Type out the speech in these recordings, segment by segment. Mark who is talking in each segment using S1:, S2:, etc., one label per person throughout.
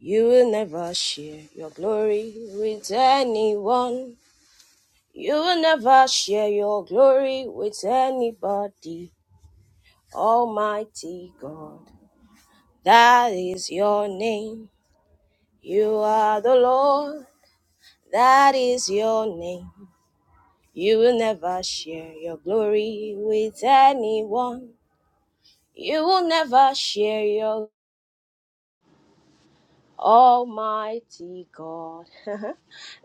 S1: You will never share your glory with anyone. You will never share your glory with anybody. Almighty God, that is your name. You are the Lord, that is your name. You will never share your glory with anyone. You will never share your Almighty God.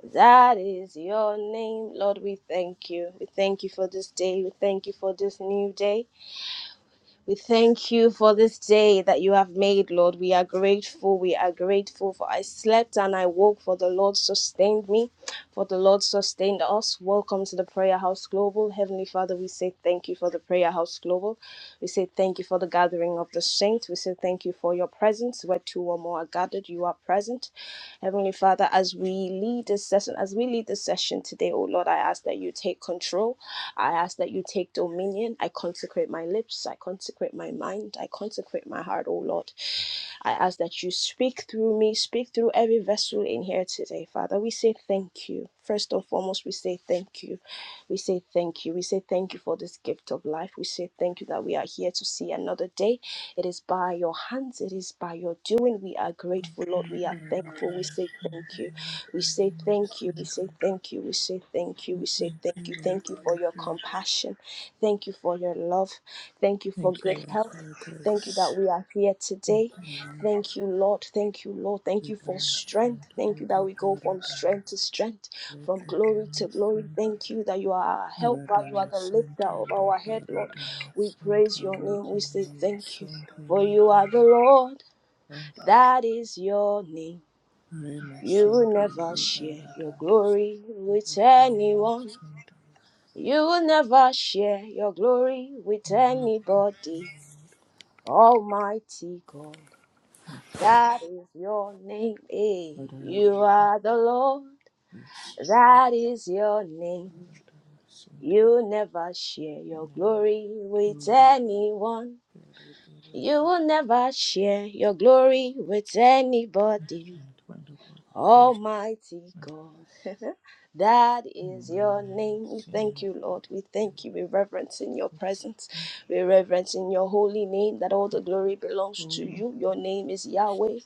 S1: That is your name, Lord. We thank you. We thank you for this day. We thank you for this new day. We thank you for this day that you have made, Lord. We are grateful. We are grateful for I slept and I woke, for the Lord sustained me, for the Lord sustained us. Welcome to the Prayer House Global. Heavenly Father, we say thank you for the Prayer House Global. We say thank you for the gathering of the saints. We say thank you for your presence. Where two or more are gathered, you are present present. Heavenly Father, as we lead this session, as we lead this session today, oh Lord, I ask that you take control. I ask that you take dominion. I consecrate my lips. I consecrate my mind. I consecrate my heart, oh Lord. I ask that you speak through me, speak through every vessel in here today, Father. We say thank you. First and foremost, we say thank you. We say thank you. We say thank you for this gift of life. We say thank you that we are here to see another day. It is by your hands, it is by your doing. We are grateful, Lord.
S2: Thank
S1: We
S2: you,
S1: are thankful. We say thank you. We say thank you. We say thank you. We say thank you. We say thank you.
S2: Lord,
S1: Thank you
S2: for
S1: for
S2: your
S1: your
S2: faith.
S1: compassion. Thank you for your love. Thank you for
S2: Thank you,
S1: good
S2: Lord, for
S1: health.
S2: your
S1: Thank you that
S2: grace.
S1: we are here
S2: Thank
S1: today.
S2: you, Lord.
S1: Thank you, Lord. Thank you, Lord. Thank you for strength. Thank
S2: Ridamasantoli
S1: you that we go from strength to strength from glory to glory.
S2: Baradamasanto
S1: Thank you that you are our helper, you are the lifter of
S2: Radamasantali
S1: our head, Lord. We
S2: Baradamasanto
S1: praise your name, we say thank you,
S2: Kimamasonto
S1: for you are the Lord,
S2: Ribamasanto
S1: that is your name. You will
S2: Remasanto
S1: never share your
S2: Ribaradamas
S1: glory with anyone.
S2: Ribakimamasonto
S1: You will never share your glory with anybody. Almighty God, that is your name. eh?
S2: Father, I thank you,
S1: You are the Lord,
S2: grace.
S1: that is your name.
S2: I'm just
S1: You never share your glory with anyone. You will never share your glory with anybody.
S2: trying to find a word that feels
S1: Almighty
S2: like
S1: God,
S2: this.
S1: that
S2: And then
S1: is your
S2: we want to
S1: name. We
S2: see an
S1: thank
S2: episode.
S1: you, Lord. We thank you. We reverence in your presence. We reverence in your holy name that all the glory belongs to you. Your name is Yahweh.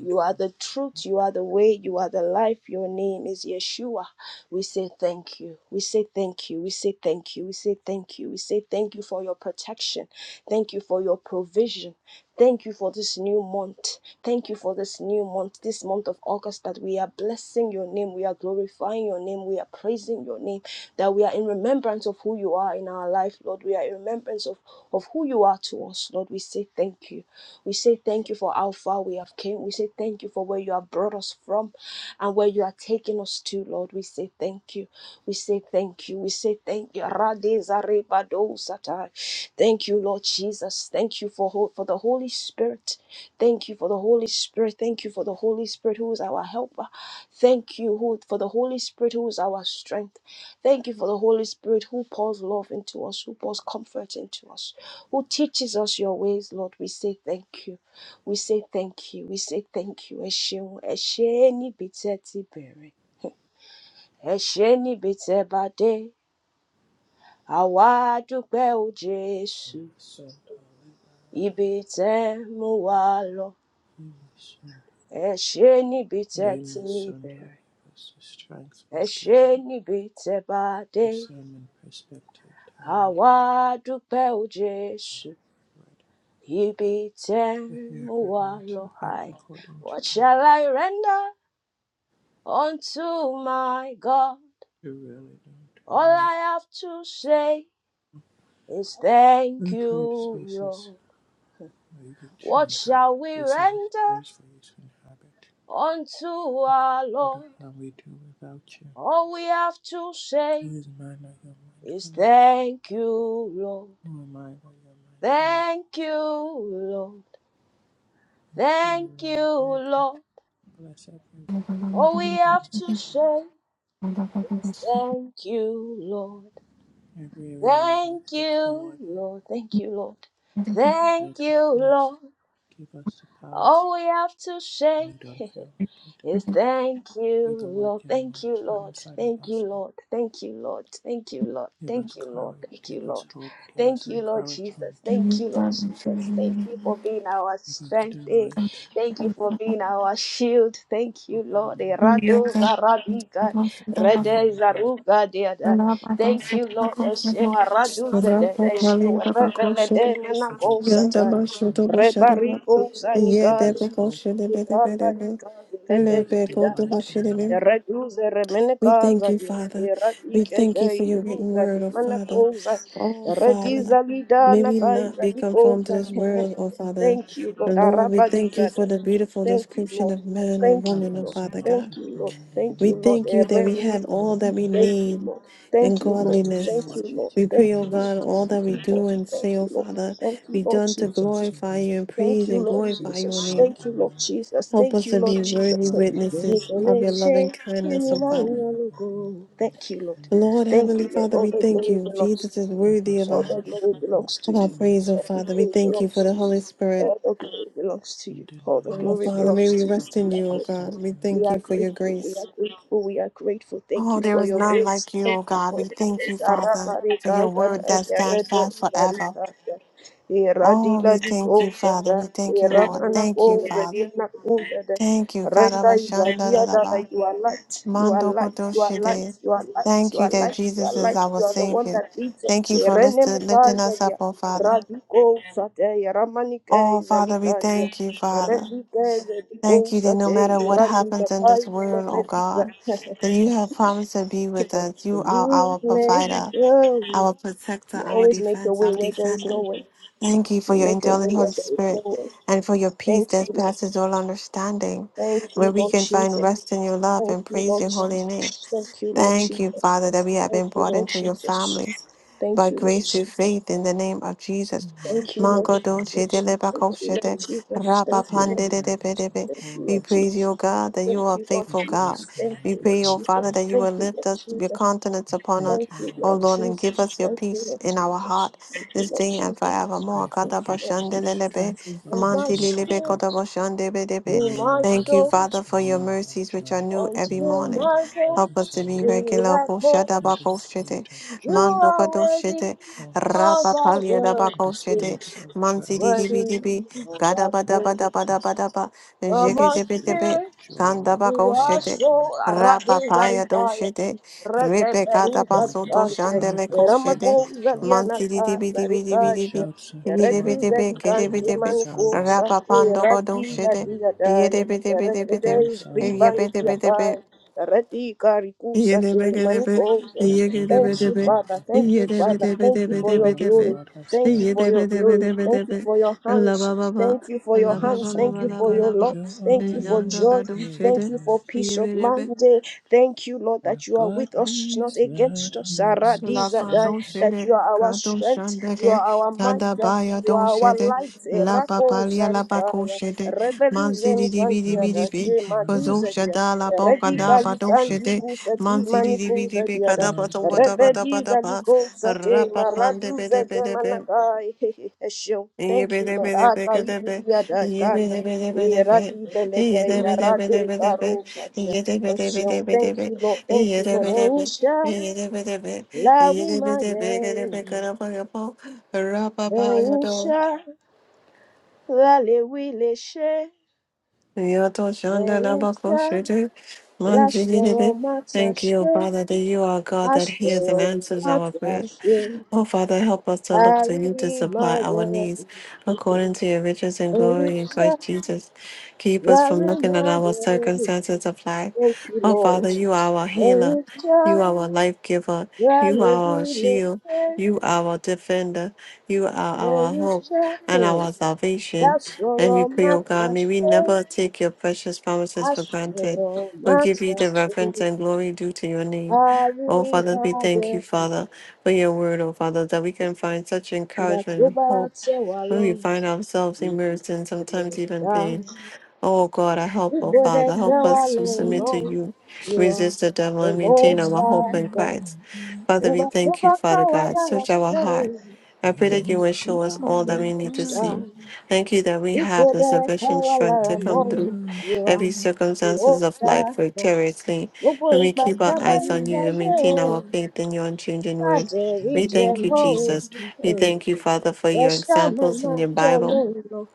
S1: You are the truth. You are the way. You are the life. Your name is Yeshua. We say thank you. We say thank you. We say thank you. We say thank you. We say thank you for your protection. Thank you for your provision. Thank you for this new month. Thank you for this new month, this month of August, that we are blessing your name. We are glorifying your name. We are praising your name. That we are in remembrance of who you are in our life, Lord. We are in remembrance of, of who you are to us, Lord. We say thank you. We say thank you for how far we have came. We say thank you for where you have brought us from and where you are taking us to, Lord. We say thank you. We say thank you. We say thank you. Radezaribadosata. Thank you, Lord Jesus. Thank you for, ho- for the Holy Spirit. Thank you for the Holy Spirit. Thank you for the Holy Spirit who is our helper. Thank you who, for the Holy Spirit who is our strength. Thank you for the Holy Spirit who pours love into us, who pours comfort into us who teaches us your ways, Lord. We say thank you. We say thank you. We say thank you. Ẹ ṣeun, ẹ ṣé níbi tẹ́ ti bẹ̀rẹ̀, ẹ ṣé níbi tẹ́ bá dé. Àwa dúpẹ́ o Jésù, ibi tẹ́ mú wa lọ. Ẹ ṣé níbi tẹ́
S2: Today, my
S1: ti
S2: Son to
S1: bẹ̀rẹ̀,
S2: give us the strength,
S1: ẹ
S2: Lord, give
S1: ṣé
S2: us
S1: níbi tẹ́ bá dé.
S2: discernment, perspective, time, and
S1: Àwa dúpẹ́ o
S2: the
S1: Jésù,
S2: word, right
S1: ibi tẹ́
S2: to hear
S1: mú
S2: from
S1: wa
S2: you, to
S1: lọ.
S2: act
S1: Hi.
S2: according to
S1: What shall I render? unto my God.
S2: your will, to really know, to
S1: All
S2: know
S1: I have to say is thank
S2: Uh, create
S1: you,
S2: spaces
S1: Lord.
S2: where you can to
S1: What
S2: inhabit.
S1: shall we
S2: Spaces is
S1: render
S2: place for you to inhabit.
S1: unto our
S2: What
S1: Lord?
S2: are we do without you?
S1: All we have to say
S2: Who is mine that you're
S1: is
S2: mindful of?
S1: thank you, Lord.
S2: Who am I that you're mindful of?
S1: Thank you, Lord.
S2: I pray you,
S1: Thank you,
S2: Lord, you
S1: Lord.
S2: can bless every
S1: All we
S2: in
S1: have to
S2: this
S1: say
S2: space.
S3: Yanda
S1: is thank you, Lord.
S2: Every area that we might
S1: Thank
S2: step
S1: you,
S2: forward in.
S1: Lord. Thank you, Lord.
S2: Let
S1: Thank you,
S2: us blessed.
S1: Lord.
S2: Give us the power to
S1: All we have to say
S2: we don't feel like it.
S1: Is thank
S2: Do
S1: you,
S2: the work
S1: Lord.
S2: in our
S1: Thank you,
S2: inside
S1: Lord.
S2: inside of
S1: Thank you,
S2: us.
S1: Lord. Thank you, Lord. Thank you, Lord.
S2: Give us
S1: Thank you, Lord.
S2: courage.
S1: Thank
S2: Give
S1: you,
S2: us
S1: Lord.
S2: hope. Give
S1: Thank
S2: us
S1: you, Lord Jesus.
S2: encouragement.
S1: Thank you, Lord Jesus. Thank you for being our
S2: Give us
S1: strength. eh.
S2: delight.
S1: Thank you for being our shield. Thank you,
S2: Give us
S1: Lord. Eh,
S2: our nurture,
S1: Zaradiga,
S2: give
S1: Rede
S2: us love,
S1: Zaruga Deada. Thank you, Lord. Eshewa Radu Zede, Eshewa Rebelede
S2: give
S1: Nanago Sata,
S2: encouragement,
S1: Rebarigo
S2: give
S1: Zaniga
S2: us hope, give us delight in you.
S1: Reduce
S3: We
S1: remenecaza
S3: thank you,
S1: dia
S3: Father. We thank
S1: eradicate
S3: you for your written
S1: rusa de
S3: word, oh Father.
S1: manacosa
S3: Oh
S1: rediza
S3: Father, may
S1: lidana
S3: we not
S1: caiza
S3: be conformed to
S1: licosa
S3: this world, oh Father.
S1: Thank you Lord
S3: Lord, we thank
S1: Arabadiza
S3: you for the beautiful
S1: Thank you
S3: description
S1: Lord
S3: of man or
S1: Thank you
S2: Help
S3: woman, oh
S1: Lord
S2: us to
S3: Father
S1: Thank
S3: God.
S2: worship
S1: you
S2: you
S1: Lord
S2: in
S1: Thank
S2: the
S3: We
S1: you
S2: name that
S1: Lord
S3: thank
S2: we
S3: you that we have
S1: Eberusa
S3: all
S2: hold
S3: that
S2: you.
S3: we
S1: Thank you
S3: need
S1: Lord Thank
S3: in
S1: you
S2: Help
S1: Lord
S2: us to
S1: Thank
S3: godliness.
S1: you
S2: worship
S1: Lord
S3: We
S2: you from
S1: Thank
S3: pray, O
S1: you
S2: our
S1: Lord
S3: God, all
S2: secret
S3: that we
S1: Thank you Lord
S3: do and
S2: intimacies.
S1: Thank
S3: say,
S1: you
S3: O
S1: Lord
S3: Father,
S1: Thank you
S3: be
S1: Lord
S3: done to
S2: Help
S1: Jesus
S2: us to
S3: glorify you and
S2: worship
S1: Thank
S3: praise
S1: you,
S3: and
S1: Lord
S3: glorify
S2: you, the
S3: your
S1: Jesus.
S2: God
S3: name.
S1: Thank
S2: we
S1: you, Lord
S2: know,
S1: Jesus.
S3: Help
S1: Thank
S3: us
S1: you,
S3: to be
S1: Lord
S2: the
S3: worthy
S1: Jesus.
S2: God in whom
S3: witnesses
S2: we
S3: of your
S2: live,
S3: loving
S1: Nicolete, give
S3: kindness,
S1: me
S3: O
S2: whom we
S1: my
S3: Father.
S2: breathe, and who
S1: logo.
S2: the world
S1: Thank you, Lord.
S2: is
S3: Lord,
S1: Thank
S3: Heavenly
S1: you,
S2: established.
S1: Lord.
S3: Father,
S1: All
S3: we
S1: the
S3: thank
S1: glory
S3: you.
S1: belongs to
S3: Jesus is
S1: you.
S2: Help
S3: worthy
S2: us
S3: of
S2: to
S1: All
S3: our,
S1: the
S2: worship
S1: glory
S2: you from
S1: belongs to
S3: of our
S1: you.
S3: praise,
S2: intimacy
S3: oh
S1: All the
S3: Father. We
S1: glory
S3: thank you for
S1: belongs
S3: the
S1: to you.
S3: Holy
S1: All
S3: Spirit.
S1: the glory belongs to
S2: and
S1: you. All the
S2: denying
S3: Oh
S1: glory
S3: Father,
S2: ourselves
S3: may
S1: belongs
S2: to
S3: we
S1: to you.
S3: rest in
S2: focus
S3: you, oh
S2: just on
S3: God. We
S2: you,
S1: We
S3: thank
S2: Lord.
S1: are
S3: you for your
S1: grateful. We are grateful. We are
S3: grace.
S1: grateful. We are grateful. Thank
S3: Oh,
S1: you
S3: there
S1: for
S3: is
S1: your
S3: none
S1: grace.
S3: like you,
S1: Thank
S3: oh
S1: you
S3: God. We
S1: for your
S3: thank you,
S1: grace.
S3: Father, for
S1: Arabarika
S3: your word
S1: zada
S3: that stands
S1: yarede
S3: fast forever.
S1: yarida. Era di
S3: Oh,
S1: la
S3: we
S1: di
S3: thank you,
S1: cosa
S3: Father.
S1: da,
S3: We thank you,
S1: era
S3: Lord. Thank you, Father. Thank you, God of
S1: Reka is a dia da
S3: Ashandarabba.
S1: you are light, you are
S3: Mando
S1: light, you are
S3: Kodoshide.
S1: light, you are light,
S3: Thank
S1: you
S3: you
S1: are
S3: that
S1: light, you are
S3: Jesus is
S1: light,
S3: our
S1: you are the one
S3: Savior.
S1: that leads
S3: Thank
S1: us.
S3: you for
S1: Rene me
S3: listed- lifting us up, oh Father.
S1: radiko sate, ramani
S3: Oh,
S1: kaisa
S3: Father, we
S1: likanya.
S3: thank you, Father.
S1: Redi kaisa di
S3: Thank you
S1: cosa
S3: that no matter what happens in this world, oh God, that you have promised to be with us. You are
S1: You
S3: our
S1: make
S3: provider,
S1: your way.
S3: our protector,
S1: You
S3: our
S1: always make your
S3: defense,
S1: way
S3: our
S1: where there is
S3: defender.
S1: no way.
S3: Thank you for
S1: You
S3: your
S1: make a way
S3: indwelling
S1: where
S3: Holy
S1: there is no
S3: Spirit
S1: way.
S3: and for your peace
S1: Thank you,
S3: that
S1: Lord.
S3: passes all understanding,
S1: Thank
S3: where
S1: you,
S3: we
S1: Lord
S3: can find
S1: Jesus.
S3: rest in your love
S1: Thank
S3: and
S1: you,
S3: praise
S1: Lord
S3: your holy name.
S1: Jesus. Thank you, Lord
S3: Thank you,
S1: Jesus.
S3: Father, that we have
S1: Thank
S3: been
S1: you,
S3: brought
S1: Lord
S3: into your
S1: Jesus.
S3: family
S1: Thank
S3: by
S1: you, Lord
S3: grace through
S1: Jesus.
S3: faith in the name of Jesus.
S2: We
S1: Thank you,
S2: worship
S1: Lord
S2: you,
S3: Mango
S2: Lord,
S3: dolce de
S1: Jesus. Thank you,
S3: lebacoshe
S1: Lord
S3: de
S1: Jesus.
S3: rapa
S1: Thank you,
S2: and
S1: Lord
S3: pande de
S2: declare
S3: de
S2: that
S3: be de
S2: you
S1: Jesus.
S3: be.
S2: are
S1: Thank you,
S3: We
S1: Lord
S2: holy.
S3: praise
S1: Jesus.
S3: you, O God, that you
S1: Thank
S3: are a
S1: you, Lord
S2: Your
S3: faithful
S1: Jesus.
S2: grace
S3: God.
S1: Thank
S3: We
S2: cannot
S1: you,
S2: be
S1: Lord
S3: pray, O Father,
S1: Jesus.
S3: that
S2: contained.
S3: you
S1: Thank
S3: will
S1: you,
S3: lift
S1: Lord
S3: us, your
S1: Jesus.
S3: countenance upon
S1: Thank
S3: us,
S2: Thank you,
S1: you,
S2: Lord,
S3: O
S1: Lord
S2: for
S3: Lord, and give
S1: Jesus.
S3: us your
S1: Thank you,
S3: peace
S1: Lord
S3: in our
S1: Jesus.
S3: heart
S1: Thank you,
S3: this
S1: Lord
S3: day and
S1: Jesus.
S2: pray
S3: forevermore.
S2: for
S3: Kada
S1: Thank you, Lord
S3: bashande
S1: Jesus.
S2: continued
S3: le le be,
S2: strength, for
S1: You're my
S3: amante
S2: continued
S3: li le be, koda
S1: strength.
S3: bashande be de
S2: renewal,
S3: be.
S1: You're
S2: renewal
S1: my
S2: of our
S3: Thank you,
S1: soul.
S2: minds,
S3: Father, for your
S2: renewal of our
S3: mercies which
S2: joy,
S3: are new
S1: on
S3: every
S2: renewal
S3: morning.
S2: of our
S1: tomorrow
S3: Help us
S2: focus
S3: to
S2: on
S3: be
S2: you.
S1: we
S3: regular.
S1: are called.
S3: Koshada
S2: That the
S3: bako shete.
S2: spirit of joy
S1: You
S3: Mando
S2: will
S1: are
S3: kado
S1: worthy
S3: shete.
S2: upon us.
S1: of
S3: Rapa palia da
S1: our
S2: That
S3: bako
S2: a
S1: worship,
S3: shete.
S2: spirit of joy
S3: Mansi
S2: will
S3: di di bi di
S1: worthy
S2: settle
S3: bi.
S1: of
S3: Gada
S1: our
S3: bada
S1: praise
S3: bada bada
S2: us.
S3: bada ba.
S1: from
S2: That a
S3: Jeke
S1: our
S3: te pe te
S2: spirit
S3: pe.
S2: of
S1: spirit.
S2: joy
S3: Kanda
S2: will
S1: You
S3: bako
S2: occupy
S1: are
S3: shete.
S2: our
S1: so
S2: hearts.
S3: Rapa paya do
S1: radezariya,
S3: shete. Repe kata
S1: radeberuza
S2: We will
S3: paso
S2: be
S3: do
S1: dante,
S2: occupied
S3: shandele
S2: by the
S3: ko
S2: spirits
S3: shete.
S2: of
S1: ramakuza
S2: joy.
S3: Mansi di
S1: lianaka
S3: di bi di bi di
S2: The
S3: bi di bi.
S1: zarikaya,
S2: shouts of
S3: Yede bi
S2: joy
S3: de
S1: reduza
S2: and
S3: be kede
S2: victory
S3: bi
S1: dikante
S3: de be.
S2: resound in
S1: mankusa,
S2: my
S3: Rapa
S2: tent.
S3: pando kado
S1: rati
S2: That will
S3: shete.
S1: ladia
S3: Yede
S1: daya,
S3: bi de bi de bi de. be.
S1: redez
S2: resound in my
S3: Yebe de
S1: ribantia
S3: be
S2: tent.
S3: de be.
S1: daya, rati karikusa te manikosa.
S2: Yet over and
S1: Thank you,
S2: over I
S1: Father.
S2: have
S1: Thank
S2: cause
S1: you,
S2: to say,
S1: Father. Thank you
S2: Look
S1: for
S2: at
S1: your
S2: what the
S1: glory.
S2: Lord has
S1: Thank
S2: done.
S1: you for your glory. Thank you for your hands. Thank you for your
S2: I've
S1: hands.
S2: still
S1: Thank you for
S2: got
S1: your love.
S2: joy
S1: Thank you for
S2: and
S1: joy. Thank you for
S2: chaos.
S1: peace of
S3: Yedebe
S1: mind. Eh, Thank you, Lord, that
S2: I've
S1: you are
S2: got
S1: with us, not
S2: peace that
S1: against us.
S2: makes no
S3: Lapa
S1: Saradizadai,
S3: don't
S2: sense.
S3: say
S1: That
S3: that.
S1: you are our
S3: Kato
S1: strength. You are
S3: shandeke,
S1: our might. eh,
S3: kadabaya
S1: You
S3: don't
S1: are
S3: say
S1: our
S3: that.
S1: light.
S3: La
S1: Erako
S3: papalia la paco
S1: Zarikaya.
S3: shede, manzi di
S1: Rebeluzen
S3: di bi di
S1: Gantia.
S3: bi
S2: Draw
S3: di
S2: us
S3: bi,
S1: Eh,
S2: deeper,
S3: kazo
S2: Lord.
S1: Maduzedia.
S3: shada la boca
S2: Draw
S1: Rediga
S3: da
S2: us
S3: ba do
S2: deeper.
S1: likanti
S3: shede,
S1: kusati
S3: manzi di di bi
S1: manikuza
S3: di bi,
S1: diada.
S2: Draw
S3: kadaba
S2: us
S3: do ba da ba
S2: deeper.
S3: da ba da
S1: Rebediza
S3: ba,
S1: likosa te
S3: rapa pande
S1: maraduza de
S3: be
S1: manakai. Esho.
S3: Thank
S1: Thank you, Lord. Aka ibu diada kana. Iradi belede yarade garosa dia. Esho. Thank you, Lord. Thank you, Lord. Eisha. La wi ma ye. Eisha. La le wi le she. Eisha. La soro mata
S3: you,
S1: she.
S3: Father, that you are God that hears and
S1: Ashwin,
S3: answers
S1: that's
S3: our prayer.
S1: Ashwin,
S3: Oh, Father, help us to look to you to
S1: Harry
S3: supply our
S1: Mayan,
S3: needs
S1: Elisha,
S3: according to your riches and glory in Christ Jesus. Keep us from
S1: Harry
S3: looking at our
S1: Mayan.
S3: circumstances of life.
S1: Thank you,
S3: Oh,
S1: Lord.
S3: Father, you are our healer. You
S1: Elisha,
S3: are our life giver. You
S1: Rally
S3: are our
S1: Willie,
S3: shield. You are our defender. You are our hope
S1: Elisha,
S3: and our salvation.
S1: that's
S3: And we
S1: Soro
S3: pray, oh God, may we
S1: Matashe,
S3: never take your precious promises for granted.
S1: Ashwin,
S3: But give you the reverence
S1: Matashe,
S3: and glory due to your name. Oh,
S1: Harry
S3: Father, we thank you,
S1: Mayan.
S3: Father for your word, O Father, that we can find such
S1: That's
S3: encouragement and hope
S1: Robert
S3: when we
S1: Sewalon,
S3: find ourselves immersed in sometimes even pain. Oh God, I help, oh
S1: Before
S2: You
S3: Father,
S1: that's
S2: will
S3: help
S1: how I
S3: us to
S1: learn,
S3: submit
S2: know, shall
S3: to
S1: Lord.
S3: you,
S1: You are
S3: resist the devil,
S1: the
S3: and
S2: never
S3: maintain
S1: most
S3: our hope
S1: high
S3: in
S1: God.
S2: know
S3: Christ.
S2: me.
S3: Father, we
S1: Uba
S3: thank you,
S1: kaba
S3: Father
S1: kawa
S3: God.
S1: lara
S3: Search our heart.
S1: stone.
S3: I pray
S2: You
S3: that you
S2: were
S3: will
S1: You
S3: show us
S1: are
S3: all
S2: cuckoo
S3: that
S1: the
S3: we
S2: like
S3: need to
S1: most
S3: see.
S2: Lara.
S1: high.
S3: Thank you that we have the
S1: Ikode
S3: sufficient
S1: kawa
S3: strength
S2: You
S3: to
S1: lara
S2: made
S3: come
S2: me
S1: mo.
S3: through
S1: You are
S3: every
S2: motion.
S1: the
S3: circumstances
S1: most
S3: of life
S1: high God.
S3: victoriously
S1: Gbogbo
S3: when we
S1: ìgbà
S2: You
S3: keep
S1: tá
S3: our
S2: made
S1: a bá
S3: eyes
S2: me
S1: ń
S3: on you and
S1: ṣayé
S3: maintain
S2: motion.
S3: our
S1: o,
S3: faith in your unchanging
S1: má
S3: word.
S1: jẹ́ rí
S2: made
S3: We
S1: jẹ
S2: me
S3: thank you,
S1: mọ́ o.
S3: Jesus.
S2: moment to
S3: We
S1: Eh,
S2: burn.
S3: thank you, Father, for your examples in the Bible.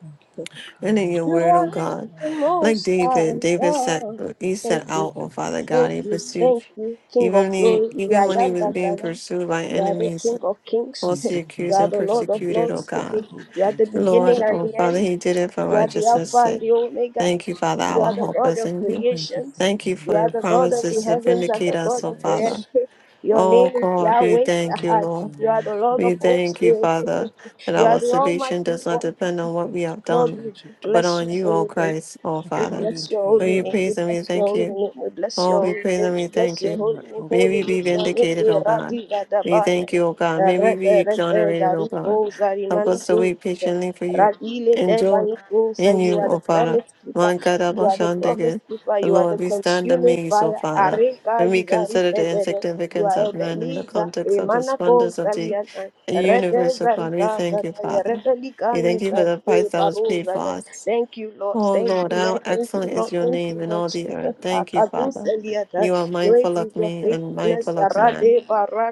S2: Thank you for
S3: And in
S2: calming
S3: your
S2: the
S1: You
S3: word, oh
S1: are
S2: storms of
S3: God,
S1: the
S2: our heart.
S3: like
S1: most
S3: David,
S1: high
S3: David set
S1: God.
S2: Thank you for
S3: he
S1: Thank
S3: set
S1: you.
S2: silent
S3: out,
S2: the
S3: oh Father
S2: waves
S3: God,
S2: in
S1: Thank
S3: he
S1: you,
S2: the
S3: pursued
S1: thank
S2: night.
S1: you, King of
S3: even he
S2: Thank
S1: glory.
S2: you for
S1: Yeah,
S3: even when
S1: I
S2: peace.
S3: he
S1: am
S3: was
S1: that
S3: being
S1: I am.
S3: pursued by
S1: You are the
S3: enemies,
S1: King of kings.
S2: Thank
S3: falsely
S2: you for
S1: You
S3: accused
S1: are
S3: and
S1: the
S2: laughter.
S1: Lord of
S2: Thank you
S3: persecuted, oh
S2: for
S1: lords.
S2: good
S3: God.
S2: hope.
S1: You are
S2: Thank
S1: the
S2: you for
S1: beginning
S3: Lord,
S1: and
S3: oh
S1: the
S3: Father,
S2: restoration.
S1: end.
S3: he did it for
S1: You are
S2: Thank you
S1: the
S2: for
S3: righteousness'
S1: Alpha and
S3: sake.
S1: the
S2: elevation.
S1: Omega.
S3: Thank you, Father,
S1: You are
S3: our
S1: the
S3: hope
S1: God
S3: is
S1: of
S3: in you.
S2: Thank you for
S1: creations.
S3: Thank you
S1: You
S3: for
S2: new
S1: are
S3: your
S1: the God of the
S3: promises to
S2: dimension,
S1: heavens and
S3: vindicate
S1: the
S2: solid
S1: God
S3: us, oh
S1: of the
S3: Father.
S2: threads.
S1: earth. Your
S3: Oh
S1: name is
S3: God, we
S1: Yahweh.
S3: thank
S2: Thank
S3: you,
S2: you for
S3: Lord.
S1: You are
S2: new
S1: the Lord of
S3: We
S2: equipping.
S1: hosts.
S3: thank you, Father, that
S1: You are
S3: our
S1: the
S3: salvation
S1: Almighty
S3: does not
S1: One.
S3: depend on what we
S2: Thanks, to
S3: have
S1: Lord,
S3: done,
S2: continue
S1: we
S2: to
S3: but
S2: do.
S1: bless
S3: on
S1: your
S3: you, O
S1: holy name.
S3: Christ, O
S1: We
S3: Father.
S2: according
S1: bless
S2: to
S1: your
S2: your
S1: holy
S3: We
S1: name.
S2: will.
S1: We
S3: praise and we
S1: bless your
S3: thank
S1: holy
S3: you
S1: name. We bless
S3: Oh,
S1: your
S3: we
S1: holy
S3: praise
S1: name.
S3: and we
S1: We bless
S3: thank
S1: your
S2: Do
S3: you.
S1: holy
S2: not
S1: name.
S3: May
S2: open
S1: Holy
S3: we
S2: our
S3: be
S1: is your
S2: doors
S1: name.
S3: vindicated,
S1: We
S2: again.
S3: O God.
S1: radiga
S3: We thank
S1: dabayan.
S3: you, O God. May we
S1: Rete
S3: be
S1: rete
S3: exonerated, O
S1: zariko
S3: God. Help us to
S1: zarimaniko.
S3: wait patiently for you.
S1: Radile
S3: Endure
S1: debaniko. So
S3: in
S1: you
S3: you,
S1: are the
S3: O Father.
S1: promise keeper.
S3: Man
S1: You are the promise
S3: kadabashandege.
S1: keeper. You are the
S3: Lord, we stand
S1: consuming
S3: amazed, O
S1: fire.
S3: Father,
S1: Areka
S3: when we consider
S1: izarite
S3: the
S1: de.
S3: insignificance of man in the
S1: Duaebeniza,
S3: context of the
S1: Emanako,
S3: splendors of the
S1: Saliata,
S3: universe, O God. We
S1: Redezarika,
S3: thank you,
S1: Zataya,
S3: Father.
S1: Revelika,
S3: We thank you
S1: Nika,
S3: for the price that was paid
S1: Barosa.
S3: for us.
S1: Thank you, Lord.
S3: Oh
S1: Thank
S3: Lord,
S1: you,
S3: how
S1: Lord. Thank you,
S3: excellent is
S1: Lord.
S3: your
S1: Thank you,
S3: name in
S1: Lord.
S3: all the
S1: Jesus.
S3: earth. Thank you,
S1: Akadu
S3: Father.
S1: Seliata.
S3: You are
S1: Great
S3: mindful of
S1: is your
S3: me and
S1: faithfulness.
S3: mindful of man.
S1: Arade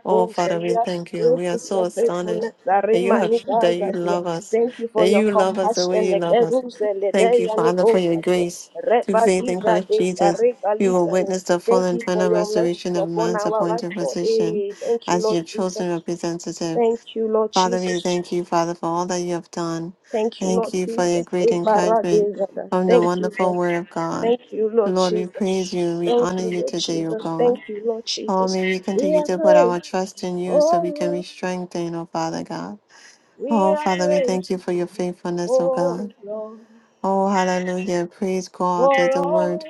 S3: Oh Father, we
S1: Zelia.
S3: thank you. We
S1: Great
S3: are
S1: is
S3: so
S1: your
S3: astonished
S1: faithfulness.
S3: that you
S1: Arima
S3: have that
S1: Niga
S3: you
S1: Zadia.
S3: love us,
S1: Thank you
S3: that
S1: for your
S3: you love us the way
S1: compassion.
S3: you love us.
S1: Legeru
S3: Thank you,
S1: Zeledeya
S3: Father,
S1: Nigo
S3: for your
S1: Zadia.
S3: grace. Through
S1: Reba
S3: faith in
S1: Diza
S3: Christ
S1: De
S3: Jesus,
S1: Kareka
S3: we will
S1: Liza Ne.
S3: witness the full
S1: Thank
S3: and
S1: you for
S3: final
S1: your mercy
S3: restoration of
S1: upon
S3: man's
S1: our life,
S3: appointed
S1: Lord.
S3: position
S1: Eh, Thank you,
S3: as
S1: Lord
S3: your chosen
S1: Jesus.
S3: representative.
S1: Thank you, Lord
S3: Father, we
S1: Jesus.
S3: thank you, Father, for all that you have done.
S1: Thank you,
S3: Thank
S1: Lord
S3: you for your
S1: Jesus.
S3: great
S1: Eh, Bara
S3: encouragement
S1: De Zada.
S3: from the
S1: Thank you,
S3: wonderful
S1: Lord.
S3: Word of God.
S1: Thank you, Lord
S3: Lord, we praise you
S1: Jesus.
S3: and we
S1: Thank
S3: honor
S1: you,
S3: you
S1: Lord
S3: today, O
S1: Jesus. Thank
S3: God.
S1: you, Lord
S3: Oh,
S1: Jesus.
S3: may we
S1: We
S3: continue
S1: are
S3: to put
S1: praying.
S3: our trust in you so we can be
S1: Oh,
S3: strengthened, O Father God.
S1: We
S3: Oh,
S1: are
S3: Father, we thank you for
S1: grateful,
S3: your faithfulness, O
S1: oh
S3: God.
S1: Lord,
S3: Oh, hallelujah. Praise God that
S1: for
S3: the
S1: all
S3: Word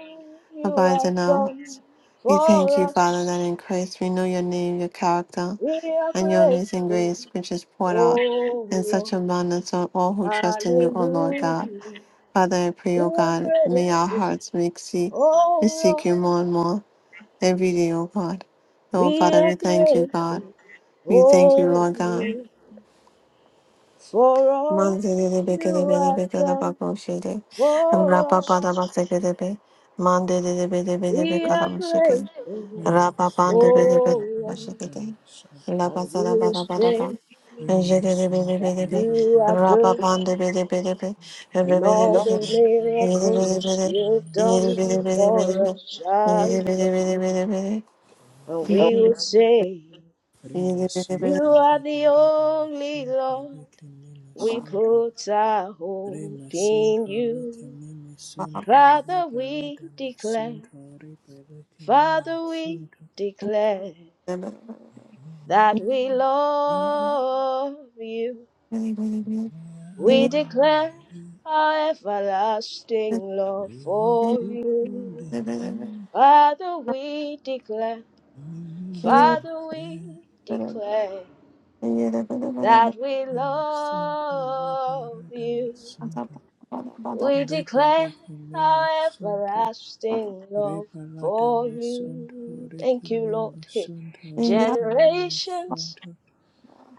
S1: you
S3: abides
S1: have
S3: in
S1: done
S3: us. We thank
S1: for
S3: you, Father,
S1: us.
S3: that in Christ we know your name, your character
S1: We are
S3: and your amazing
S1: grateful,
S3: grace, which is poured out
S1: oh
S3: in such
S1: Lord,
S3: abundance on all who trust in you, O Lord
S1: hallelujah.
S3: God. Father, I pray,
S1: We
S3: O God,
S1: are
S3: may our
S1: grateful,
S3: hearts make see and
S1: oh
S3: seek you
S1: Lord,
S3: more and more every day, O God. Oh
S1: we
S3: Father,
S1: are
S3: we thank you, God.
S1: grateful,
S3: We thank you,
S1: oh
S3: Lord God.
S1: Lord, for all
S3: Mandele beke de
S1: you
S3: be de,
S1: have
S3: beke de
S1: done
S3: bakmış şeyde.
S1: for
S3: Rapa pada
S1: us.
S3: baseke de be. Mandele de be. bede
S1: We
S3: beke
S1: are
S3: adamı şeke.
S1: grateful,
S2: We
S3: Rapa
S2: must send
S3: pande
S2: to
S3: be de be
S1: oh
S2: Libera
S1: Lord.
S3: şeke de.
S2: Damasanta.
S3: La
S1: And
S3: basa
S1: we
S3: la
S1: will
S3: bada bada
S1: say
S3: ba.
S2: We
S3: Jeke
S2: must
S3: de be
S2: send
S3: de
S1: that
S3: be. de
S2: to
S3: be.
S1: you are
S2: Libera
S3: Rapa
S1: good
S2: Damasanta.
S3: pande be de be. de
S2: We
S3: bede
S1: and
S3: bede
S1: all
S3: be.
S2: must
S1: the
S2: send to Libera. We
S3: de
S1: miracles
S3: bede de
S1: you've
S2: must
S3: Yede
S1: done
S3: bede
S2: send to
S3: bede de
S1: for
S3: be.
S1: us are
S3: Yede de bede
S2: Damas.
S1: well.
S3: bede de
S1: And we will say,
S2: Rima
S3: Yede de bede
S1: You
S3: de
S2: Santo
S1: are
S2: Libera
S1: the only
S2: Damasanta.
S1: Lord.
S2: Rekimima
S1: We
S3: Baba.
S2: Santo.
S1: put our hope
S2: Rima
S1: in
S2: Santo
S1: you.
S2: Rekimima
S3: Baba.
S2: Santo.
S1: Father,
S2: Libera
S1: we declare,
S2: Damasanta. Rebera Kimima
S1: Father, we
S2: Santo.
S1: declare
S3: Yede de
S1: that we love you.
S3: bede de Yede de
S1: We
S2: Santo,
S1: declare our
S3: bede.
S1: everlasting love
S3: Thank
S1: for you. Father, we declare, Father, we declare that we love you. We declare our everlasting love for you. Thank you, Lord. Hey. Generations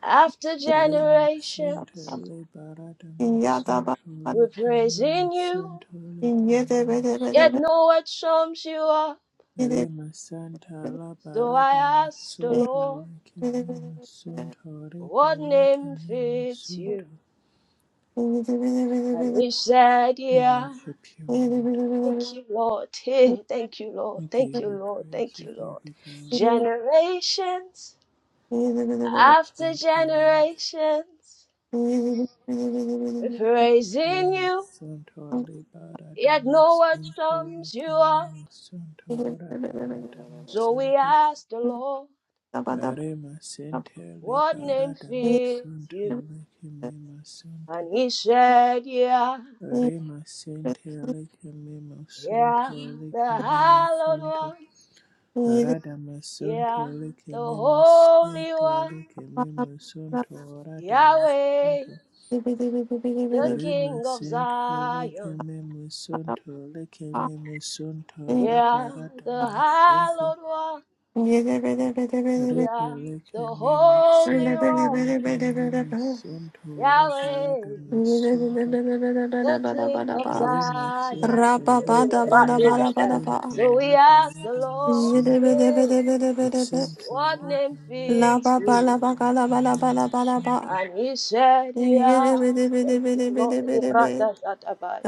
S1: after generations, we're praising you, yet no one sums you up.
S2: Rema Santa La
S1: So
S2: Barada
S1: I asked the
S2: Masunto
S1: Lord,
S2: Rekime Masunto Rebe
S1: what name
S2: Rekime
S1: fits
S2: Masunto.
S1: you? And he said,
S2: We
S1: yeah.
S2: worship you, Lord.
S1: Thank you, Lord. Hey, thank you, Lord.
S2: We
S1: Thank
S2: give
S1: you,
S2: you
S1: Lord.
S2: praise,
S1: Thank
S2: we
S1: you,
S2: give
S1: Lord.
S2: you glory.
S1: Generations after
S2: Thank you, Lord.
S1: generations, we're praising
S2: Rema
S1: you,
S2: Santo Le Barada
S1: yet no word
S2: Masunto
S1: sums you
S2: Rekime
S1: up.
S2: Masunto Rabalada
S1: So we
S2: Masinte.
S1: asked the Lord,
S2: Rema Sente Le
S1: what name
S2: Barada
S1: fits
S2: Masunto
S1: you?
S2: Rekime Masunto.
S1: And he said, yeah,
S2: Rema sente leke mema
S1: yeah,
S2: sonto
S1: the
S2: leke mema
S1: hallowed
S2: sonto.
S1: one.
S3: you.
S2: Rada masonto
S1: Yeah,
S2: leke
S1: the
S2: mema
S1: Holy
S2: sente
S1: One,
S2: leke
S3: Rabba
S2: mema sonto rada
S1: Yahweh,
S2: masonto.
S1: the
S2: Rema
S1: King of
S2: sente leke
S1: Zion.
S2: mema sonto leke mema sonto raba
S1: Yeah,
S2: rada
S1: the
S2: masonto.
S1: Hallowed One.
S2: Rebe
S1: Yeah,
S2: leke
S1: the
S2: mema
S1: Holy
S2: sonto
S1: One,
S2: leke mema sonto rega rada
S1: Yahweh,
S2: masonto.
S1: the King of
S2: Rema
S1: Zion.
S2: Center,
S1: Hey, right there,
S2: Rekimini
S1: right there.
S2: Center,
S1: So we ask the
S2: Rapalata
S1: Lord,
S2: Masunto,
S1: hey,
S2: the Center,
S1: what name
S2: Rema
S1: fits you?
S2: Center, Rekimini
S1: And he said, Yeah, thank you, Lord. Iradazatabai.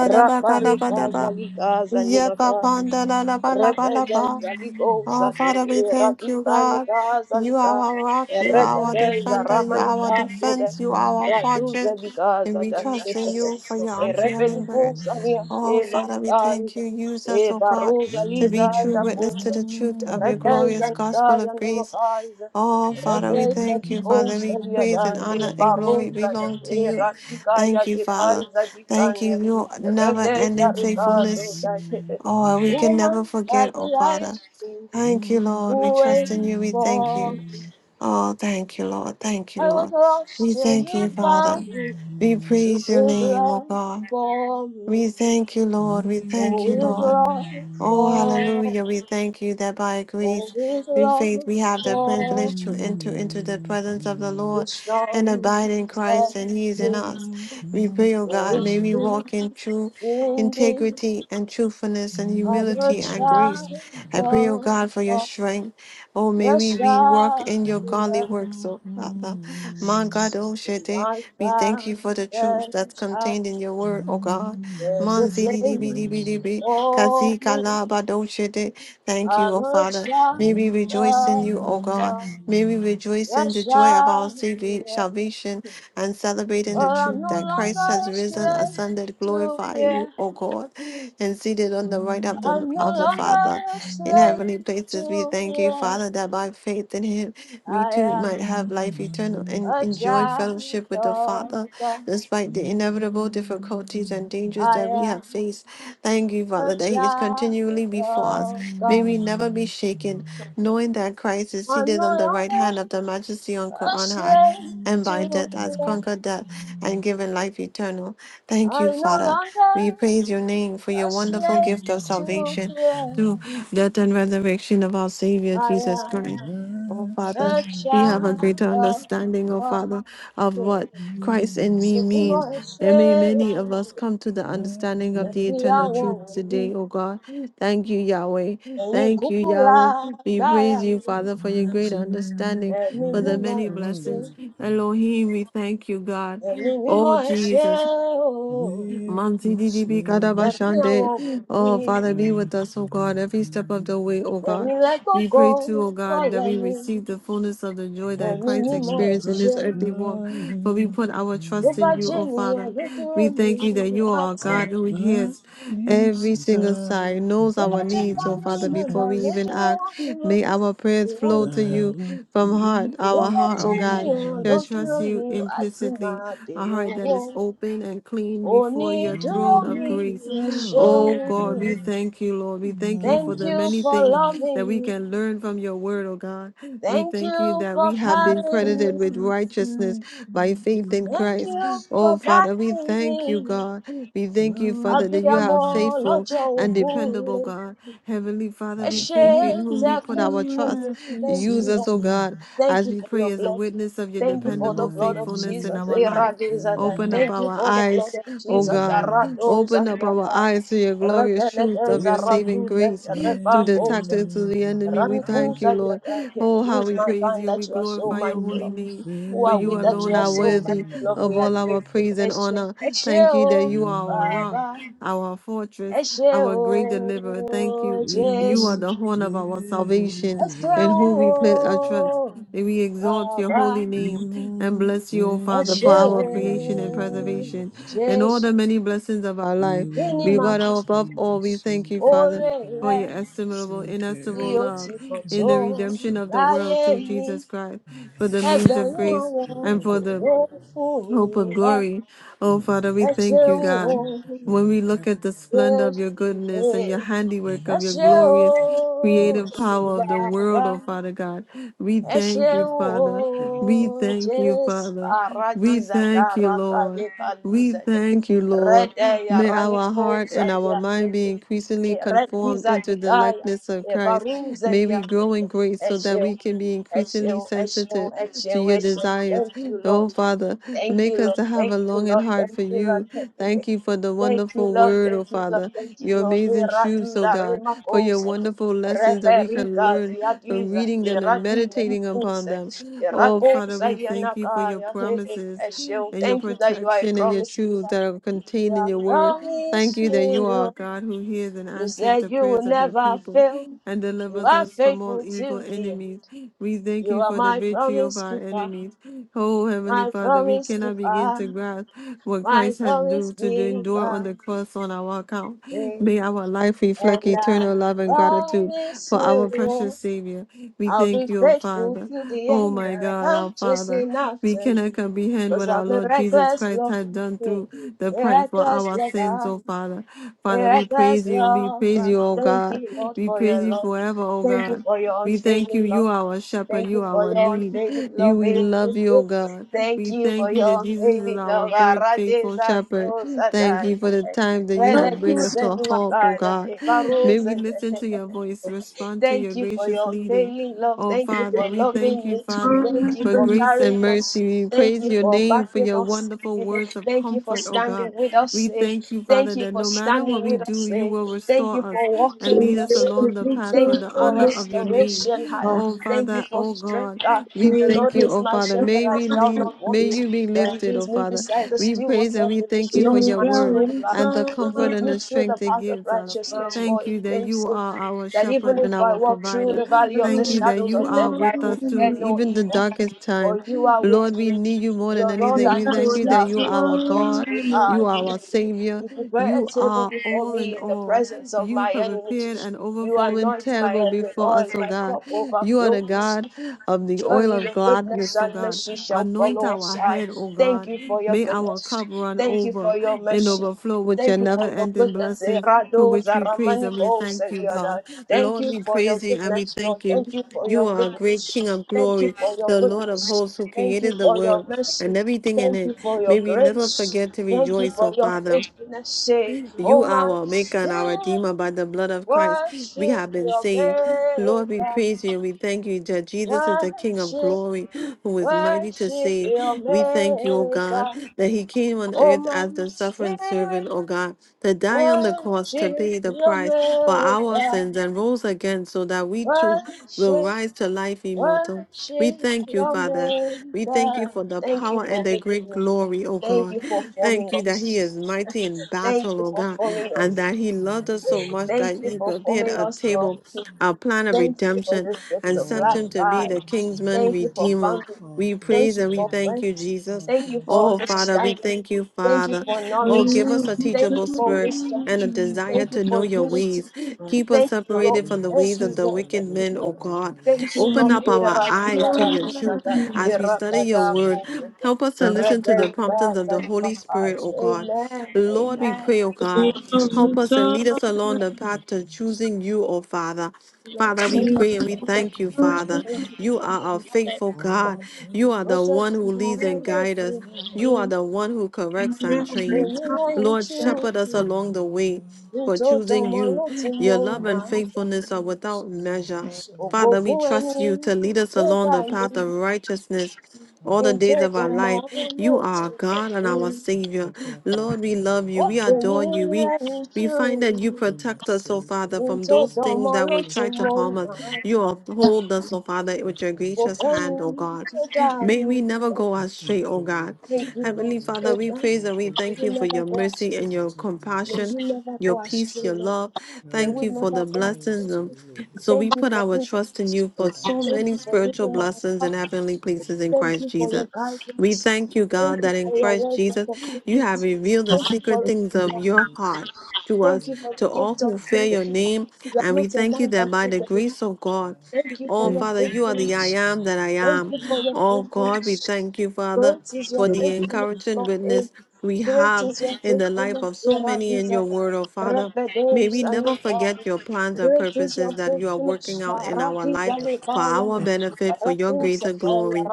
S1: Rabarika zalika
S3: Yep, upon
S1: zanimakatiza.
S3: the la la ba la ba la
S1: Repede
S3: ba.
S1: zaliko
S3: Oh,
S1: sate.
S3: Father, we thank you, God.
S1: Rakibanika
S3: You
S1: zalika.
S3: are our rock, you are our
S1: Eredege
S3: defender, you are our
S1: zaramanika zede.
S3: defense, you are our
S1: Radu
S3: fortress,
S1: zalika
S3: and we
S1: zata.
S3: trust in you for your unfailing
S1: Erebeliko
S3: word.
S1: sania.
S3: Oh,
S1: e
S3: Father, we thank you. Use us, oh God,
S1: Ebarosa
S3: to
S1: liza
S3: be true witness to
S1: itakuza.
S3: the truth of your
S1: Repede
S3: glorious
S1: zanika
S3: gospel of grace.
S1: namakaiza."
S3: Oh, Father, we
S1: Redeza
S3: thank
S1: di
S3: you. Father, we
S1: Oselia
S3: praise and
S1: da e
S3: honor and glory
S1: Barosa na
S3: belong to
S1: e
S3: you.
S1: Radicaya
S3: Thank you,
S2: Masunto.
S3: Father.
S1: Vicaisa di
S3: Thank
S1: Cania.
S3: you, your never
S1: Redeza
S3: ending
S1: Ricardo
S3: faithfulness.
S1: da Hete.
S3: Oh, we can
S1: Woman
S3: never forget,
S1: that the
S3: oh, Father.
S1: highest thing
S3: Thank you, Lord. We
S1: who
S3: trust in
S1: waited
S3: you. We thank
S1: for
S3: you.
S1: me.
S3: Oh, thank you, Lord. Thank you,
S1: I was
S3: Lord. We
S1: lost
S2: Mmm. Mmm. Mmm. Mmm. Mmm. Mmm. Mmm. Mmm. Mmm. Mmm. Mmm. Mmm. Mmm. Mmm.
S1: and
S3: thank
S1: he
S3: you, Father.
S1: found me.
S3: We
S1: True
S3: praise your
S1: is
S3: name, oh
S1: love
S3: God.
S1: for me.
S3: We thank you, Lord. We thank you,
S1: Oh, is
S3: Lord.
S1: love
S3: Oh,
S1: for
S3: hallelujah. We thank you that by
S1: Oh,
S3: grace,
S1: is
S3: through faith,
S1: love
S3: we have the
S1: for
S3: privilege to enter
S1: me.
S3: into the presence of the
S1: The
S3: Lord and
S1: sun
S3: abide in
S1: is
S3: Christ, and He is in
S1: everywhere.
S3: us. We pray, oh
S1: For
S3: God, may
S1: it's
S3: we
S1: been
S3: walk in true
S1: indeed
S3: integrity and truthfulness and
S1: I'm a
S3: humility and grace.
S1: child
S3: I pray, oh
S1: of
S3: God, for your
S1: God.
S3: strength. Oh, may we
S1: Yes,
S3: be work
S1: I
S3: in your godly
S1: am.
S3: works, oh Father. My God, oh
S1: In
S3: Shete,
S1: my
S3: we thank you for the truth that's
S1: father's
S3: contained in
S1: house,
S3: your word, oh God.
S1: there's
S2: Mmm.
S1: a
S3: Man, zidi,
S2: Mmm.
S3: dibi, dibi,
S1: place
S3: dibi.
S1: for
S3: Kazi
S1: me.
S3: kalaba doshede. Thank you,
S1: I'm
S3: O
S1: a
S3: Father.
S1: child
S3: May we rejoice in
S1: of
S3: you, O God.
S1: God.
S3: May we rejoice in the
S1: Yes,
S3: joy of our
S1: I
S3: savi-
S1: am.
S3: salvation and celebrate in the
S1: For I'm
S3: truth
S1: no
S3: that Christ has
S1: longer a
S3: risen,
S1: slave
S3: ascended,
S1: to
S3: glorify you,
S1: fear.
S3: O God, and seated on the right of the
S1: I'm no
S3: of the Father
S1: longer a
S3: in
S1: slave
S3: heavenly places. We
S1: to
S3: thank you,
S1: fear.
S3: Father, that by faith in Him we
S1: I
S3: too
S1: am.
S3: might have life eternal and
S1: a
S3: enjoy
S1: child
S3: fellowship with the
S1: of
S3: Father,
S1: God.
S3: despite the inevitable difficulties and dangers
S1: I
S3: that we have
S1: am
S3: faced. Thank you,
S1: a
S3: Father, that He is
S1: child
S3: continually before us.
S1: of
S3: May
S1: God.
S3: we never be shaken, knowing that Christ is
S1: I'm
S3: seated
S1: no
S3: on the right
S1: longer
S3: hand of the Majesty on
S1: a
S3: on high,
S1: slave
S3: and by
S1: to
S3: death
S2: Mmm.
S3: has
S2: Mmm.
S1: fear.
S3: conquered death and given life eternal. Thank you,
S1: I'm no
S3: Father.
S1: longer
S3: We praise your name for your
S1: a
S3: wonderful
S1: slave
S3: gift of
S1: to
S3: salvation
S1: fear.
S3: through death and resurrection of our Savior
S1: I
S3: Jesus
S1: am
S3: Christ.
S2: Let
S3: Oh, Father,
S2: your
S1: a
S3: we have a
S1: child
S3: greater
S1: of
S3: understanding, oh,
S1: God.
S3: Father, of what Christ in me
S2: grace
S1: Èmi mọ̀
S3: means.
S1: ẹ́ ṣe
S3: And may many of us come to the
S2: Let
S3: understanding of the
S2: your
S1: ẹ̀mí
S3: eternal
S1: àwọn
S3: truth
S2: grace
S1: wòlíì,
S3: today, O God. Thank you, Yahweh.
S1: ẹ̀yin
S3: Thank you,
S1: kúkú
S3: Yahweh. We
S1: lágbára
S3: praise you,
S1: mi,
S3: Father, for your great understanding,
S1: ẹ̀mí
S3: for the
S2: endure
S1: mímọ́
S3: many
S1: ẹ ṣé.
S2: forever.
S3: blessings. Elohim, we thank you, God.
S1: ẹ̀mí mímọ́
S3: Oh,
S1: ẹ ṣé
S3: Jesus,
S1: o
S2: We will
S3: Manzididibi
S2: sing.
S1: ẹ̀mí àwọn
S3: kadabashande.
S1: òbí
S3: Oh, Father, be with
S2: Let
S3: us, oh
S2: your
S3: God, every step of the way, oh
S2: goodness
S1: ẹ̀mí
S3: God. We
S1: lákòókò
S3: pray too, oh God, that
S1: fọ́lẹ̀
S3: we
S1: mi
S3: receive the fullness of the joy that
S1: ẹ̀mí
S3: Christ
S2: to
S1: mímọ́ ẹ
S3: experienced in
S2: our
S1: ṣé
S3: this earthly walk. For we put
S2: giant
S3: our
S1: bó
S3: trust
S1: bá
S3: in you,
S1: jẹ́
S3: oh
S2: triumphs.
S1: ènìyàn
S3: Father.
S1: ló
S3: We thank
S1: dúró
S3: you that
S1: mi
S3: you are a
S1: láti
S3: God
S2: Have
S1: mọ̀
S3: who
S2: a
S3: hears
S2: peace
S3: every single
S2: that
S3: sigh, knows
S1: bó bá
S3: our
S2: makes
S1: jẹ́
S3: needs, oh
S2: no
S1: family
S3: Father, before
S1: member
S3: we
S1: ló
S2: sense.
S3: even
S1: dúró
S3: ask.
S1: láti mọ̀
S3: May our prayers
S1: ìwọ
S3: flow to
S1: ike
S2: I
S3: you
S2: would
S3: from
S2: be
S3: heart,
S1: bó
S3: our
S1: bá
S3: heart, oh
S1: jẹ́
S3: God,
S1: ènìyàn
S2: going
S1: ló
S3: that
S1: dúró
S3: trust
S2: under.
S3: you
S1: mi láti
S3: implicitly
S1: máa
S3: a
S1: béèrè
S3: heart that
S1: owó
S3: is open and clean before your
S1: onídúró
S3: throne
S1: mi
S3: of
S2: Woman
S3: grace.
S1: ẹ
S2: of
S3: Oh
S1: ṣeun.
S3: God, we
S2: my
S3: thank you, Lord. We thank you for
S1: Thank
S3: the
S1: you
S2: lion
S3: many
S1: for
S3: things
S2: strength,
S1: loving
S3: that we
S1: me.
S3: can learn from your word, oh God. We
S1: Thank
S3: thank you
S1: you
S3: that
S1: for
S3: we
S2: I
S3: have been
S1: carrying
S2: feel
S3: credited
S1: me.
S3: with
S2: so
S3: righteousness
S2: sick
S3: by
S2: of
S3: faith in
S1: Thank
S3: Christ.
S1: you
S2: Jesus.
S1: for
S3: Oh Father, we
S1: backing
S3: thank you,
S1: me.
S3: God. We thank
S2: Now
S3: you, Father,
S2: I
S3: that you
S1: Abiyamọ
S3: are
S2: only
S3: faithful
S2: just
S1: lọ́jọ́
S3: and
S1: ogun
S2: stand.
S3: dependable,
S1: le.
S3: God. Heavenly Father,
S1: Ẹ
S3: we
S2: You're
S1: ṣé
S3: thank you in whom
S2: faithful
S1: tẹ
S3: we put
S1: kú
S3: our
S1: fún mi.
S3: trust.
S2: through every
S1: Thank you,
S3: Use us, oh
S1: Lord.
S2: season.
S3: God,
S1: Thank
S3: as
S1: you
S3: we
S1: for
S3: pray
S1: your
S3: as a
S1: blood.
S3: witness of your
S1: Thank you for
S2: Though
S1: the
S3: dependable
S2: I
S1: blood of
S3: faithfulness in
S1: Jesus.
S3: our life.
S2: look
S1: Eradizada.
S3: Open
S2: on
S3: up
S1: Thank you
S3: our
S1: for the blood
S3: eyes,
S1: of
S3: oh
S2: he
S1: Jesus.
S3: God.
S2: won't,
S1: Arados
S3: Open
S1: and
S3: up
S1: your
S3: our
S1: father.
S3: eyes to your glorious truth
S2: he
S3: of
S1: Redeledeza
S3: your saving
S2: won't
S1: raduze.
S3: grace to the
S1: Rebakote.
S3: tactics of
S2: fail.
S3: the enemy. We thank
S1: Ranguza
S3: you, Lord.
S1: Yadake,
S3: Oh,
S1: who
S3: how
S1: is
S3: we praise
S1: mankind
S3: you. We
S1: that you are so
S2: He
S3: glorify your
S1: mindful
S3: holy
S1: of?
S2: won't
S3: name,
S1: Who
S3: for
S1: are we
S3: you
S1: that you
S3: alone
S1: are
S3: are
S1: so
S3: worthy
S1: mindful of?
S3: of
S1: We are
S3: all
S2: fail.
S3: our
S1: grateful.
S3: praise and
S1: Eshe,
S3: honor.
S1: Eshe,
S3: Thank you that
S2: We
S1: oh,
S3: you are our
S2: won't
S3: rock,
S1: Baba,
S3: our fortress,
S1: Eshe,
S3: our great deliverer. Thank you
S1: oh,
S3: you are
S1: Jesus,
S3: the horn of our salvation,
S1: Eshe,
S3: in
S2: fail.
S3: whom we put our trust.
S1: oh,
S3: May we exalt your
S1: Baba,
S3: holy name
S2: We
S3: and
S2: won't
S3: bless you, O Father,
S2: fail.
S3: for
S1: Eshe,
S3: our creation and
S1: oh,
S3: preservation, and all
S1: Jesus,
S3: the many blessings of our
S2: We
S3: life.
S1: Kini
S3: Be but
S2: won't
S1: Mafis,
S2: be
S3: above all, we thank you,
S2: Santo
S3: Father.
S1: Ore,
S3: For your
S1: Re,
S2: Liberata
S3: estimable,
S2: Center
S3: inestimable
S1: Ti o ti
S3: love
S2: Ribera
S1: pọ̀
S3: in
S1: tó
S3: the
S2: Kimmy
S3: redemption of the
S2: Santo.
S1: láyé
S3: world through
S1: mi.
S3: Jesus Christ,
S2: in
S3: for the means of
S1: ẹgbẹ̀rún
S3: grace
S1: ọ̀wọ́n
S3: and
S1: kò
S3: for
S2: every area of
S3: the
S1: tó
S2: my
S1: fún
S3: hope
S2: life.
S3: of
S1: irọ́
S3: glory. Oh,
S2: Mm,
S3: Father, we
S1: ẹ
S2: the
S3: thank you,
S2: best
S1: ṣeun o
S3: God.
S2: situation in
S3: When we look at
S2: every
S3: the
S2: area,
S3: splendor of your
S1: Jésù
S3: goodness
S1: ẹ
S3: and your handiwork
S2: any
S1: ẹ
S3: of your
S1: ṣe
S2: area
S3: glorious
S2: that's
S1: o
S2: good,
S3: creative power of the
S2: competitive,
S1: bàbá
S3: world, oh Father God, we
S2: any
S1: ẹ
S3: thank
S1: ṣeun
S2: area
S3: you,
S1: o
S3: Father.
S2: where
S3: We
S2: you're
S3: thank you,
S1: Jésù
S3: Father. We thank you,
S1: aradizagarakayé
S3: Lord. We
S1: balùzẹ̀dẹ̀
S3: thank you, Lord.
S1: rẹ́dẹ̀
S3: May
S1: yàrá ní
S3: our
S1: kò
S3: heart and
S1: sàlẹ̀
S3: our mind be increasingly
S1: àkẹ́kẹ́
S3: conformed into the
S1: rẹ́dizàdìgáyà
S3: likeness of Christ. May
S1: ẹ̀bàrúzẹ̀lẹ̀
S3: we grow in
S1: àkẹ́kẹ́
S3: grace
S1: ẹ
S3: so that
S1: ṣeun.
S3: we can be
S1: Ẹ
S3: increasingly
S1: ṣeun, ẹ ṣeun,
S3: sensitive
S1: ẹ
S3: to
S1: ṣeun, ẹ
S3: your
S1: ṣeun.
S3: desires.
S1: Thank you,
S3: Oh,
S1: Lord.
S3: Father,
S1: Thank you,
S3: make us
S1: Lord.
S3: to have
S1: Thank
S3: a
S1: you,
S3: longing
S1: Lord.
S3: heart
S1: Thank
S3: for
S1: you, Lord.
S3: you.
S1: Thank you, thank you.
S3: Thank you for the
S1: Thank you,
S3: wonderful
S1: Lord.
S3: word, oh,
S1: Thank you, Lord.
S3: Father,
S1: Thank you,
S3: your
S1: Lord.
S3: amazing truths, oh,
S1: Eradiza
S3: God, for your
S1: remakose.
S3: wonderful lessons that we can
S1: Reperiga
S3: learn from
S1: ziadiza.
S3: reading them and
S1: Eradi
S3: meditating upon
S1: menkuse.
S3: them. Oh, Father,
S1: Erakosa
S3: we thank you for your
S1: yanakaya. Hey, hey,
S3: promises and
S1: Eshew.
S3: your
S1: Thank you that you are a
S3: protection and your
S1: promise
S3: truth
S1: keeper.
S3: that are
S1: You
S3: contained in
S1: are
S3: your word. Thank
S1: promised
S3: you that you
S1: me.
S3: are a
S1: Lord.
S3: God who hears and
S1: You
S3: answers the
S1: said you will
S3: prayers of your
S1: never
S3: people
S1: fail.
S3: and
S1: You
S3: delivers
S1: are
S3: us from all
S1: faithful
S3: evil
S1: till the end.
S3: enemies. We thank
S1: You
S3: you
S1: are
S3: for the
S1: my
S3: victory over
S1: promise
S3: our
S1: keeper.
S3: enemies. Oh, Heavenly
S1: My
S3: Father, we
S1: promise
S3: cannot begin
S1: keeper.
S3: to grasp what
S1: My
S3: Christ has done
S1: promise
S3: to do endure on
S1: keeper,
S3: the cross on our account.
S1: faith,
S3: May our life reflect
S1: and I
S3: eternal love and gratitude
S1: promise
S3: for our
S1: you
S3: precious Savior. We
S1: I'll be
S3: thank you, O
S1: faithful
S3: Father.
S1: till the
S3: Oh
S1: end.
S3: my
S1: I
S3: God,
S1: am
S3: our Father.
S1: chasing
S3: We
S1: after you,
S3: cannot comprehend
S1: cause
S3: what
S1: I'm
S3: our
S1: a
S3: Lord Jesus
S1: reckless
S3: Christ
S1: lover,
S3: had done
S1: a
S3: through the price for
S1: reckless
S3: our sins,
S1: lover,
S3: oh Father.
S1: a
S3: Father, we
S1: reckless
S3: praise you. We praise
S1: lover.
S3: you, oh
S1: Thank
S3: God.
S1: you, Lord,
S3: We
S1: for
S3: praise
S1: your
S3: you
S1: love.
S3: forever, oh
S1: Thank you
S3: God.
S1: for your
S3: We thank
S1: unfailing
S3: you.
S1: love.
S3: You are our shepherd.
S1: Thank
S3: You
S1: you
S3: are
S1: for
S3: our
S1: your
S3: need.
S1: unfailing
S3: You,
S1: love. eh,
S3: we
S1: eh,
S3: love you, oh
S1: eh.
S3: God.
S1: Thank
S3: We
S1: you
S3: thank
S1: for
S3: you that
S1: your
S3: Jesus is
S1: unfailing
S3: our
S1: love.
S3: good,
S1: Arades
S3: faithful shepherd.
S1: arcos
S3: Thank
S1: atai.
S3: you for the time that you have bring us
S1: Releguse
S3: to a
S1: ni
S3: halt, oh
S1: makaya,
S3: God.
S1: eh,
S3: May
S1: baruse.
S3: we
S1: eh,
S3: listen
S1: eh,
S3: to
S1: eh.
S3: your voice, respond to your
S1: Thank you for
S3: gracious
S1: your
S3: leading.
S1: unfailing love.
S3: Oh,
S1: Thank you
S3: Father,
S1: for
S3: we
S1: loving
S3: thank you,
S1: me.
S3: Father,
S1: Thank you
S3: for
S4: Thank
S1: for
S3: grace and
S1: carrying us.
S3: mercy. We
S1: Thank
S3: praise
S1: you
S3: your
S1: for
S3: name for
S1: backing
S3: your
S1: us.
S3: wonderful
S1: eh, eh.
S3: words of
S1: Thank you for
S3: comfort, oh
S1: standing
S3: God.
S1: with us.
S3: We
S1: eh.
S3: thank you, Father,
S1: Thank you
S3: that
S1: for
S3: no matter what
S1: standing
S3: we
S1: with
S3: do,
S1: us.
S3: you
S1: eh.
S3: will
S1: Thank you
S3: restore us
S1: for
S3: and
S1: walking with
S3: lead us
S1: us.
S3: along the path
S1: Thank
S3: for
S1: you
S3: the
S1: for
S3: honor of your name.
S1: restoration. I
S3: Oh,
S1: thank you
S3: Father,
S1: for
S3: oh
S1: strength.
S3: God,
S1: I,
S3: we
S1: the Lord
S3: thank you,
S1: is
S3: oh
S1: my
S3: Father.
S1: shepherd,
S3: May
S1: I
S3: we
S1: shall
S3: lead,
S1: not
S3: may
S1: want.
S3: you be
S1: He
S3: lifted, oh
S1: leads me
S3: Father.
S1: beside the
S3: We
S1: still
S3: praise
S1: waters.
S3: and we
S1: He
S3: thank you for
S1: restores
S3: your
S1: my
S3: word
S1: soul. Ah,
S3: and the
S1: He
S3: comfort
S1: leads
S3: and
S1: me
S3: the
S1: through the
S3: strength it
S1: path of
S3: gives us.
S1: righteousness for
S3: Thank
S1: His
S3: you that
S1: name's
S3: you
S1: sake.
S3: are our
S1: That
S3: shepherd
S1: even
S3: and
S1: if I
S3: our
S1: walk through
S3: provider.
S1: the valley of the
S3: Thank you that
S1: shadows
S3: you
S1: of
S3: are
S1: death, I
S3: with
S1: will
S3: us
S1: fear
S3: through
S1: no
S3: even the
S1: evil.
S3: darkest
S1: For
S3: time.
S1: you are with
S3: Lord, we
S1: me.
S3: need you more than
S1: Your rod
S3: anything.
S1: and
S3: We
S1: your
S3: thank you that
S1: staff
S3: you
S1: they
S3: are our
S1: comfort
S3: God.
S1: me. Ah,
S3: You are our Savior.
S1: you prepare a
S3: You
S1: table
S3: are
S1: before
S3: all in
S1: me in the
S3: all.
S1: presence of
S3: You
S1: my
S3: have prepared
S1: enemies.
S3: an
S1: You
S3: overflowing
S1: anoint my
S3: table
S1: head with
S3: before
S1: oil,
S3: us, O
S1: my
S3: God.
S1: cup
S3: You are the
S1: overflows.
S3: God of the oil
S1: Surely
S3: of
S1: your goodness
S3: gladness, O
S1: and
S3: God.
S1: mercy shall
S3: Anoint
S1: follow
S3: our
S1: us. I
S3: head, O
S1: thank
S3: God.
S1: you for your
S3: May our
S1: goodness.
S3: cup run
S1: Thank you
S3: over
S1: for your
S3: and
S1: mercy.
S3: overflow with your
S1: Thank you
S3: never
S1: for your
S3: ending
S1: goodness.
S3: blessings for
S1: Erado
S3: which we praise
S1: zaramani
S3: and we
S1: ko
S3: thank you,
S1: seliada.
S3: God.
S1: Thank
S3: Lord,
S1: you
S3: we
S1: for your
S3: praise you and we
S1: goodness, Lord.
S3: thank you.
S1: Thank you for
S3: You
S1: your
S3: are a great
S1: goodness.
S3: King of
S1: Thank you
S3: glory,
S1: for your
S3: the Lord of
S1: goodness.
S3: hosts who
S1: Thank you
S3: created the
S1: for your
S3: world
S1: mercy.
S3: and everything in
S1: Thank you
S3: it.
S1: for your
S3: May we never
S1: grace.
S3: forget to
S1: Thank you
S3: rejoice,
S1: for
S3: O
S1: your
S3: Father.
S1: faithfulness. Say, Oh
S3: You are
S1: my,
S3: our maker and our
S1: spirit.
S3: redeemer by the blood of Christ. We
S1: Worship
S3: have been
S1: your
S3: saved. Lord, we
S1: maker.
S3: praise you and we thank you that Jesus is the King of
S1: Worship,
S3: glory who is mighty to
S1: worship your
S3: save. We thank you, O God,
S1: maker.
S3: that he came on
S1: Oh,
S3: earth
S1: my
S3: as the suffering
S1: spirit,
S3: servant, O God, to die on the cross to
S1: worship
S3: pay the
S1: your
S3: price for our
S1: maker.
S3: sins and rose again so that we too will
S1: Worship,
S3: rise to life immortal. We
S1: worship
S3: thank you,
S1: your
S3: Father. We thank you
S1: maker.
S3: for the
S1: Thank you
S3: power
S1: for
S3: and the
S1: making
S3: great
S1: me.
S3: glory, O
S1: Thank
S3: God.
S1: you for
S3: God.
S1: forming
S3: Thank you that He
S1: us.
S3: is mighty in
S1: Thank
S3: battle,
S1: you
S3: oh
S1: for
S3: God,
S1: forming
S3: and
S1: us.
S3: that He loved us so much
S2: and
S1: Thank
S3: that
S1: you
S3: He
S1: for
S2: trust
S3: prepared
S1: forming
S3: a
S2: open
S1: us, Lord.
S2: you.
S3: table, a plan of
S1: Thank you for
S3: redemption,
S1: this gift
S3: and
S1: of
S3: sent
S1: life,
S3: Him
S2: All
S3: to be
S1: God.
S3: the
S2: things in
S3: kingsman
S1: Thank you
S2: you,
S1: for
S3: redeemer.
S1: family.
S2: all
S3: We
S1: Thank
S3: praise
S2: things
S1: you
S3: and we
S1: for
S2: in
S3: thank you,
S1: friends.
S2: you,
S3: Jesus.
S2: all
S1: Thank you
S2: things
S1: for
S2: in
S3: Oh, Father, we
S1: understanding.
S3: thank you,
S1: Thank you
S3: Father.
S1: for
S3: Oh,
S2: you,
S1: knowledge.
S3: give
S2: things
S3: us
S2: in
S3: a
S2: you.
S1: Thank you
S3: teachable
S1: for
S3: spirit
S1: wisdom.
S2: I
S3: and a
S2: shall not in
S3: desire
S1: Thank you
S2: all
S3: to know
S1: for
S3: your
S2: things.
S1: unity.
S3: ways. Keep us
S1: Thank you, Lord.
S3: separated from the
S2: Arena
S1: Thank
S3: ways
S1: you,
S3: of the
S2: Santa
S1: Lord. Thank
S3: wicked
S1: you,
S3: men, oh
S2: Lupa
S1: Lord.
S3: God.
S2: Radama
S1: Thank you,
S3: Open
S1: Lord.
S3: up
S2: Santa
S3: our
S2: Lupa
S3: eyes
S1: Erabiza,
S3: to your
S1: rabiza,
S3: truth
S1: da,
S3: as we study
S2: Terena
S3: your your
S1: erabada,
S3: word.
S2: Santa
S1: bofete,
S3: Help us to listen to the promptings
S1: rebelida,
S3: of the Holy
S1: zanimakai.
S3: Spirit,
S2: Things
S3: O
S2: is in
S3: God.
S2: you.
S1: Amen.
S2: And
S3: Lord, we
S2: I've got
S1: Amen.
S3: pray, O God,
S2: All
S1: Amen.
S2: things
S3: help
S2: in
S3: us
S2: you,
S3: and lead us along the
S2: all
S3: path to
S2: things.
S3: choosing you, O Father.
S1: Lord,
S3: Father, we
S2: in
S1: thank you,
S3: pray and we
S1: Lord. Thank
S3: thank you,
S1: you,
S2: You
S1: Lord.
S3: Father.
S2: make
S1: Thank you,
S3: You
S1: Lord. Thank you,
S3: are a faithful
S1: Lord.
S3: God.
S2: all
S3: You are the
S2: things
S3: one who
S1: Òtẹ́dọ̀mọ́
S3: leads
S1: ló
S3: and guides us.
S2: beautiful.
S3: You are the one who corrects and trains. Lord, shepherd us
S2: You
S3: along the way
S2: make
S3: for choosing you.
S1: ti mọ
S3: Your love and
S1: màá dà,
S3: faithfulness are
S2: Take
S3: without measure.
S1: ògo
S3: Father, we
S1: fún ẹni
S3: trust you to lead us
S1: tó
S3: along
S1: dà
S3: the
S1: mí.
S3: path of righteousness all the
S1: tó
S3: days of our
S1: dọmọ
S3: life.
S1: ló
S3: You
S1: ti
S3: are our
S1: bẹ̀
S3: God and
S1: mí,
S3: our Savior.
S2: the
S3: Lord,
S2: authority
S3: we
S2: that you
S3: love
S2: are
S1: ó
S3: you. We
S1: pè
S2: giving me
S1: mí
S3: adore you. We we find that you
S2: in the
S3: protect us, oh
S2: center,
S3: Father,
S2: like
S3: from
S1: tó
S2: you
S3: those
S2: know,
S3: things
S1: dọmọ
S2: to
S3: that
S1: ló
S3: would
S2: push
S1: ti
S3: try to
S1: mọ
S2: back
S3: harm
S2: the
S3: us.
S1: màá
S2: enemy,
S3: You
S1: dà,
S3: uphold us, oh Father, with
S2: fight
S3: your
S2: from
S3: gracious
S1: ògo
S2: victory.
S3: hand, oh
S1: fẹ́ni
S3: God.
S1: tó dà
S3: May
S1: mí.
S3: we never go
S2: I
S3: astray,
S2: Thank
S3: oh
S2: you,
S3: God.
S2: Lord. God.
S1: Thank
S2: The
S1: you,
S3: Heavenly
S1: Lord.
S2: enemy has
S3: Father,
S2: no
S3: we
S1: Amen.
S3: praise and we
S2: territory
S1: May
S3: thank
S2: there.
S1: we
S3: you for
S1: never
S3: your
S1: go
S3: mercy
S2: He
S1: astray.
S3: and your
S2: has no
S1: May
S2: inroads.
S3: compassion
S1: we never
S2: He
S1: go
S3: your
S2: has
S3: peace,
S1: astray,
S3: your
S1: Lord.
S3: love.
S2: no, no,
S1: May
S3: Thank
S1: we
S3: you for
S2: no
S1: never
S3: the
S1: go
S2: claims
S1: astray.
S2: to
S3: blessings.
S2: rule here.
S3: So we
S1: Thank you
S3: put
S1: for
S3: our
S1: leading
S3: trust in
S1: us.
S3: you for
S2: But
S3: so
S1: Thank you
S3: many
S2: everything,
S1: for
S3: spiritual
S1: leading
S2: everything,
S1: my
S3: blessings and
S2: everything
S1: heart.
S3: heavenly
S2: rests in
S3: places
S2: you.
S3: in
S1: Thank
S3: Christ
S1: you for your
S3: Jesus. We
S1: guidance.
S3: thank you,
S1: Thank
S3: God,
S1: you
S3: that in
S2: Everything,
S1: for your
S3: Christ
S1: words of
S3: Jesus you have
S1: upliftment. Thank
S3: revealed the
S1: you for
S3: secret things
S2: no
S3: of
S1: the wisdom.
S3: your
S2: relief,
S3: heart to
S1: Thank
S3: us,
S1: you
S2: real,
S1: for the
S3: to all
S1: gift
S3: who
S1: of
S3: fear your
S1: plenty.
S3: name.
S1: You are
S3: And we
S1: not a
S3: thank you
S1: man that
S3: that by
S1: you
S3: the
S1: could lie.
S3: grace of God,
S2: everything,
S1: Thank you for
S3: oh
S1: your
S3: Father,
S2: Every
S3: you are the I
S2: area
S1: faithfulness.
S2: of my
S3: am that
S2: life
S3: I
S2: is
S1: Thank
S3: am.
S1: you for
S2: delivered
S1: your
S3: Oh God, we
S1: faithfulness.
S3: thank you, Father,
S1: Great
S2: by the
S1: is your
S3: for the
S2: blood,
S1: faithfulness,
S3: encouraging
S1: Lord. eh.
S3: witness we
S2: by the
S1: Great
S3: have
S2: blood
S1: is
S2: of
S1: your
S3: in the life
S1: faithfulness,
S3: of so many in your
S1: Eradizada.
S3: word, oh Father. May
S1: Rebedeus
S3: we
S2: Peter,
S3: never
S2: around
S3: forget
S1: alibaya.
S3: your plans and
S1: Great is your
S3: purposes that you are
S2: an
S3: working
S1: faithfulness,
S3: out
S2: altar,
S3: in our
S1: Sharadis
S3: life for our
S1: alibayana.
S3: benefit, for your greater
S1: Rekusete,
S3: glory.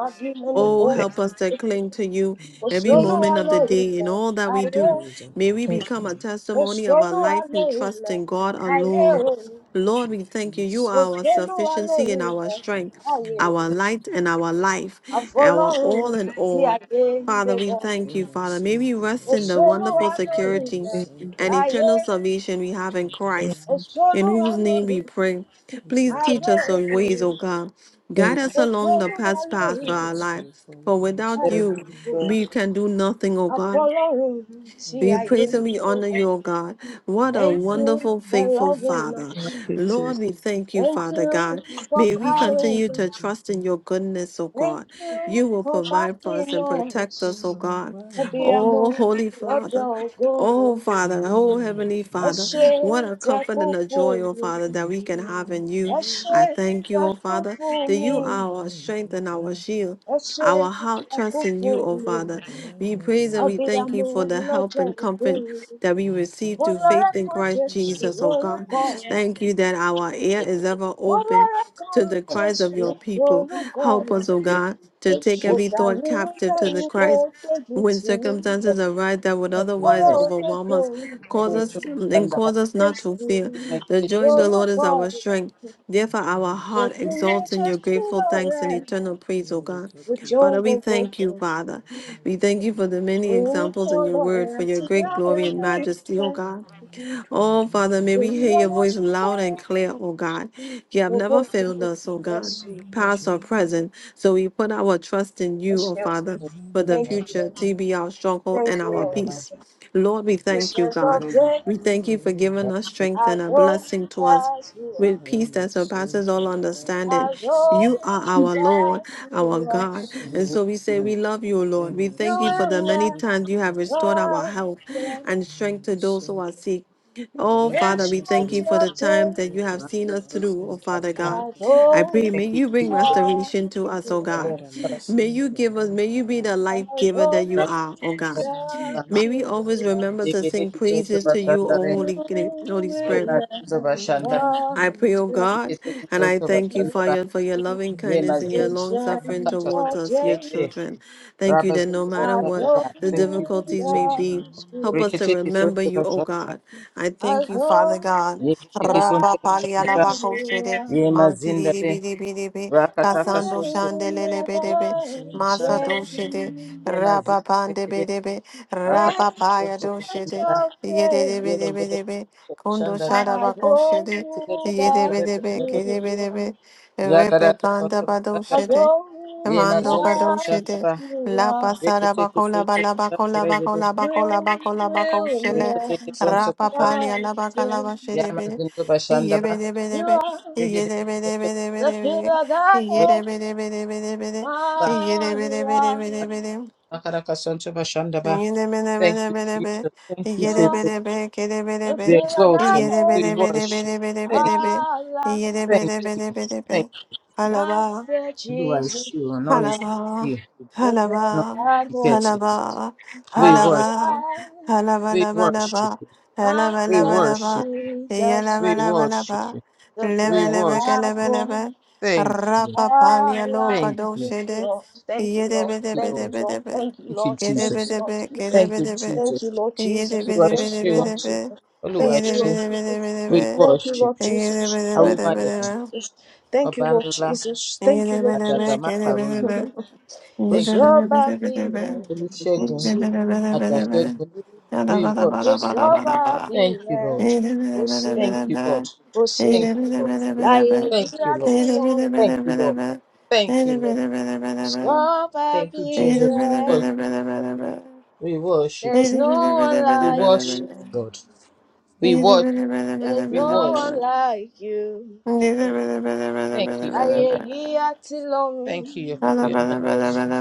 S2: oh
S3: Oh, help
S2: Lord,
S3: us to cling to you
S2: an area of
S3: every
S2: my
S1: Kosolo
S3: moment
S2: life.
S3: of the day in
S1: alorile,
S3: all that we do.
S1: aye.
S2: Raise an
S3: May we
S2: altar to
S3: become a
S2: your
S3: testimony of a
S1: Kosolo
S3: life who trusts
S1: alorile,
S3: in God
S2: power.
S1: aye.
S3: alone.
S1: o.
S2: Let
S3: Lord,
S2: your
S3: we thank you. You
S2: peace
S3: are our
S1: Kosolo
S3: sufficiency and our
S1: alorile,
S3: strength,
S1: aye.
S2: reign,
S1: o.
S3: our
S2: let
S3: light
S2: your
S3: and our
S2: laughter.
S3: life, our
S1: Àfọlọ́run
S3: all in
S1: tí a
S3: all.
S1: gbé ń
S3: Father, we
S2: They
S3: thank you, Father.
S2: must
S3: May we
S2: send to
S3: rest
S1: Oh
S3: in
S2: away
S3: the
S2: by
S1: Osolo
S3: wonderful
S2: looking in the
S3: security
S1: Elohim,
S3: and
S2: center,
S1: aye.
S3: eternal salvation we
S2: which
S3: have in
S2: what they
S3: Christ,
S2: like.
S3: in
S1: Osolo
S3: whose name we
S1: Elohim,
S3: pray.
S2: We say
S3: Please teach
S2: thank
S3: us
S2: you,
S3: your
S1: aye.
S3: ways,
S2: Father.
S3: O God.
S4: you.
S3: Guide us along the
S1: Osolo
S3: past path
S2: Thank you,
S3: for
S1: Elohim,
S3: our
S2: most
S3: life.
S2: faithful
S3: For
S2: one, most
S3: without
S2: holy
S4: Thank
S3: you,
S2: one.
S4: you.
S3: we
S1: aye.
S3: can do nothing, O
S1: I
S3: God.
S1: follow him,
S2: Thank
S1: see
S3: We
S1: I
S2: you,
S3: praise
S2: Lord.
S1: am.
S3: and we honor you, O God. What a
S1: Thank you
S3: wonderful,
S1: for
S3: faithful
S1: loving
S3: Father.
S4: Thank
S1: us.
S4: you, Jesus.
S3: Lord, we thank you,
S1: Thank
S3: Father
S1: you
S3: God.
S1: for
S3: May we
S1: carrying
S3: continue to
S1: us.
S3: trust in your goodness, O
S1: Thank
S3: God.
S1: you
S3: You will
S1: for
S3: provide for us
S1: backing
S3: and
S2: You
S3: protect
S1: us.
S3: us,
S2: come
S3: O
S2: like
S3: God.
S1: Ọbí
S2: water,
S1: amọ̀
S3: Oh, Holy
S1: lọ́jọ́
S3: Father.
S1: ògo mi,
S3: Oh,
S2: give
S3: Father.
S2: me
S3: Oh,
S2: my
S3: Heavenly
S1: ẹ
S3: Father.
S1: ṣé
S2: share,
S3: What a
S1: tẹ
S3: comfort
S1: kú
S3: and a
S1: fún
S3: joy, O
S1: mi.
S3: Father,
S2: give
S3: that we
S2: me
S3: can have
S2: my
S3: in you.
S2: share,
S3: I
S1: Ashe
S3: thank you, O Father, that
S2: give
S3: you
S2: me
S1: Takufumi,
S3: are our
S2: my
S3: strength and our
S2: desire.
S3: shield. Our
S1: Ashe
S3: heart trusts in you, O
S1: Takufumi,
S2: You're
S3: Father.
S2: the one
S3: We
S2: who
S3: praise and we
S1: Abi
S2: directs my
S3: thank you for
S1: Amu
S2: path,
S3: the help
S1: Lojo
S3: and comfort
S1: Obi,
S3: that we
S2: you're my
S3: receive through
S2: comfort,
S1: Olore
S3: faith in
S2: you're
S1: kan
S2: my
S3: Christ
S1: Jesu
S2: healer,
S3: Jesus,
S2: my
S3: O God.
S1: lórúkọ
S2: greatest
S1: rẹ̀,
S3: Thank
S2: teacher.
S3: you that our ear
S5: Thank
S3: is ever open
S1: Olore kan
S3: to the cries of
S1: Jesu
S3: your people.
S1: lórúkọ
S3: Help us,
S1: rẹ̀,
S3: O God, to take every
S1: Òdà
S3: thought
S1: mi
S3: captive to
S1: bẹ́yìn
S3: the
S1: kó
S3: Christ.
S1: tóbi
S3: When
S1: tì í,
S3: circumstances arise that would
S2: You're my
S1: Ọrẹ
S3: otherwise overwhelm
S1: òdodo
S3: us, cause
S1: pẹ̀lú
S2: superpower,
S3: us
S2: I'm not
S3: and
S2: so
S3: cause us not to
S1: Jesu
S3: fear.
S2: bad, I don't necessarily look at
S3: The joy of the
S2: you.
S3: Lord is
S1: lórúkọ
S3: our strength.
S1: rẹ̀,
S2: I
S3: Therefore, our
S2: cannot
S3: heart
S1: Òtún
S2: shrink
S1: ní
S3: exalts in
S2: until
S3: your
S2: you
S1: Jesu
S2: get
S3: grateful
S2: deeper.
S3: thanks and
S1: lọ́rẹ̀,
S3: eternal
S2: I
S3: praise, O
S2: know you
S3: God.
S2: get
S1: Òjò
S2: deeper,
S3: Father, we
S1: gbogbo
S3: thank
S1: fún
S3: you, Father.
S2: I can
S3: We
S2: only get
S3: thank you for the
S2: deeper.
S3: many
S1: Oh,
S3: examples in your word, for
S1: color
S3: your great
S2: Can can
S3: glory
S2: only
S3: and
S2: get
S3: majesty, O
S2: deeper, I
S3: God.
S2: can only be drawn
S3: Oh,
S2: deeper
S3: Father, may
S2: and
S3: we hear
S2: deeper
S3: your
S2: and
S3: voice
S2: deeper.
S3: loud and clear, oh God. You have never failed us, oh
S2: You
S3: God,
S2: are
S3: past or
S2: my share.
S3: present. So we put our trust in you, oh Father, for
S2: Rada
S3: the
S1: Thank you,
S3: future
S1: Lord.
S3: to be our stronghold
S1: Thank you, Lord. for
S3: and
S1: the
S3: our peace. Lord, we thank you,
S1: end
S3: God.
S1: of day,
S3: We thank you for giving us strength
S1: as
S3: and a
S1: old
S3: blessing to us
S1: as you
S3: with peace that surpasses all
S1: are,
S3: understanding.
S1: as
S3: You are
S1: old
S3: our Lord,
S1: as
S3: our
S1: you are,
S3: God. And so we say, We love you, Lord. We
S1: you
S3: thank you for the
S1: will
S3: many times you have restored our
S1: never
S3: health
S1: the
S3: and strength to those who are sick. Oh, Father, we thank
S1: Ancient
S3: you for the
S1: of
S3: times
S1: day,
S3: that you have seen us through, oh Father God.
S1: as
S3: I
S1: old
S3: pray, may you bring
S1: as
S3: restoration to us,
S1: you
S3: oh
S1: are.
S3: God. May you give us, may you be the
S1: As
S3: life giver that
S1: old
S3: you are, oh
S1: as
S3: God. May we
S1: you
S3: always remember to sing praises to you, oh Holy, Holy Spirit.
S1: will never
S3: I pray, oh God, and I thank you,
S1: change.
S3: Father, for your loving kindness and your long suffering
S1: Ancient
S5: you,
S3: towards
S1: of
S3: us, your
S1: days,
S5: Jesus.
S3: children. Thank you that no matter
S1: as
S3: what
S1: old
S5: Rabazondabashandaba.
S1: as
S3: the
S2: Thank you
S5: Thank
S2: that
S5: you,
S2: we can
S3: difficulties
S5: Jesus.
S3: may
S2: rely on
S3: be,
S2: you,
S1: you
S3: Help
S2: Lord.
S3: us
S1: are,
S3: to remember you, O
S5: Reketekisondabashanda.
S3: God. I thank
S1: as
S3: you, Father
S1: old
S3: God.
S1: as
S3: Rapa pali
S5: Reketekisondabashandaba.
S3: alaba
S1: you
S3: koshede,
S1: are,
S3: manti di di bi
S5: Yemazindabe.
S3: di bi di bi,
S1: you
S3: kasando
S5: Rakatakasonto.
S1: will
S3: shandelele be
S1: never
S3: de be,
S2: We say a
S3: masa
S2: big
S5: Rekashanda.
S2: word
S3: doshede,
S2: from
S1: change.
S2: you.
S3: rapa pande be
S5: Yemazindabe.
S3: de be, rapa paya
S1: Ancient
S3: doshede,
S5: Rakatakasondabashandaba.
S1: of
S3: yede de
S1: days,
S3: be de be
S5: Yemayele.
S3: de be, kondo
S5: Shandaba.
S1: as
S3: shadaba
S1: old
S3: koshede, yede
S1: as
S3: be de be,
S5: Reketekisondabashandaba.
S3: kede be
S1: you
S3: de
S1: are.
S3: be, repe panda
S5: Yagaratakasondabashandaba.
S3: badoshede,
S1: Although
S3: Mando
S1: that
S3: Kadoshite,
S5: Yemazondabashandaba.
S1: you
S3: La
S1: are,
S3: Pasada Bacola Balabacola
S5: Reketekisondabashandaba. Yegede.
S3: Bacola Bacola
S1: you
S3: Bacola Bacoshele,
S1: will
S3: Rapa
S5: Reketekisondabashandaba.
S1: never
S3: Palia
S1: change.
S3: Labacalava Shedebe,
S5: Yamazindabashandaba.
S1: You
S3: Yebedebedebe,
S1: are
S5: Yegede.
S1: the
S3: Yedebedebedebedebe,
S1: pillar that
S5: Thank you,
S1: holds
S3: Yedebedebedebedebe,
S5: Jesus.
S1: my life.
S3: Yedebedebedebedebe. Yedebedebedebedebe,
S5: Thank you,
S1: You are
S5: faithful.
S3: yedebedebe,
S1: the
S5: We
S3: kedebedebe,
S1: pillar
S5: exalt
S1: that
S5: your name.
S1: holds
S5: We worship. Thank you.
S3: yedebedebedebedebedebe,
S1: our life.
S5: Thank you.
S3: yedebedebedebedebe.
S5: Thank
S3: Alaba.
S1: Master
S5: you. You are
S1: Jesus,
S5: sure.
S1: you
S5: None
S1: are
S5: is like
S3: Halaba,
S5: you.
S1: the pillar
S5: None
S3: halaba,
S5: can
S1: that
S5: compare
S1: holds
S5: to you.
S3: halaba,
S5: We
S1: our
S5: worship.
S3: halaba,
S1: life.
S3: halaba,
S5: We
S3: laba,
S5: worship
S3: laba,
S5: you.
S3: halaba,
S5: We
S3: laba,
S1: Master
S3: laba,
S5: worship you.
S1: Jesus,
S3: yalaba,
S5: We
S1: you
S3: laba,
S5: worship
S3: laba,
S5: you.
S1: are the
S3: lebe,
S5: We
S1: pillar
S3: lebe, ke,
S5: worship
S1: that
S3: lebe,
S5: you.
S3: lebe,
S1: holds.
S5: Thank you.
S3: rapa,
S1: Ah
S3: palia, loka,
S5: Thank
S1: ask,
S5: you.
S1: thank
S3: doshe,
S1: you,
S3: de,
S1: Lord. Thank you, Lord.
S3: yedebe,
S5: Thank you,
S3: debe,
S1: Thank
S5: Lord.
S1: you,
S3: debe,
S1: Lord.
S3: debe,
S1: Thank you,
S5: Thank you,
S1: Lord. Thank
S3: kedebe,
S1: you,
S5: Jesus.
S1: Lord
S3: debe,
S1: Jesus.
S5: Thank
S3: kedebe,
S5: you,
S3: debe,
S5: Jesus.
S1: Thank you, Lord Jesus.
S3: yedebe,
S1: Thank
S3: debe,
S1: you,
S5: Oluwaṣe
S3: debe,
S1: Lord
S5: o,
S3: debe,
S1: Jesus. Thank
S3: yedebe,
S5: Oluwaṣe,
S3: debe, debe, debe,
S5: we
S1: you,
S5: worship
S1: Lord
S5: you.
S1: Jesus.
S3: yedebe, debe, debe,
S1: Thank you, Lord
S5: Awimaye,
S3: debe,
S1: Jesus. Thank you,
S5: ọba
S1: Lord
S5: ńlá
S1: Jesus. Thank you, Lord Jesus. Thank you,
S3: yedebe,
S1: Lord
S5: àdàgbà
S1: Jesus.
S3: debe,
S5: má
S3: kedebe,
S5: pàrọyè
S3: debe, Thank
S1: Kò
S5: thank you
S1: sọ́ba bí rẹ̀ kò
S5: olùṣègùn
S1: sí. Kò
S5: àjàṣẹ́gun
S1: sí.
S5: wíwọ
S1: Kò
S5: ṣètò
S1: sọ́ba bí
S5: thank you
S1: rẹ̀
S5: lord
S1: kò sí.
S5: thank you lord
S1: Kò sí.
S5: thank you lord
S1: Láyé yìí
S5: thank you
S1: àti
S5: lord
S1: lọ.
S5: thank you lord thank you lord
S1: Stop up
S5: thank you jesus
S1: here.
S5: lord we worship you
S1: There's no one
S5: we
S1: like
S5: worship
S1: you.
S5: you lord we worship
S1: There's
S5: we
S1: no
S5: worship
S1: one like you.
S5: thank you for your
S1: Aye,
S5: mercy
S1: ye are too
S5: thank
S1: long.
S2: Thank you, Father.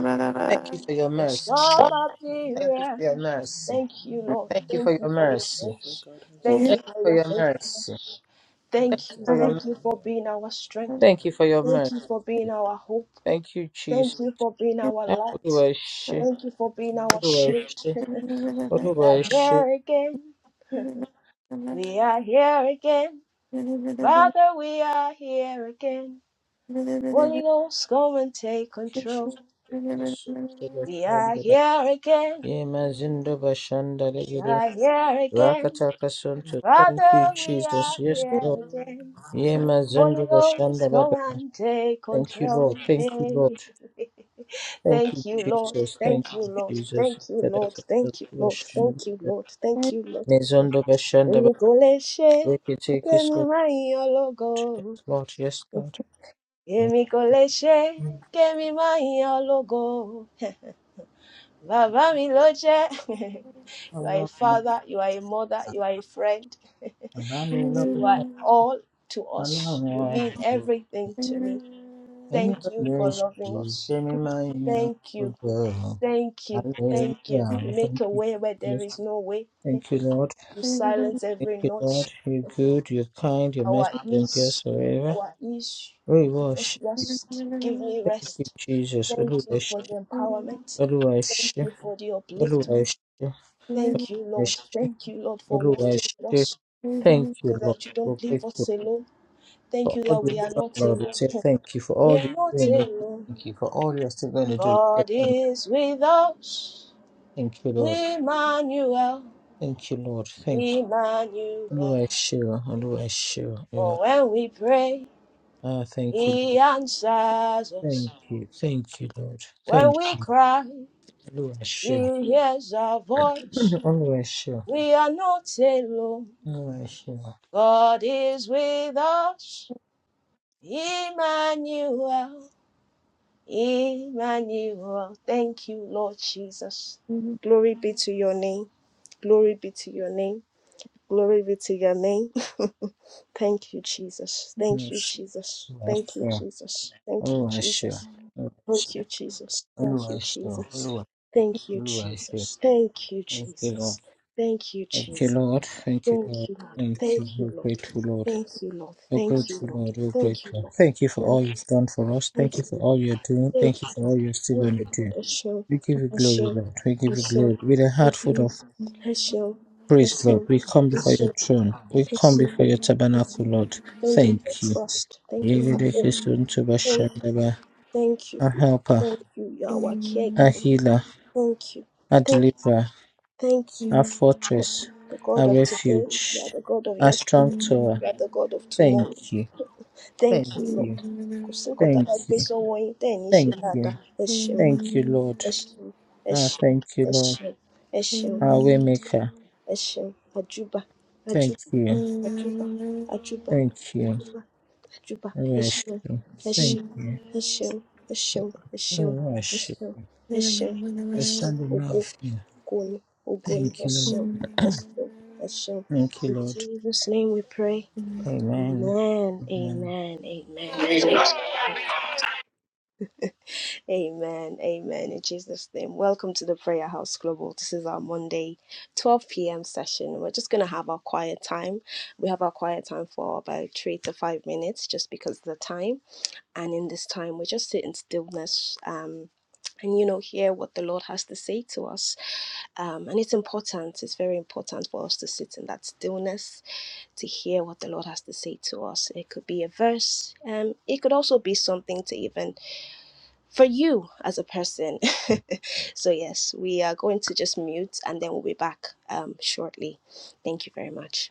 S5: you for your mercy.
S1: Stop
S2: Kira,
S1: up
S2: come back.
S5: thank you for
S1: here.
S5: your
S2: Listen,
S5: mercy
S1: Thank
S2: come
S1: you,
S2: back.
S1: Lord.
S5: thank
S2: Find
S5: you for
S2: us,
S1: Thank you
S5: your
S1: for
S2: Lord.
S1: your
S5: mercy
S2: And share
S1: grace.
S2: God has
S1: Thank
S2: me.
S1: you
S5: thank you
S1: for
S5: for your mercy thank you for
S1: your
S5: your mercy
S1: faithfulness.
S2: God
S1: Thank
S5: Thank you
S2: has
S1: you.
S5: for your
S2: me,
S5: mercy.
S2: but
S1: Thank you
S2: we
S1: for
S2: here.
S1: being our strength.
S5: Thank you for your
S1: Thank
S5: mercy.
S1: you for being our hope.
S5: Thank you, Jesus.
S1: Thank you for being our light.
S5: Oluwaṣe,
S1: Thank you for
S2: Thank
S1: being
S2: you,
S1: our
S2: Lord.
S1: shield.
S5: Oluwaṣe,
S1: we
S3: you.
S2: Thank you,
S1: are
S2: Lord.
S5: Oluwaṣe.
S1: here again. We are here again. Father, we are here again. Holy Ghost, come and take
S5: Thank you,
S1: control.
S5: Jesus.
S1: We are here again.
S5: Yemazindo bashanda
S1: We
S5: legere
S1: are here again.
S5: rakataka sunto. Thank you,
S1: Father, we are
S5: Jesus. Yes,
S2: Thank
S1: here
S5: Lord.
S2: you, Lord.
S1: again. Holy
S5: Yemazindo
S1: Ghost,
S5: bashanda
S1: come
S5: baba.
S1: and take
S5: Thank you,
S1: control.
S5: Lord. Thank you, Lord. Thank
S1: Thank
S5: you,
S1: you, Lord.
S5: Jesus. Thank
S1: Thank you,
S5: you,
S1: Lord.
S5: Jesus.
S1: Thank you,
S5: Kadaka
S1: Lord.
S5: sunto
S1: Thank you, Lord.
S5: bashanda
S1: Thank you,
S5: baba.
S1: Lord. Thank you, Lord.
S5: Mezondo bashanda
S1: Èmi
S5: baba.
S1: kò lè ṣe,
S5: Rekete
S1: kémi
S5: kisunto.
S1: má yìn ọ́
S5: Yes,
S1: lógo.
S5: Lord. Yes,
S1: èmi kò lè ṣe é,
S5: Lord.
S1: kémi má yan ọ́ lógo bàbá mi ló jẹ́. you are a
S5: Ọlọ́run
S1: father you are a mother you are a friend
S5: bàbá mi lọ́jọ́
S1: you are all to us
S5: ọlọ́run
S1: you mean
S5: ọ̀gbìn
S1: everything to me
S5: èmi
S1: thank
S5: ò
S1: you
S5: lè
S1: for
S5: ṣe
S1: loving us
S5: èmi máa ń yan
S1: thank you
S5: gbogbo ọ̀run
S1: thank you thank you
S5: hallelujah
S1: you make
S5: thank
S1: a
S5: you
S1: way where there
S5: jesus
S1: is no way
S5: thank you lord
S1: you silence
S5: thank
S1: every
S5: you
S1: noise
S5: lord you're good you're kind your
S1: our
S5: mercy endures
S1: ears
S5: forever
S1: our ears you
S5: olùwà
S1: give us
S5: ọ̀ṣẹ́
S1: rest you give me
S5: thank you
S1: rest
S5: jesus
S1: thank
S5: olùwà
S1: you for the
S5: ẹ̀ṣẹ́
S1: empowerment
S5: olùwà
S1: Thank
S5: ẹ̀ṣẹ́
S1: you for the
S5: olùwà
S1: upliftment. Thank you, Lord. Thank you, Lord, for walking with us
S5: thank you
S1: so
S5: lord.
S1: that you don't leave
S5: for
S1: us alone. Thank
S5: for
S1: you
S5: all
S1: that
S5: you've
S1: we are
S5: done,
S1: not
S5: Lord. We
S1: alone.
S5: say thank you for
S1: We
S5: all
S1: are
S5: you're
S1: not
S5: doing. We say
S1: alone.
S5: thank you for all you're still going to do. We say
S1: God
S5: thank,
S1: is with us.
S5: thank you, Lord.
S1: Emmanuel,
S5: Thank you, Lord. Thank you. Olúwa
S1: Emmanuel.
S5: ẹ ṣé o, Olúwa ẹ ṣé o, Olúwa.
S1: For when we pray,
S5: Ah, thank you, Lord.
S1: He answers us.
S5: Thank you. Thank you, Lord. Thank
S1: When we
S5: you.
S1: cry,
S5: Olúwa ẹ ṣé o.
S1: He hears our voice.
S5: Olúwa ẹ ṣé o.
S1: We are not alone.
S5: Olúwa ẹ ṣé o.
S1: God is with us. Emmanuel, Emmanuel. Thank you, Lord Jesus. Glory be to your name. Glory be to your name. Glory be to your name. Thank you, Jesus.
S5: Olúwa
S1: Thank
S5: ẹ
S1: you,
S5: ṣé
S1: Jesus.
S5: o. Olúwa ẹ
S1: Thank you,
S5: ṣé o.
S1: Jesus. Thank you,
S5: Olúwa ẹ ṣé o.
S1: Jesus. Thank you, Jesus. Thank
S5: Olúwa
S1: you,
S5: ẹ ṣé o.
S1: Jesus.
S5: Olúwa
S1: Thank you, Jesus. Thank you,
S5: Olúwa ẹ ṣé o.
S1: Jesus. Thank you,
S5: Thank you,
S1: Jesus.
S5: Lord. Thank you, Lord. Thank you,
S1: Thank
S5: Lord.
S1: you, Lord.
S5: Thank you.
S1: Thank you,
S5: We're
S1: Lord.
S5: grateful, Lord.
S1: Thank you, Lord.
S5: We're
S1: Thank you,
S5: grateful,
S1: Lord.
S5: Lord. We're
S1: Thank you,
S5: grateful.
S1: Lord.
S5: Thank you for all
S1: Thank
S5: you've done for us.
S1: you,
S5: Thank you
S1: Lord.
S5: for all you're doing.
S1: Thank
S5: Thank you
S1: you,
S5: for
S1: Lord.
S5: all you're still
S1: Thank
S5: going to
S1: you, Lord.
S5: do.
S1: Hashem,
S5: We give you glory,
S1: Hashem,
S5: Lord. We give you
S1: Hashem,
S5: glory. With a heart full
S1: Hashem,
S5: of
S1: Hashem,
S5: praise, Lord,
S1: Hashem,
S5: we come before your
S1: Hashem,
S5: throne. We come
S1: Hashem.
S5: before your tabernacle,
S1: Hashem.
S5: Lord.
S1: Thank you for
S5: Thank you.
S1: trust. Thank you for hope. Thank you,
S5: Yegedekesonsobashandaba.
S1: thank you,
S5: Our helper,
S1: thank you, Yahweh
S5: our
S1: caregiver.
S5: healer,
S1: Thank you,
S5: our
S1: thank you,
S5: deliverer,
S1: thank you.
S5: our
S3: Thank
S5: fortress,
S1: The God
S5: our
S1: of today, you are
S5: refuge,
S1: the God of
S5: our strong
S1: yesterday,
S5: tower.
S1: you are the God of
S5: Thank
S1: tomorrow.
S5: you.
S1: Thank
S5: Thank
S1: you, Lord.
S5: you.
S1: Kò sí nǹkan tá a
S5: Thank
S1: bá gbé
S5: you.
S1: sọ́wọ́ yín tẹ́ ẹ̀ ní ṣe
S5: Thank
S1: dáadáa.
S5: you.
S1: Ẹ ṣeun.
S5: Thank you, Lord.
S1: Ẹṣeun,
S5: Ah,
S1: ẹṣeun,
S5: thank you, Lord.
S1: ẹṣeun, ẹṣeun,
S5: Our waymaker.
S1: ẹṣeun, àjúbà,
S5: Thank
S1: àjúbà,
S5: you.
S1: àjúbà, àjúbà,
S5: Thank you.
S1: àjúbà, àjúbà,
S5: We worship
S1: ẹṣeun,
S5: you. Thank
S1: ẹṣeun,
S5: you.
S1: ẹṣeun, ẹṣeun,
S5: We
S1: ẹṣeun,
S5: worship.
S1: ẹṣeun, ẹṣeun,
S5: We
S1: ẹṣeun,
S5: stand in awe
S1: ògo,
S5: of you.
S1: ògo ni, ògo ni,
S5: Thank you, Lord.
S1: ẹṣeun, ẹṣeun, ẹṣeun.
S5: thank you,
S1: In
S5: Lord.
S1: Jesus' name we pray.
S3: you.
S5: Amen.
S1: Amen,
S5: Amen.
S1: amen, amen. Amen. Amen. In Jesus' name. Welcome to the Prayer House Global. This is our Monday 12 p.m. session. We're just going to have our quiet time. We have our quiet time for about three to five minutes just because of the time. And in this time, we just sit in stillness. Um, and you know, hear what the Lord has to say to us. Um, and it's important, it's very important for us to sit in that stillness to hear what the Lord has to say to us. It could be a verse, um, it could also be something to even for you as a person. so, yes, we are going to just mute and then we'll be back um, shortly. Thank you very much.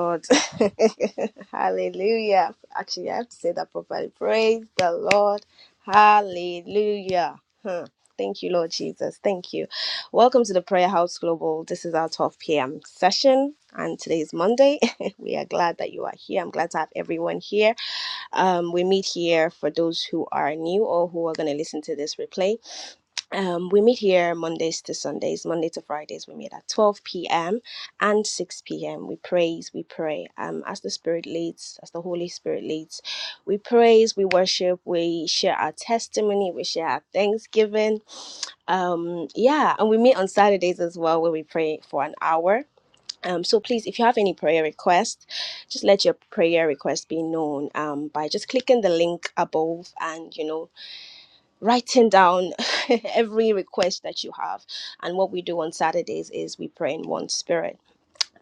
S1: Lord. Hallelujah. Actually, I have to say that properly. Praise the Lord. Hallelujah. Huh. Thank you, Lord Jesus. Thank you. Welcome to the Prayer House Global. This is our 12 p.m. session, and today is Monday. we are glad that you are here. I'm glad to have everyone here. Um, we meet here for those who are new or who are going to listen to this replay. Um, we meet here Mondays to Sundays, Monday to Fridays. We meet at 12 p.m. and 6 p.m. We praise, we pray um, as the Spirit leads, as the Holy Spirit leads. We praise, we worship, we share our testimony, we share our thanksgiving. Um, yeah, and we meet on Saturdays as well where we pray for an hour um, so please, if you have any prayer request, just let your prayer request be known um, by just clicking the link above and you know writing down every request that you have. And what we do on Saturdays is we pray in one spirit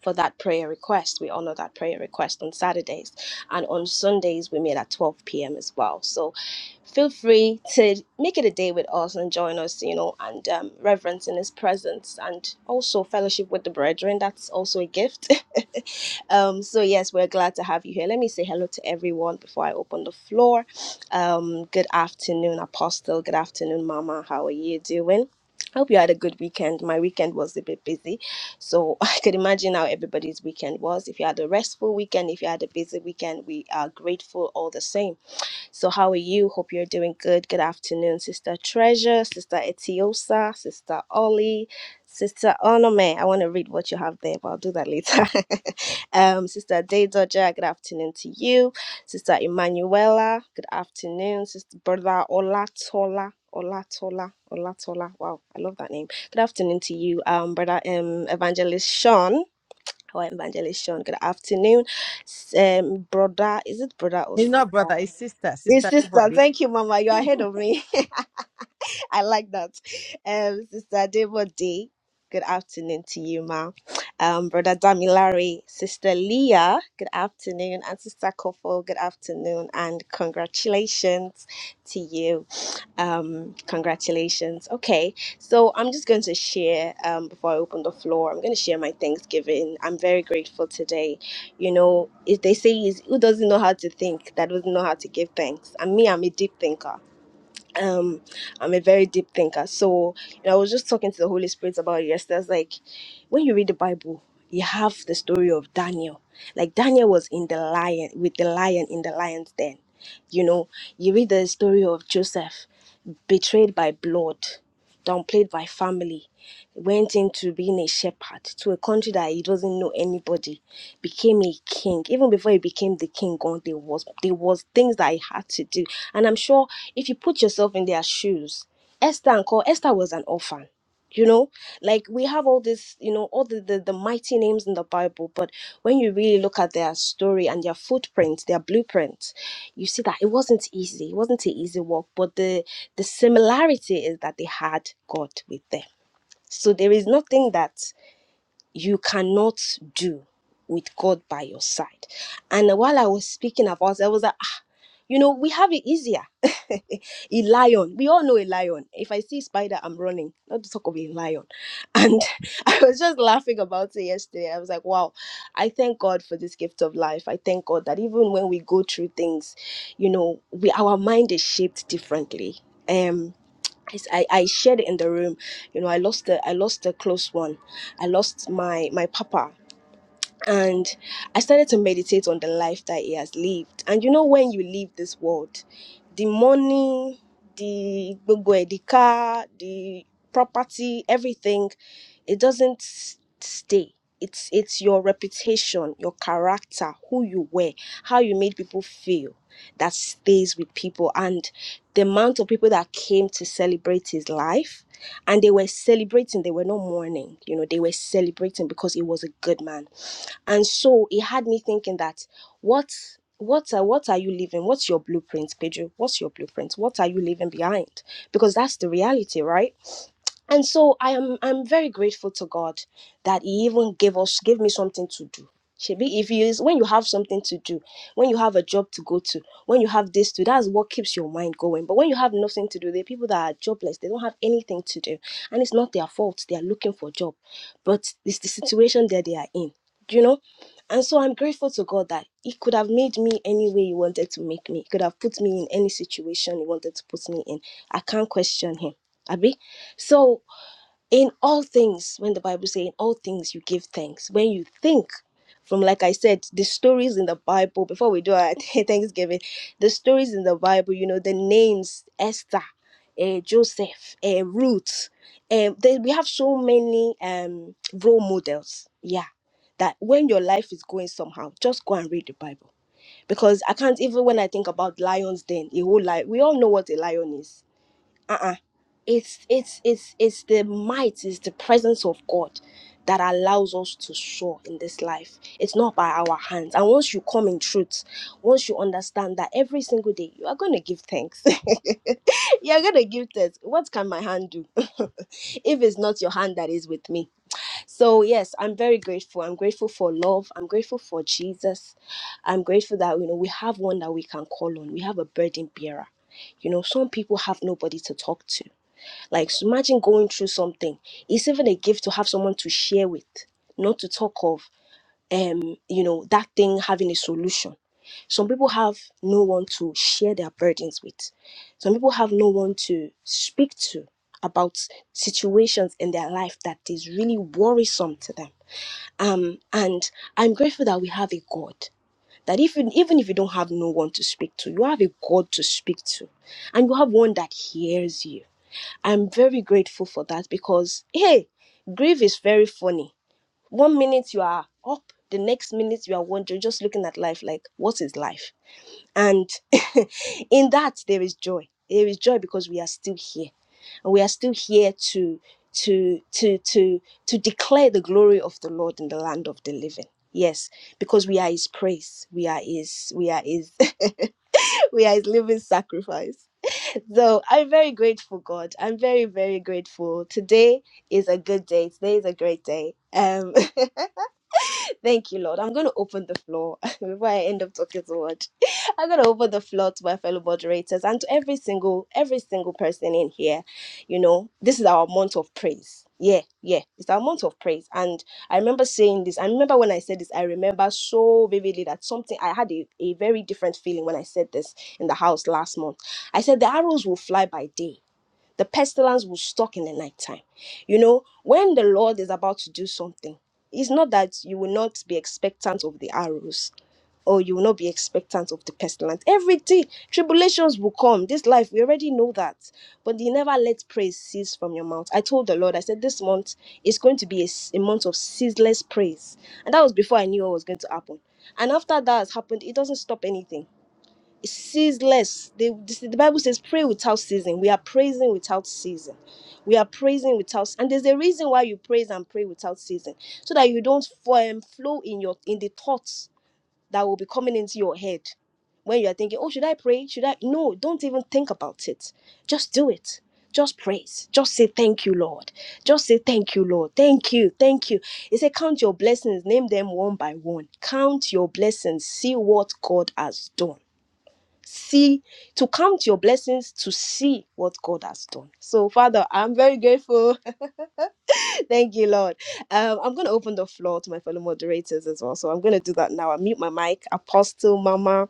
S1: for that prayer request. We honor that prayer request on Saturdays, and on Sundays we meet at 12 p.m. as well. So feel free to make it a day with us and join us, you know, and um, reverence in His presence and also fellowship with the brethren. That's also a gift. um, so, yes, we're glad to have you here. Let me say hello to everyone before I open the floor. Um, good afternoon, Apostle. Good afternoon, Mama. How are you doing? I hope you had a good weekend. My weekend was a bit busy, so I could imagine how everybody's weekend was. If you had a restful weekend, if you had a busy weekend, we are grateful all the same. So, how are you? Hope you're doing good. Good afternoon, Sister Treasure, Sister Etiosa, Sister Ollie, Sister Onome. I want to read what you have there, but I'll do that later. um, Sister Day Dodger, good afternoon to you. Sister Emanuela, good afternoon. Sister Brother Olatola. Olatola, Olatola. Wow, I love that name. Good afternoon to you, um, brother um, Evangelist Sean. Our Evangelist Sean. Good afternoon, S- um, brother. Is it brother or
S5: You know-
S1: it's sister. Thank you, Mama. You're ahead of me. I like that. Um, Sister Debode, good afternoon to you, ma. Um, Brother Damilare, Sister Leah, good afternoon, and Sister Kofo, good afternoon, and congratulations to you. Um, congratulations. Okay, so I'm just going to share um, before I open the floor. I'm going to share my Thanksgiving. I'm very grateful today. You know, if they say is who doesn't know how to think, that doesn't know how to give thanks. And me, I'm a deep thinker um i'm a very deep thinker so you know, i was just talking to the holy spirit about it yesterday I was like when you read the bible you have the story of daniel like daniel was in the lion with the lion in the lion's den you know you read the story of joseph betrayed by blood downplayed by family went into being a shepherd to a country that he doesn't know anybody, became a king. Even before he became the king, God, there was there was things that he had to do. And I'm sure if you put yourself in their shoes, Esther and Co, Esther was an orphan. You know, like we have all this, you know, all the, the the mighty names in the Bible, but when you really look at their story and their footprints, their blueprint, you see that it wasn't easy. It wasn't an easy walk, but the the similarity is that they had God with them so there is nothing that you cannot do with God by your side. And while I was speaking about, it, I was like, ah, you know, we have it easier. a lion, we all know a lion. If I see a spider, I'm running. Not to talk of a lion. And I was just laughing about it yesterday. I was like, wow, I thank God for this gift of life. I thank God that even when we go through things, you know, we our mind is shaped differently. Um. It's- I, I shared it in the room you know i lost the I lost a close one i lost my my papa and I started to meditate on the life that he has lived. And you know, when you leave this world, the money, the gbogbo ẹ̀, the car, the property, everything, it doesn't s- stay. It's it's your reputation, your character, who you were, how you made people feel that stays with people and the amount of people that came to celebrate his life and they were celebrating they were not mourning you know they were celebrating because he was a good man and so it had me thinking that what what are what are you leaving? What's your blueprint, Pedro? What's your blueprint? What are you leaving behind? Because that's the reality, right? and so i am i'm very grateful to god that he even gave us gave me something to do Shebi, if you is when you have something to do, when you have a job to go to, when you have this to, that's what keeps your mind going. But when you have nothing to do, the people that are jobless, they don't have anything to do, and it's not their fault. They are looking for a job, but it's the situation that they are in, you know. And so I'm grateful to God that He could have made me any way He wanted to make me. He could have put me in any situation He wanted to put me in. I can't question Him. Abi, so in all things when the bible says in all things you give thanks when you think from like i said the stories in the bible before we do our thanksgiving the stories in the bible you know the names esther uh, joseph uh, ruth um, there, we have so many um, role models yeah that when your life is going somehow just go and read the bible because i can't even when i think about lions Then a whole life we all know what a lion is uh-uh it's it's it's it's the might it's the presence of god that allows us to soar in this life it's not by our hands and once you come in truth once you understand that every single day you are going to give thanks you're going to give thanks what can my hand do if it's not your hand that is with me so, yes, I'm very grateful. I'm grateful for love. I'm grateful for Jesus. I'm grateful that, you know, we have one that we can call on. We have a burden bearer. You know, some people have nobody to talk to. Like, so imagine going through something. It's even a gift to have someone to share with, not to talk of um you know that thing having a solution some people have no one to share their burdens with some people have no one to speak to about situations in their life that is really worrisome to them um and i'm grateful that we have a god that even even if you don't have no one to speak to you have a god to speak to and you have one that hears you i'm very grateful for that because hey grief is very funny one minute you are up the next minute you are wondering just looking at life like what is life and in that there is joy there is joy because we are still here and we are still here to to to to to declare the glory of the lord in the land of the living yes because we are his praise we are his we are his we are his living sacrifice so i'm very grateful god i'm very very grateful today is a good day today is a great day um Thank you, Lord. I'm going to open the floor before I end up talking so much. I'm going to open the floor to my fellow moderators and to every single, every single person in here. You know, this is our month of praise. Yeah, yeah, it's our month of praise. And I remember saying this. I remember when I said this. I remember so vividly that something. I had a, a very different feeling when I said this in the house last month. I said the arrows will fly by day the pestilence will stalk in the nighttime. You know, when the Lord is about to do something, it's not that you will not be expectant of the arrows or you will not be expectant of the pestilence. Every day, tribulations will come. This life, we already know that. But you never let praise cease from your mouth. I told the Lord, I said, this month is going to be a, s- a month of ceaseless praise. And that was before I knew what was going to happen. And after that has happened, it doesn't stop anything ceaseless. They, this, the Bible says, pray without ceasing. We are praising without ceasing. We are praising without, and there's a reason why you praise and pray without ceasing, so that you don't form flow in your in the thoughts that will be coming into your head when you are thinking, oh, should I pray? Should I? No, don't even think about it. Just do it. Just praise. Just say thank you, Lord. Just say thank you, Lord. Thank you, thank you. He said, count your blessings, name them one by one. Count your blessings, see what God has done see to count your blessings to see what god has done so father i'm very grateful thank you lord um i'm going to open the floor to my fellow moderators as well so i'm going to do that now i mute my mic apostle mama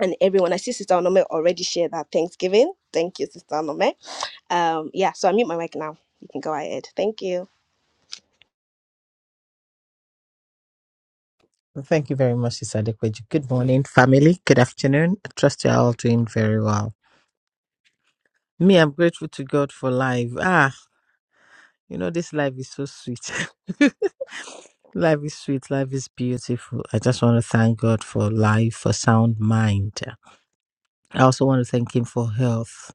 S1: and everyone i see sister onome already shared that thanksgiving thank you sister onome um yeah so i mute my mic now you can go ahead thank you
S5: well, Thank you very much, Sister Adekweju. Good morning, family. Good afternoon. I trust you're all doing very well. Me, I'm grateful to God for life. Ah, you know, this life is so sweet. life is sweet. Life is beautiful. I just want to thank God for life, for sound mind. I also want to thank him for health.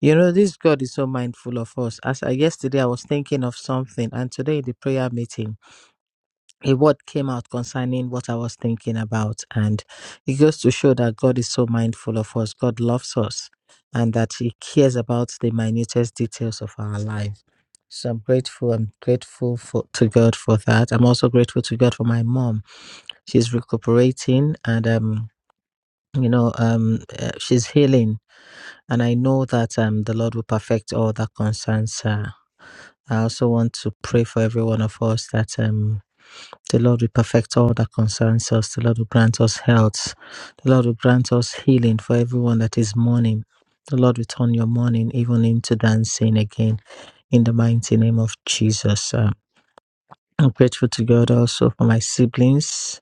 S5: You know, this God is so mindful of us. As I, yesterday, I was thinking of something, and today, in the prayer meeting, a word came out concerning what I was thinking about. And it goes to show that God is so mindful of us. God loves us, and that He cares about the minutest details of our life. So I'm grateful. I'm grateful for, to God for that. I'm also grateful to God for my mom. She's recuperating, and um, you know, um, uh, she's healing And I know that um, the Lord will perfect all that concerns her. I also want to pray for every one of us that um, the Lord will perfect all that concerns us. The Lord will grant us health. The Lord will grant us healing for everyone that is mourning. The Lord will turn your mourning even into dancing again in the mighty name of Jesus. Uh, I'm grateful to God also for my siblings.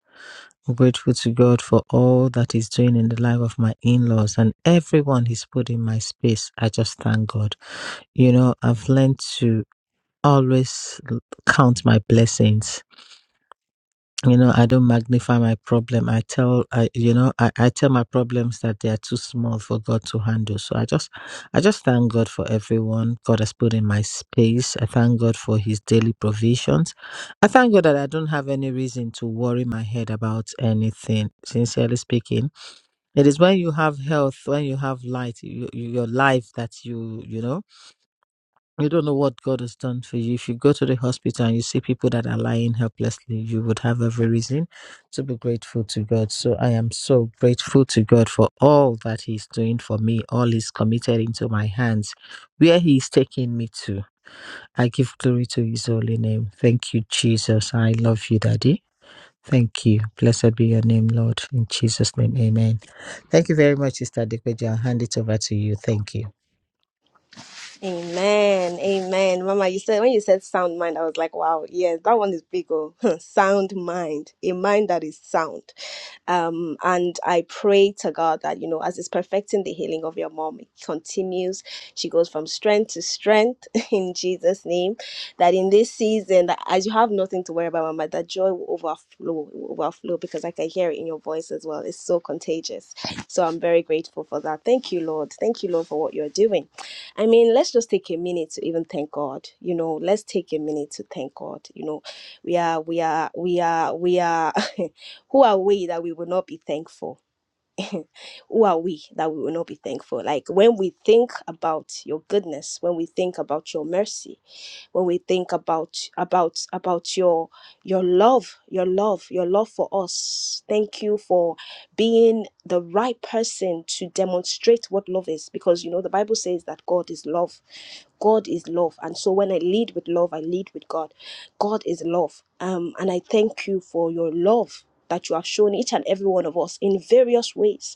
S5: I'm grateful to God for all that He's doing in the life of my in laws and everyone He's put in my space. I just thank God. You know, I've learned to always l- count my blessings. You know, I don't magnify my problem. I tell I you know, I, I tell my problems that they are too small for God to handle. So I just I just thank God for everyone God has put in my space. I thank God for his daily provisions. I thank God that I don't have any reason to worry my head about anything, sincerely speaking. It is when you have health, when you have light, you, you- your life that you you know you don't know what God has done for you. If you go to the hospital and you see people that are lying helplessly, you would have every reason to be grateful to God. So I am so grateful to God for all that He's doing for me, all He's committed into my hands, where He is taking me to. I give glory to His holy name. Thank you, Jesus. I love you, Daddy. Thank you. Blessed be your name, Lord. In Jesus' name, amen. Thank you very much, Sister Dikweja. I'll hand it over to you. Thank you.
S1: Amen. Amen. Mama, you said when you said sound mind, I was like, wow, yes, that one is big. Oh. sound mind. A mind that is sound. Um, and I pray to God that, you know, as it's perfecting the healing of your mom, it continues. She goes from strength to strength in Jesus' name. That in this season, that as you have nothing to worry about, Mama, that joy will overflow, will overflow because I can hear it in your voice as well. It's so contagious. So I'm very grateful for that. Thank you, Lord. Thank you, Lord, for what you're doing. I mean, let's just take a minute to even thank God. You know, let's take a minute to thank God. You know, we are, we are, we are, we are. who are we that we will not be thankful? who are we that we will not be thankful? Like when we think about your goodness, when we think about your mercy, when we think about about about your your love, your love, your love for us. Thank you for being the right person to demonstrate what love is because you know the Bible says that God is love God is love. And so when I lead with love, I lead with God. God is love. Um, and I thank you for your love that you have shown each and every one of us in various ways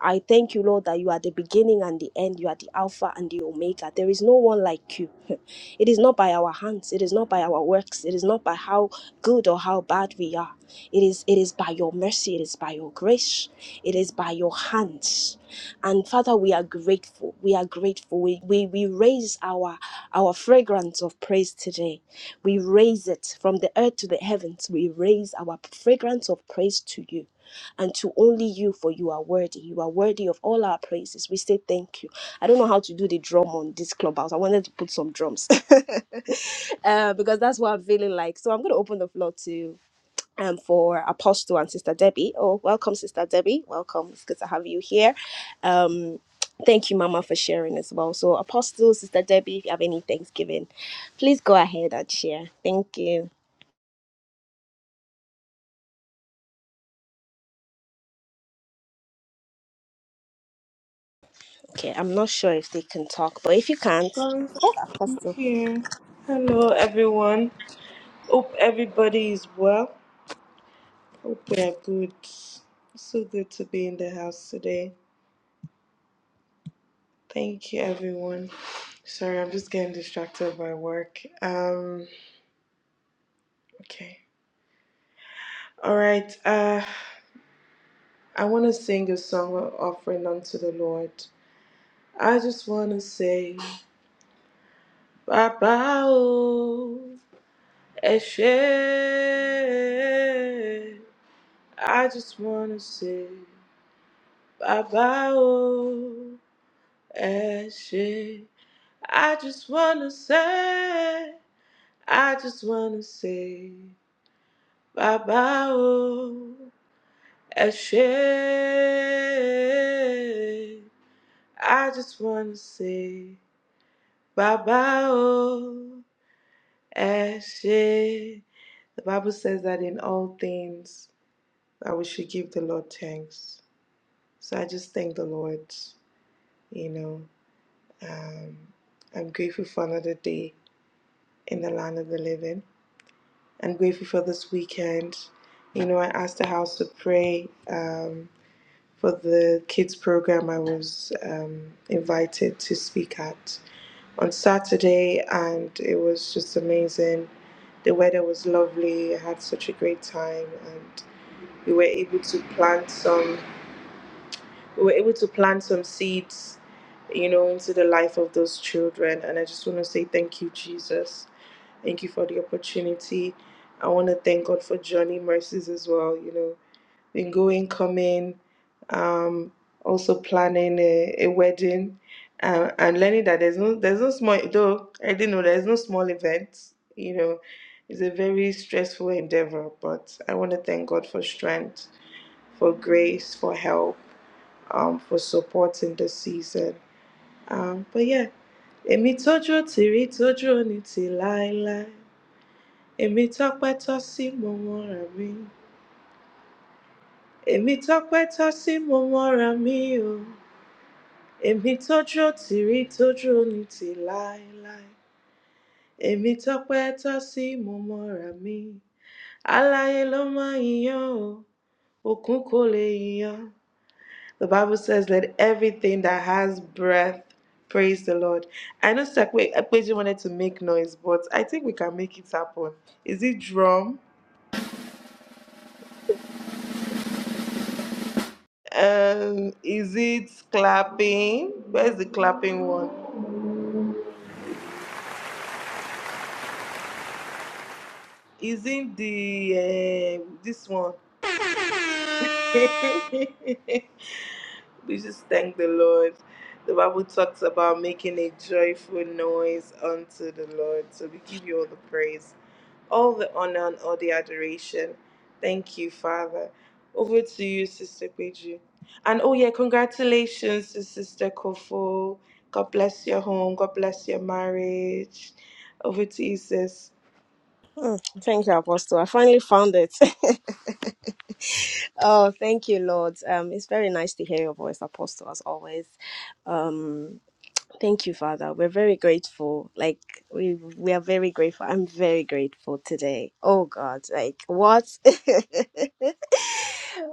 S1: I thank you, Lord, that you are the beginning and the end. You are the Alpha and the Omega. There is no one like you. It is not by our hands. It is not by our works. It is not by how good or how bad we are. It is, it is by your mercy. It is by your grace. It is by your hands. And Father, we are grateful. We are grateful. We, we, we raise our, our fragrance of praise today. We raise it from the earth to the heavens. We raise our fragrance of praise to you and to only you, for you are worthy. You are worthy of all our praises. We say thank you. I don't know how to do the drum on this clubhouse. I wanted to put some drums uh, because that's what I'm feeling like. So I'm going to open the floor to um for Apostle and Sister Debbie. Oh, welcome, Sister Debbie. Welcome. It's good to have you here. Um, thank you, Mama, for sharing as well. So Apostle, Sister Debbie, if you have any Thanksgiving, please go ahead and share. Thank you. Okay, I'm not sure if they can talk, but if you can't,
S4: Sorry, I'm
S1: Apostle.
S4: here. Hello, everyone. Hope everybody is well. Hope we are good. It's so good to be in the house today. Thank you, everyone. Sorry, I'm just getting distracted by work. Um, okay. All right. Uh, I want to sing a song of offering unto the Lord. I just want to say, Baba, oh, Eshe. I just wanna say bye bye, oh, Ashley. I just wanna say, I just wanna say bye bye, oh, Ashley. I just wanna say bye bye, oh, Ashley. The Bible says that in all things that we should give the Lord thanks. So I just thank the Lord, you know. Um, I'm grateful for another day in the land of the living. I'm grateful for this weekend. You know, I asked the house to pray um, for the kids program I was um, invited to speak at on Saturday, and it was just amazing. The weather was lovely. I had such a great time, and we were able to plant some. We were able to plant some seeds you know, into the life of those children. And I just want to say thank you, Jesus. Thank you for the opportunity. I want to thank God for Johnny mercies as well. You know, been going, coming, um, also planning a, a wedding, uh, and learning that there's no there's no small though I didn't know there's no small event. You know, it's a very stressful endeavor, but I want to thank God for strength, for grace, for help, um, for support in the season. Um, but yeah, èmi tójú ò tì rí tójú ò ní tì láéláé èmi tọ́pẹ́ tọ́ sí mo mọ́ra mi. èmi tọ́pẹ́ tọ́ sí mo mọ́ra mi o. èmi tójú òtìrí tójú òní ti láéláé. èmi tọ́pẹ́ tọ́ sí mo mọ́ra mi. aláyé ló máa ń yan o òkun kò lè yan. The Bible says, Let everything that has breath praise the Lord. I know Sekwe Ekpeji wanted to make noise, but I think we can make it happen. Is it drum? Um, is it clapping? Where's the clapping one? Isn't the uh, this one? we just thank the Lord. The Bible talks about making a joyful noise unto the Lord. So we give you all the praise. all the honor and all the adoration. Thank you, Father. Over to you, Sister Peju. And oh, yeah, congratulations to Sister Kofo. God bless your home. God bless your marriage. Over to you, sis.
S1: Thank you, Apostle. I finally found it. oh, thank you, Lord. Um, it's very nice to hear your voice, Apostle, as always. Um, thank you, Father. We're very grateful. Like we we are very grateful. I'm very grateful today. Oh God, like what?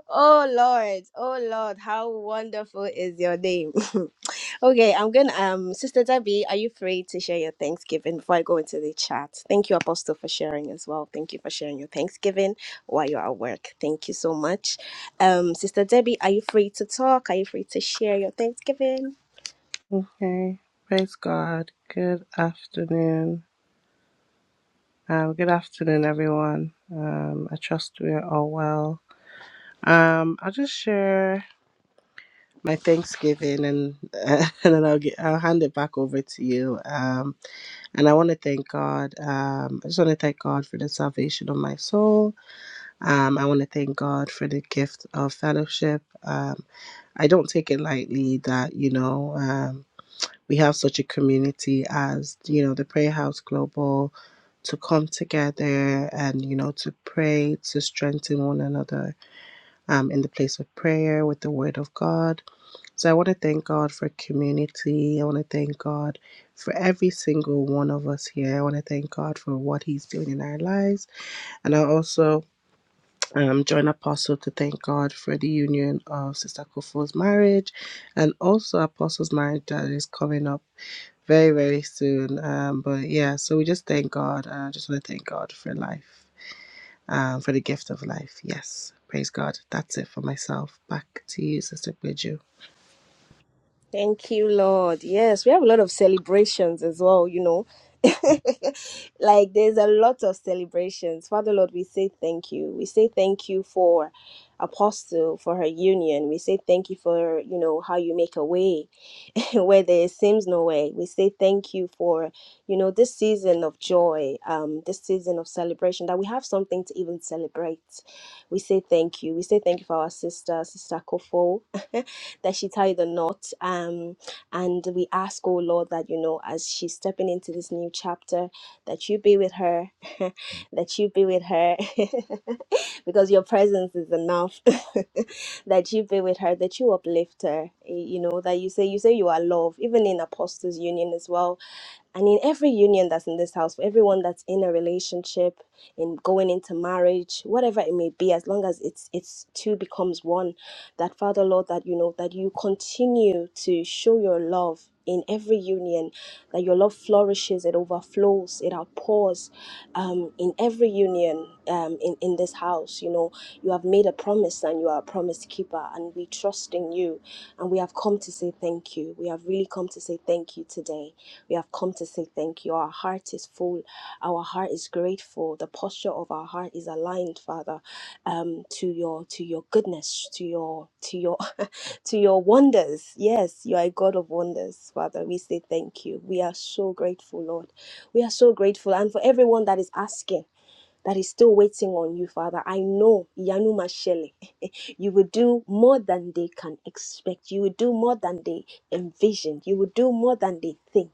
S1: Oh Lord, oh Lord, how wonderful is your name. okay, I'm gonna um Sister Debbie, are you free to share your Thanksgiving before I go into the chat? Thank you, Apostle, for sharing as well. Thank you for sharing your Thanksgiving while you're at work. Thank you so much. Um, Sister Debbie, are you free to talk? Are you free to share your Thanksgiving?
S6: Hey, praise God. Good afternoon. Um, good afternoon, everyone. Um, I trust we are all well. Um, I'll just share my Thanksgiving, and and then I'll get I'll hand it back over to you. Um, and I want to thank God. Um, I just want to thank God for the salvation of my soul. Um, I want to thank God for the gift of fellowship. Um, I don't take it lightly that you know. Um, we have such a community as you know the prayer house global to come together and you know to pray to strengthen one another um, in the place of prayer with the word of god so i want to thank god for community i want to thank god for every single one of us here i want to thank god for what he's doing in our lives and i also um, join apostle to thank god for the union of sister kufuor's marriage and also apostle's marriage that is coming up very, very soon. Um, but yeah, so we just thank God. I just want to thank God for life, um, for the gift of life. Yes, praise God. That's it for myself. Back to you, Sister Bridget.
S1: Thank you, Lord. Yes, we have a lot of celebrations as well, you know. like there's a lot of celebrations. Father Lord, we say thank you. We say thank you for Apostle for her union. We say thank you for, you know, how you make a way where there seems no way. We say thank you for, you know, this season of joy, um, this season of celebration, that we have something to even celebrate. We say thank you. We say thank you for our sister, Sister Kofo that she tie the knot. Um, and we ask, oh Lord, that you know, as she's stepping into this new chapter, that you be with her, that you be with her, because your presence is enough. that you be with her, that you uplift her. You know, that you say you say you are love, even in Apostles Union as well and in every union that's in this house, for everyone that's in a relationship, in going into marriage, whatever it may be, as long as it's it's two becomes one, that Father Lord, that you know, that you continue to show your love in every union, that your love flourishes, it overflows, it outpours um, in every union um, in, in this house. You know, you have made a promise and you are a promise keeper, and we trust in you. And we have come to say thank you. We have really come to say thank you today. We have come to say thank you. Our heart is full. Our heart is grateful. The posture of our heart is aligned, Father, um, to your to your goodness, to your to your to your wonders. Yes, you are a God of wonders, Father. We say thank you. We are so grateful, Lord. We are so grateful. And for everyone that is asking, that is still waiting on you, Father, I know Yanuma Shele. You will do more than they can expect. You will do more than they envisioned. You will do more than they think.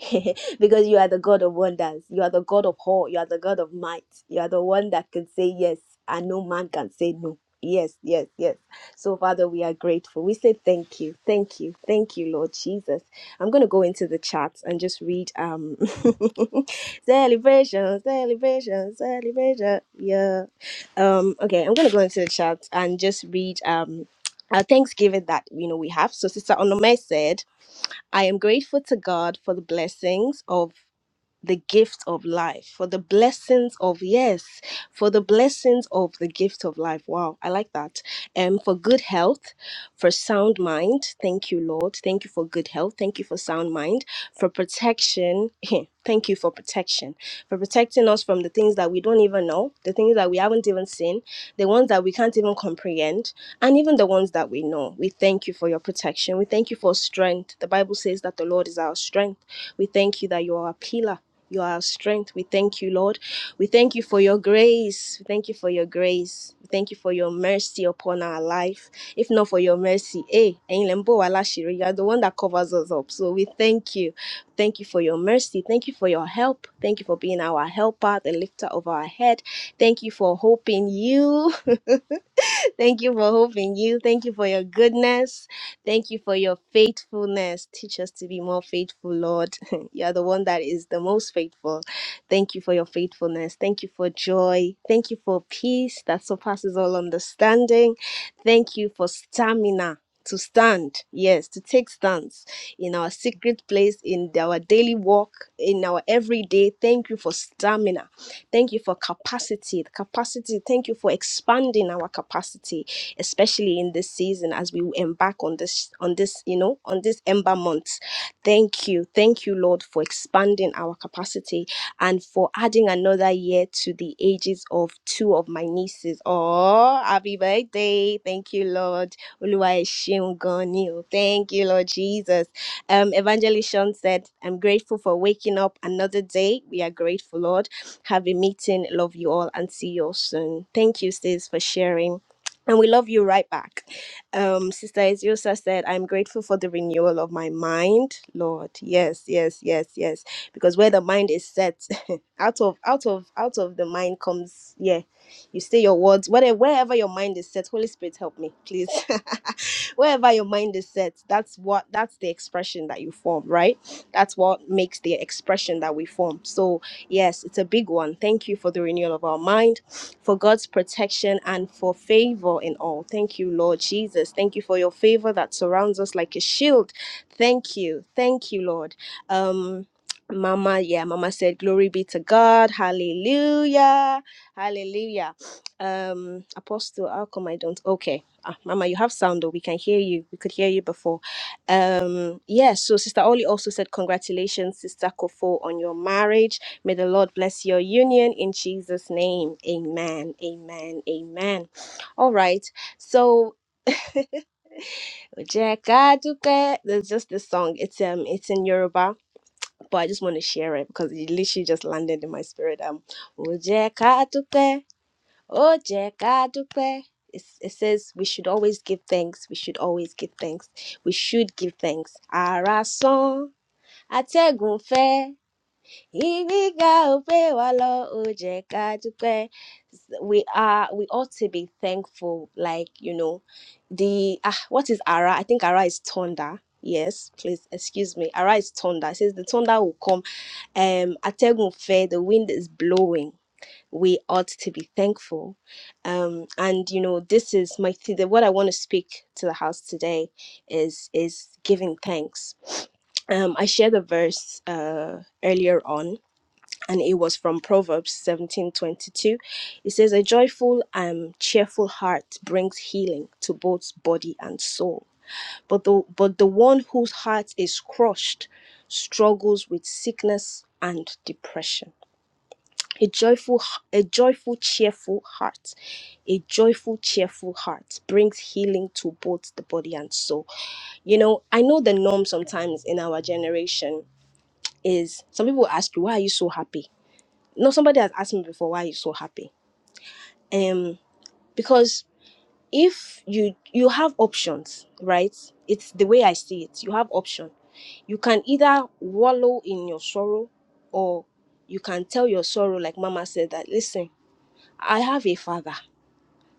S1: because you are the God of wonders. You are the God of all. You are the God of might. You are the one that can say yes, and no man can say no. Yes, yes, yes. So, Father, we are grateful. We say thank you, thank you, thank you, Lord Jesus. I'm going to go into the chat and just read um celebration, celebration, celebration. Yeah um okay i'm gonna go into the chat and just read um our thanksgiving that you know we have so sister onome said i am grateful to god for the blessings of the gift of life, for the blessings of, yes, for the blessings of the gift of life. Wow, I like that. And for good health, for sound mind. Thank you, Lord. Thank you for good health. Thank you for sound mind, for protection. Thank you for protection, for protecting us from the things that we don't even know, the things that we haven't even seen, the ones that we can't even comprehend, and even the ones that we know. We thank you for your protection. We thank you for strength. The Bible says that the Lord is our strength. We thank you that you are a pillar you are our strength. We thank you, Lord. We thank you for your grace. We thank you for your grace. We thank you for your mercy upon our life. If not for your mercy, eh, ẹ̀yin lẹ ń bò wá láṣìírí. you are the one that covers us up. So we thank you. Thank you for your mercy. Thank you for your help. Thank you for being our helper, the lifter of our head. Thank you for hope in you. Thank you for hope in you. Thank you for your goodness. Thank you for your faithfulness. Teach us to be more faithful, Lord. you are the one that is the most faithful. Thank you for your faithfulness. Thank you for joy. Thank you for peace that surpasses all understanding. Thank you for stamina. To stand, yes, to take stance in our secret place, in our daily walk, in our everyday. Thank you for stamina. Thank you for capacity, the capacity. Thank you for expanding our capacity, especially in this season as we embark on this, on this, you know, on this ember month. Thank you. Thank you, Lord, for expanding our capacity and for adding another year to the ages of two of my nieces. Oh, happy birthday. Thank you, Lord. Oluwa ẹ ṣeun gan ni o. Thank you, Lord Jesus. Um, Evangelist Shaun said, I'm grateful for waking up another day. We are grateful, Lord have a meeting. Love you all and see you all soon. Thank you, sis, for sharing. And we love you right back. Um, Sister Eziosa said, I'm grateful for the renewal of my mind, Lord. Yes, yes, yes, yes. Because where the mind is set, out of out of out of the mind comes, yeah. You say your words, whatever wherever your mind is set, Holy Spirit help me, please. wherever your mind is set, that's what that's the expression that you form, right? That's what makes the expression that we form. So Yes, it's a big one. Thank you for the renewal of our mind, for God's protection, and for favor in all. Thank you, Lord Jesus. Thank you for your favor that surrounds us like a shield. Thank you. Thank you, Lord. Um, Mama, yeah, Mama said, Glory be to God. Hallelujah. Hallelujah. Um, Apostle, how come I don't? Okay. Ah, Mama, you have sound, though. We can hear you. We could hear you before. Um, yes. so Sister Oli also said, Congratulations, Sister Kofo, on your marriage. May the Lord bless your union in Jesus' name. Amen. Amen. Amen. All right. So Ojeka Dupe, there's just this song. It's um it's in Yoruba, but I just want to share it because it literally just landed in my spirit. Um Ojeka Dupe, Ojeka Dupe. It's- It says we should always give thanks. We should always give thanks. We should give thanks. Ara son, ategunfe. We are we ought to be thankful, like you know, the ah, what is Ara? I think Ara is thunder. Yes, please excuse me. Ara is thunder. It says the thunder will come. Um, ategun fair. The wind is blowing. We ought to be thankful. Um, and you know, this is my th- the, what I want to speak to the house today is is giving thanks. Um, I shared the verse uh earlier on and it was from Proverbs 17:22. It says, "A joyful and cheerful heart brings healing to both body and soul. But the but the one whose heart is crushed struggles with sickness and depression. A joyful a joyful cheerful heart, a joyful cheerful heart brings healing to both the body and soul." You know, I know the norm sometimes in our generation is some people ask you, "Why are you so happy?" No, somebody has asked me before why you're so happy. Um, because if you you have options, right? It's the way I see it. You have option. You can either wallow in your sorrow, or you can tell your sorrow, like Mama said, that listen, I have a father.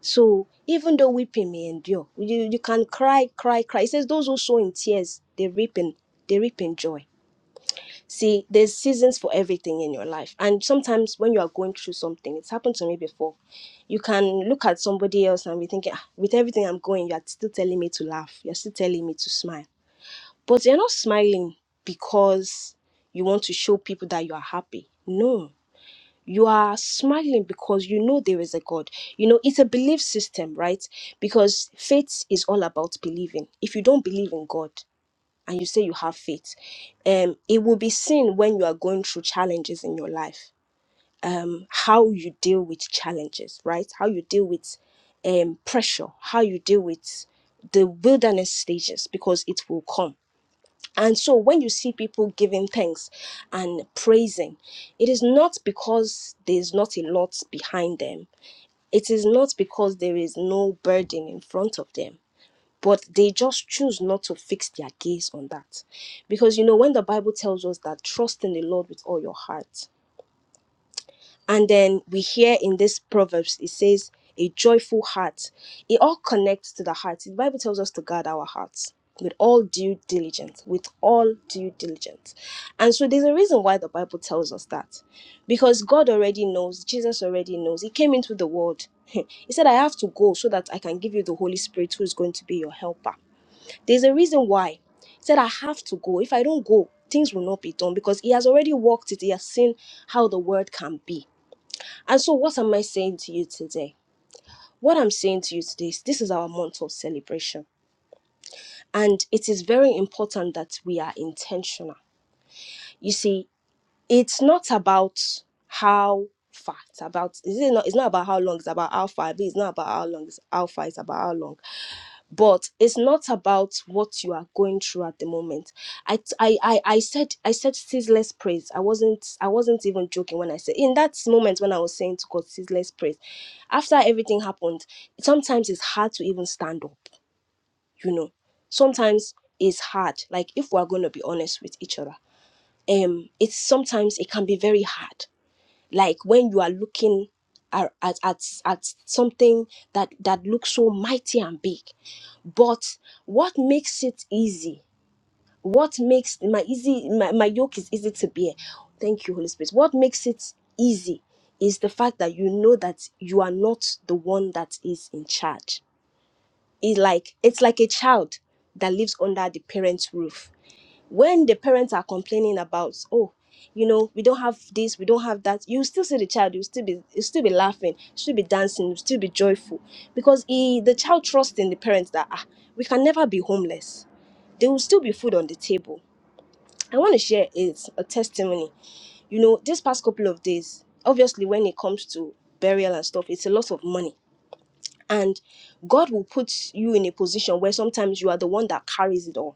S1: So even though weeping may endure, you, you can cry, cry, cry. It says those who sow in tears, they reap in they reap in joy. See, there's seasons for everything in your life. And sometimes when you are going through something, it's happened to me before. You can look at somebody else and be thinking, "Ah, with everything I'm going, you're still telling me to laugh. You're still telling me to smile. But you're not smiling because you want to show people that you are happy. No. You are smiling because you know there is a God. You know, it's a belief system, right? Because faith is all about believing. If you don't believe in God, and you say you have faith um it will be seen when you are going through challenges in your life um, how you deal with challenges right how you deal with um pressure how you deal with the wilderness stages because it will come and so when you see people giving thanks and praising it is not because there's not a lot behind them it is not because there is no burden in front of them but they just choose not to fix their gaze on that because you know when the bible tells us that trust in the lord with all your heart and then we hear in this proverbs it says a joyful heart it all connects to the heart the bible tells us to guard our hearts with all due diligence with all due diligence and so there's a reason why the bible tells us that because god already knows jesus already knows he came into the world he said i have to go so that i can give you the holy spirit who is going to be your helper there's a reason why. He said, I have to go. If I don't go, things will not be done because he has already walked it. He has seen how the world can be. And so, what am I saying to you today? What I'm saying to you today is this is our month of celebration. And it is very important that we are intentional. You see, it's not about how far, it's about, it's not, it's not about how long, it's about how far. It's not about how long, it's how far, it's about how long. but it's not about what you are going through at the moment i i i, I said i said ceaseless praise i wasn't i wasn't even joking when i said in that moment when i was saying to god ceaseless praise after everything happened sometimes it's hard to even stand up you know sometimes it's hard like if we're going to be honest with each other um it's sometimes it can be very hard like when you are looking at at, at, at something that that looks so mighty and big but what makes it easy? What makes my easy my, my yoke is easy to bear? Thank you, Holy Spirit. What makes it easy is the fact that you know that you are not the one that is in charge. It's like it's like a child that lives under the parent's roof when the parents are complaining about oh you know we don't have this we don't have that you still see the child you still be you still be laughing still be dancing you still be joyful because he, the child trusts in the parents that ah we can never be homeless there will still be food on the table i want to share is a testimony you know this past couple of days obviously when it comes to burial and stuff it's a lot of money and god will put you in a position where sometimes you are the one that carries it all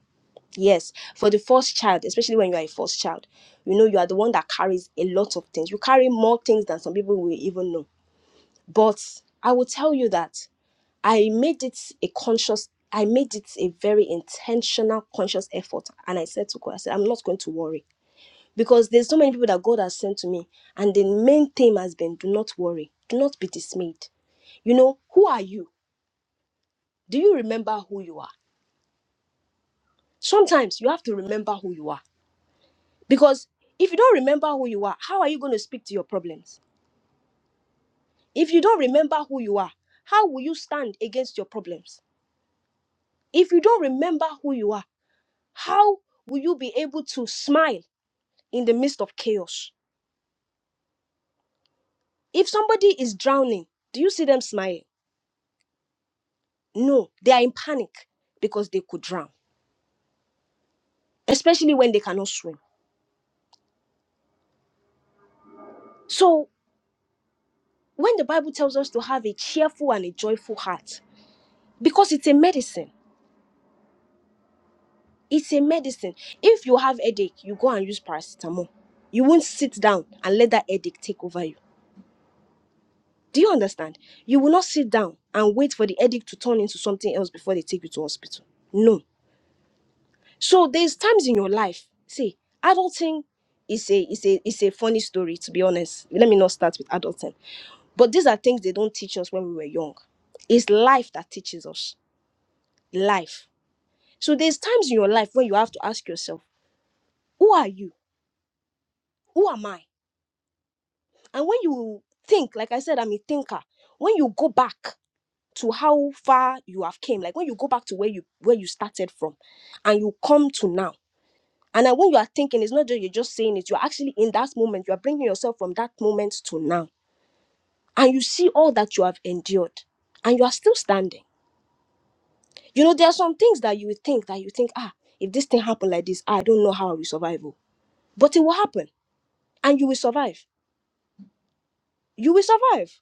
S1: Yes, for the first child, especially when you are a first child, you know, you are the one that carries a lot of things. You carry more things than some people will even know. But I will tell you that I made it a conscious, I made it a very intentional, conscious effort. And I said to God, I said, I'm not going to worry. Because there's so many people that God has sent to me. And the main theme has been do not worry, do not be dismayed. You know, who are you? Do you remember who you are? Sometimes you have to remember who you are Because if you don't remember who you are, how are you going to speak to your problems? If you don't remember who you are, how will you stand against your problems? If you don't remember who you are, how will you be able to smile in the midst of chaos? If somebody is drowning, do you see them smiling? No, they are in panic because they could drown, especially when they cannot swim. So, when the Bible tells us to have a cheerful and a joyful heart, because it's a medicine It's a medicine. If you have headache, you go and use paracetamol. You won't sit down and let that headache take over you. Do you understand? You will not sit down and wait for the headache to turn into something else before they take you to hospital. No. So there's times in your life. See, adulting is a is a is a funny story to be honest. Let me not start with adulting. But these are things they don't teach us when we were young. It's life that teaches us. Life. So there's times in your life when you have to ask yourself, who are you? Who am I? And when you think, like I said, I'm a thinker. When you go back to how far you have came, like when you go back to where you where you started from, and you come to now, and then when you are thinking, it's not just you're just saying it. You're actually in that moment. You are bringing yourself from that moment to now, and you see all that you have endured, and you are still standing. You know, there are some things that you think that you think, ah, if this thing happened like this, I don't know how I will survive. oh." But it will happen, and you will survive. You will survive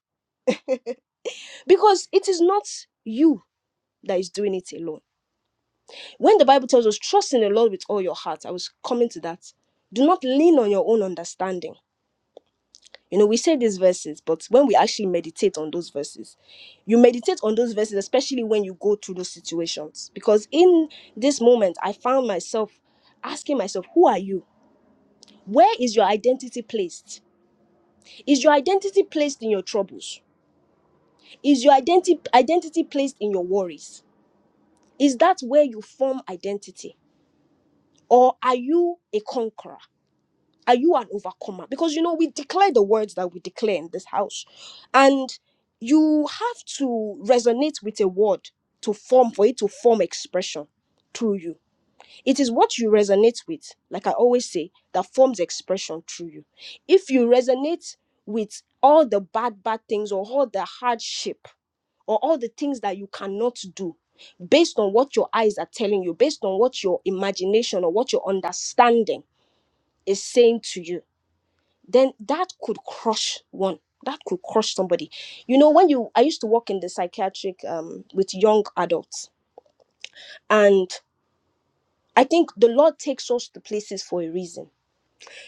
S1: because it is not you that is doing it alone. When the Bible tells us, trust in the Lord with all your heart, I was coming to that. Do not lean on your own understanding. You know, we say these verses, but when we actually meditate on those verses, you meditate on those verses, especially when you go through those situations. Because in this moment, I found myself asking myself, Who are you? Where is your identity placed? Is your identity placed in your troubles? Is your identity identity placed in your worries? Is that where you form identity? Or are you a conqueror? Are you an overcomer? Because you know, we declare the words that we declare in this house. And you have to resonate with a word to form for it to form expression through you. It is what you resonate with, like I always say, that forms expression through you. If you resonate with all the bad, bad things or all the hardship or all the things that you cannot do based on what your eyes are telling you, based on what your imagination or what your understanding is saying to you, then that could crush one. That could crush somebody. You know, when you, I used to work in the psychiatric um, with young adults, and I think the Lord takes us to places for a reason.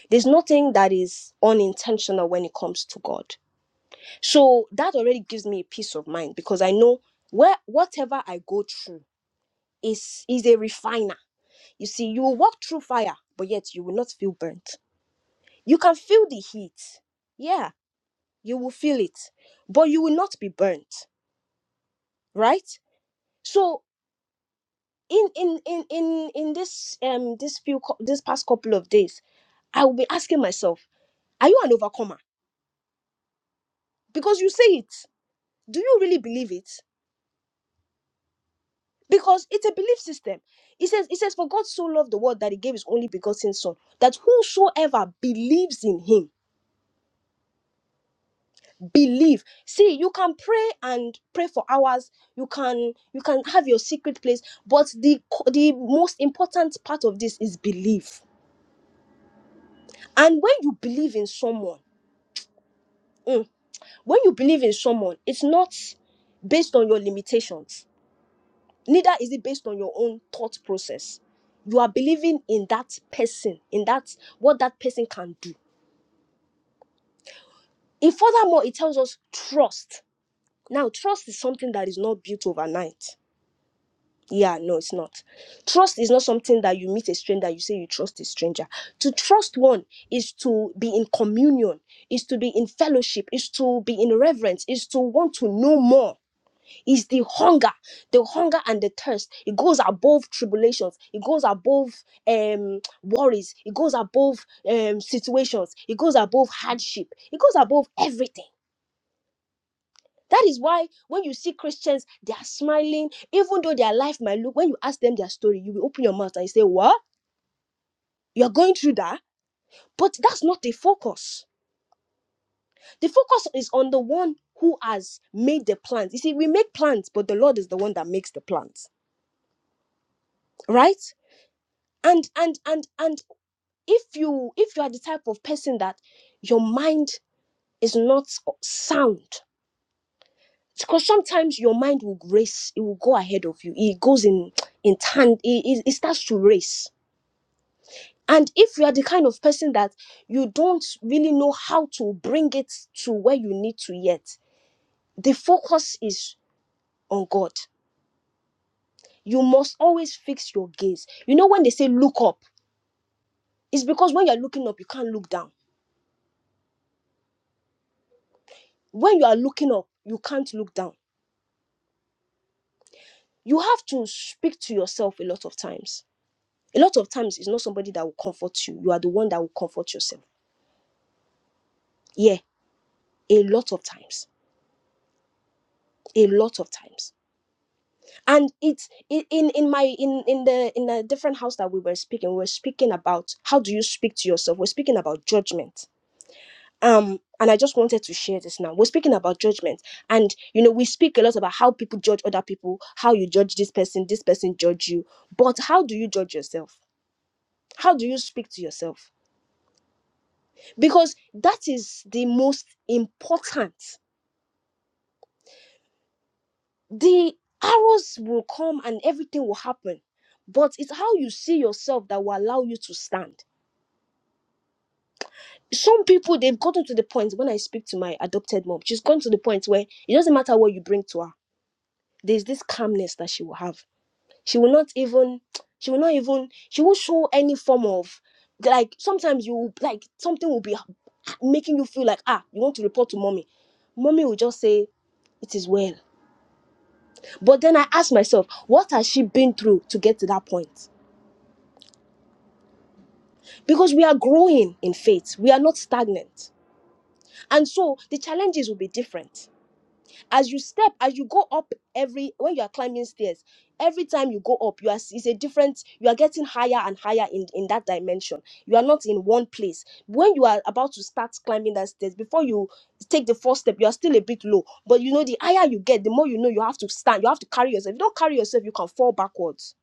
S1: There's nothing that is unintentional when it comes to God. So that already gives me a peace of mind because I know where whatever I go through is is a refiner. You see, you will walk through fire, but yet you will not feel burnt. You can feel the heat. Yeah, you will feel it, but you will not be burnt, right? So in in in in in this um this few cou- this past couple of days, I will be asking myself, are you an overcomer? Because you say it. Do you really believe it? Because it's a belief system. It says, it says, For God so loved the world that he gave his only begotten son, that whosoever believes in him believe see you can pray and pray for hours you can you can have your secret place but the co- the most important part of this is belief and when you believe in someone mm, when you believe in someone it's not based on your limitations neither is it based on your own thought process you are believing in that person in that what that person can do and furthermore it tells us trust now trust is something that is not built overnight Yeah, no, it's not. Trust is not something that you meet a stranger, you say you trust a stranger. To trust one is to be in communion, is to be in fellowship, is to be in reverence, is to want to know more, is the hunger, the hunger and the thirst. It goes above tribulations, it goes above um worries, it goes above um situations, it goes above hardship, it goes above everything. That is why when you see Christians, they are smiling, even though their life might look, when you ask them their story, you will open your mouth and you say, What? You're going through that? But that's not the focus. The focus is on the one who has made the plans. You see, we make plans, but the Lord is the one that makes the plans, right? And and and and if you if you are the type of person that your mind is not sound, because sometimes your mind will race, it will go ahead of you. It goes in in tand, it, it it starts to race And if you are the kind of person that you don't really know how to bring it to where you need to yet, the focus is on God. You must always fix your gaze. You know, when they say look up, it's because when you're looking up, you can't look down. When you are looking up, you can't look down. You have to speak to yourself a lot of times. A lot of times, it's not somebody that will comfort you. You are the one that will comfort yourself. Yeah, a lot of times. A lot of times and it's i- in in my in in the in a different house that we were speaking we were speaking about how do you speak to yourself we're speaking about judgment um and i just wanted to share this now we're speaking about judgment and you know we speak a lot about how people judge other people how you judge this person this person judge you but how do you judge yourself how do you speak to yourself because that is the most important the arrows will come and everything will happen but it's how you see yourself that will allow you to stand some people they've gotten to the point when I speak to my adopted mom, she's gone to the point where it doesn't matter what you bring to her. There's this calmness that she will have. She will not even she will not even she will show any form of like sometimes you like something will be making you feel like ah you want to report to mommy. Mommy will just say it is well. But then I ask myself, what has she been through to get to that point? Because we are growing in faith. We are not stagnant. And so the challenges will be different as you step as you go up every when you are climbing stairs every time you go up you are it's a different you are getting higher and higher in in that dimension you are not in one place when you are about to start climbing that stairs before you take the first step you are still a bit low but you know the higher you get the more you know you have to stand you have to carry yourself if you don't carry yourself you can fall backwards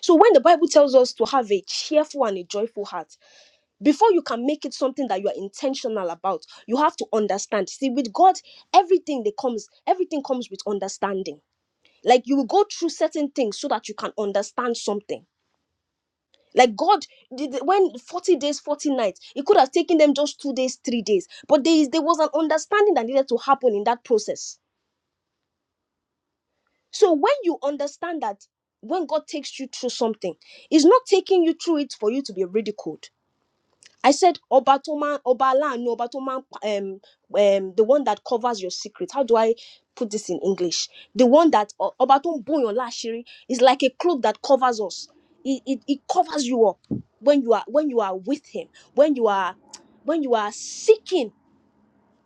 S1: so when the bible tells us to have a cheerful and a joyful heart before you can make it something that you are intentional about you have to understand see with god everything that comes everything comes with understanding like you will go through certain things so that you can understand something like god did when 40 days 40 nights it could have taken them just two days three days but there is there was an understanding that needed to happen in that process so when you understand that when god takes you through something he's not taking you through it for you to be ridiculed I said, Oba to man, Oba Lanu, Oba to man, um, um, the one that covers your secret. How do I put this in English? The one that O- Oba to bo your lashiri is like a cloak that covers us. It, it, it covers you up when you are when you are with him, when you are when you are seeking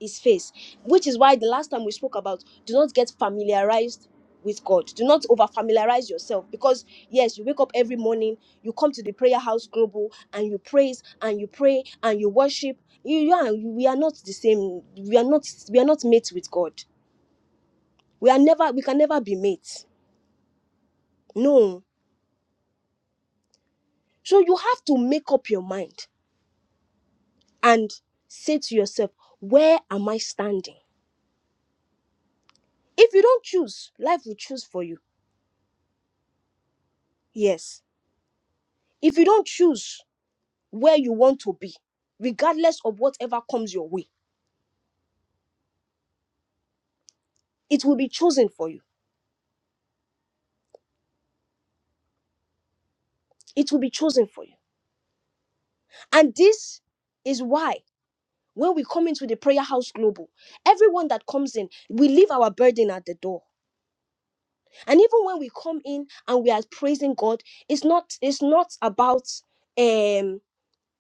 S1: his face which is why the last time we spoke about do not get familiarized with god do not over familiarize yourself because yes you wake up every morning you come to the prayer house global and you praise and you pray and you worship you, you are, we are not the same we are not we are not mates with god we are never we can never be mates no so you have to make up your mind and say to yourself where am i standing if you don't choose life will choose for you yes if you don't choose where you want to be, regardless of whatever comes your way. It will be chosen for you. It will be chosen for you. And this is why when we come into the prayer house global, everyone that comes in, we leave our burden at the door. And even when we come in and we are praising God, it's not it's not about um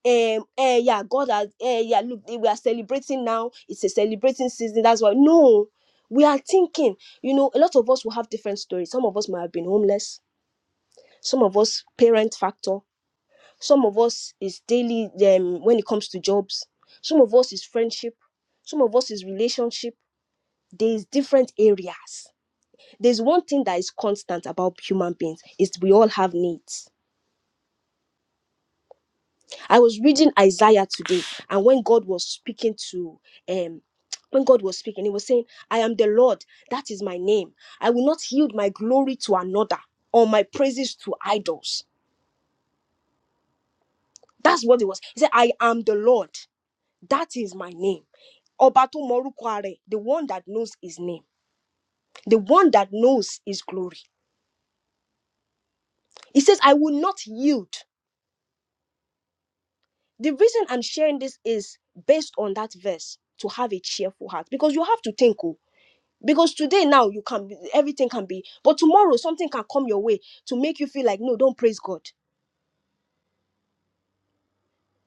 S1: um eh, yeah God has eh, yeah look we are celebrating now. It's a celebrating season. That's why no, we are thinking. You know, a lot of us will have different stories. Some of us might have been homeless some of us parent factor some of us is daily um, when it comes to jobs some of us is friendship some of us is relationship there's different areas there's one thing that is constant about human beings is we all have needs i was reading isaiah today and when god was speaking to um when god was speaking he was saying i am the lord that is my name i will not yield my glory to another or my praises to idols that's what it was he said i am the lord That is my name. Obatu Morukware, the one that knows his name, the one that knows his glory. He says, I will not yield. The reason I'm sharing this is based on that verse to have a cheerful heart because you have to think. Oh, because today now you can be, everything can be, but tomorrow something can come your way to make you feel like, no, don't praise God.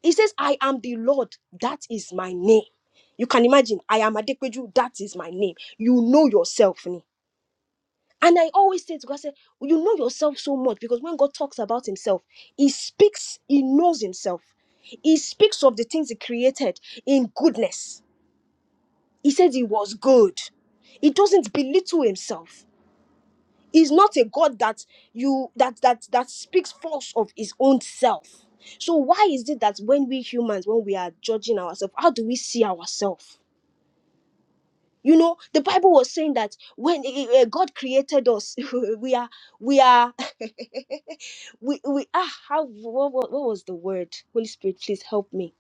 S1: He says, I am the Lord. That is my name. You can imagine, I am Adequaju. That is my name. You know yourself. Ni. And I always say to God, I say, you know yourself so much because when God talks about himself, he speaks, he knows himself. He speaks of the things he created in goodness. He says he was good. He doesn't belittle himself. He's not a God that you that that that speaks false of his own self. So why is it that when we humans, when we are judging ourselves, how do we see ourselves? You know, the Bible was saying that when eh, eh, eh, God created us, we are we are we we ah how what, what, what was the word holy spirit please help me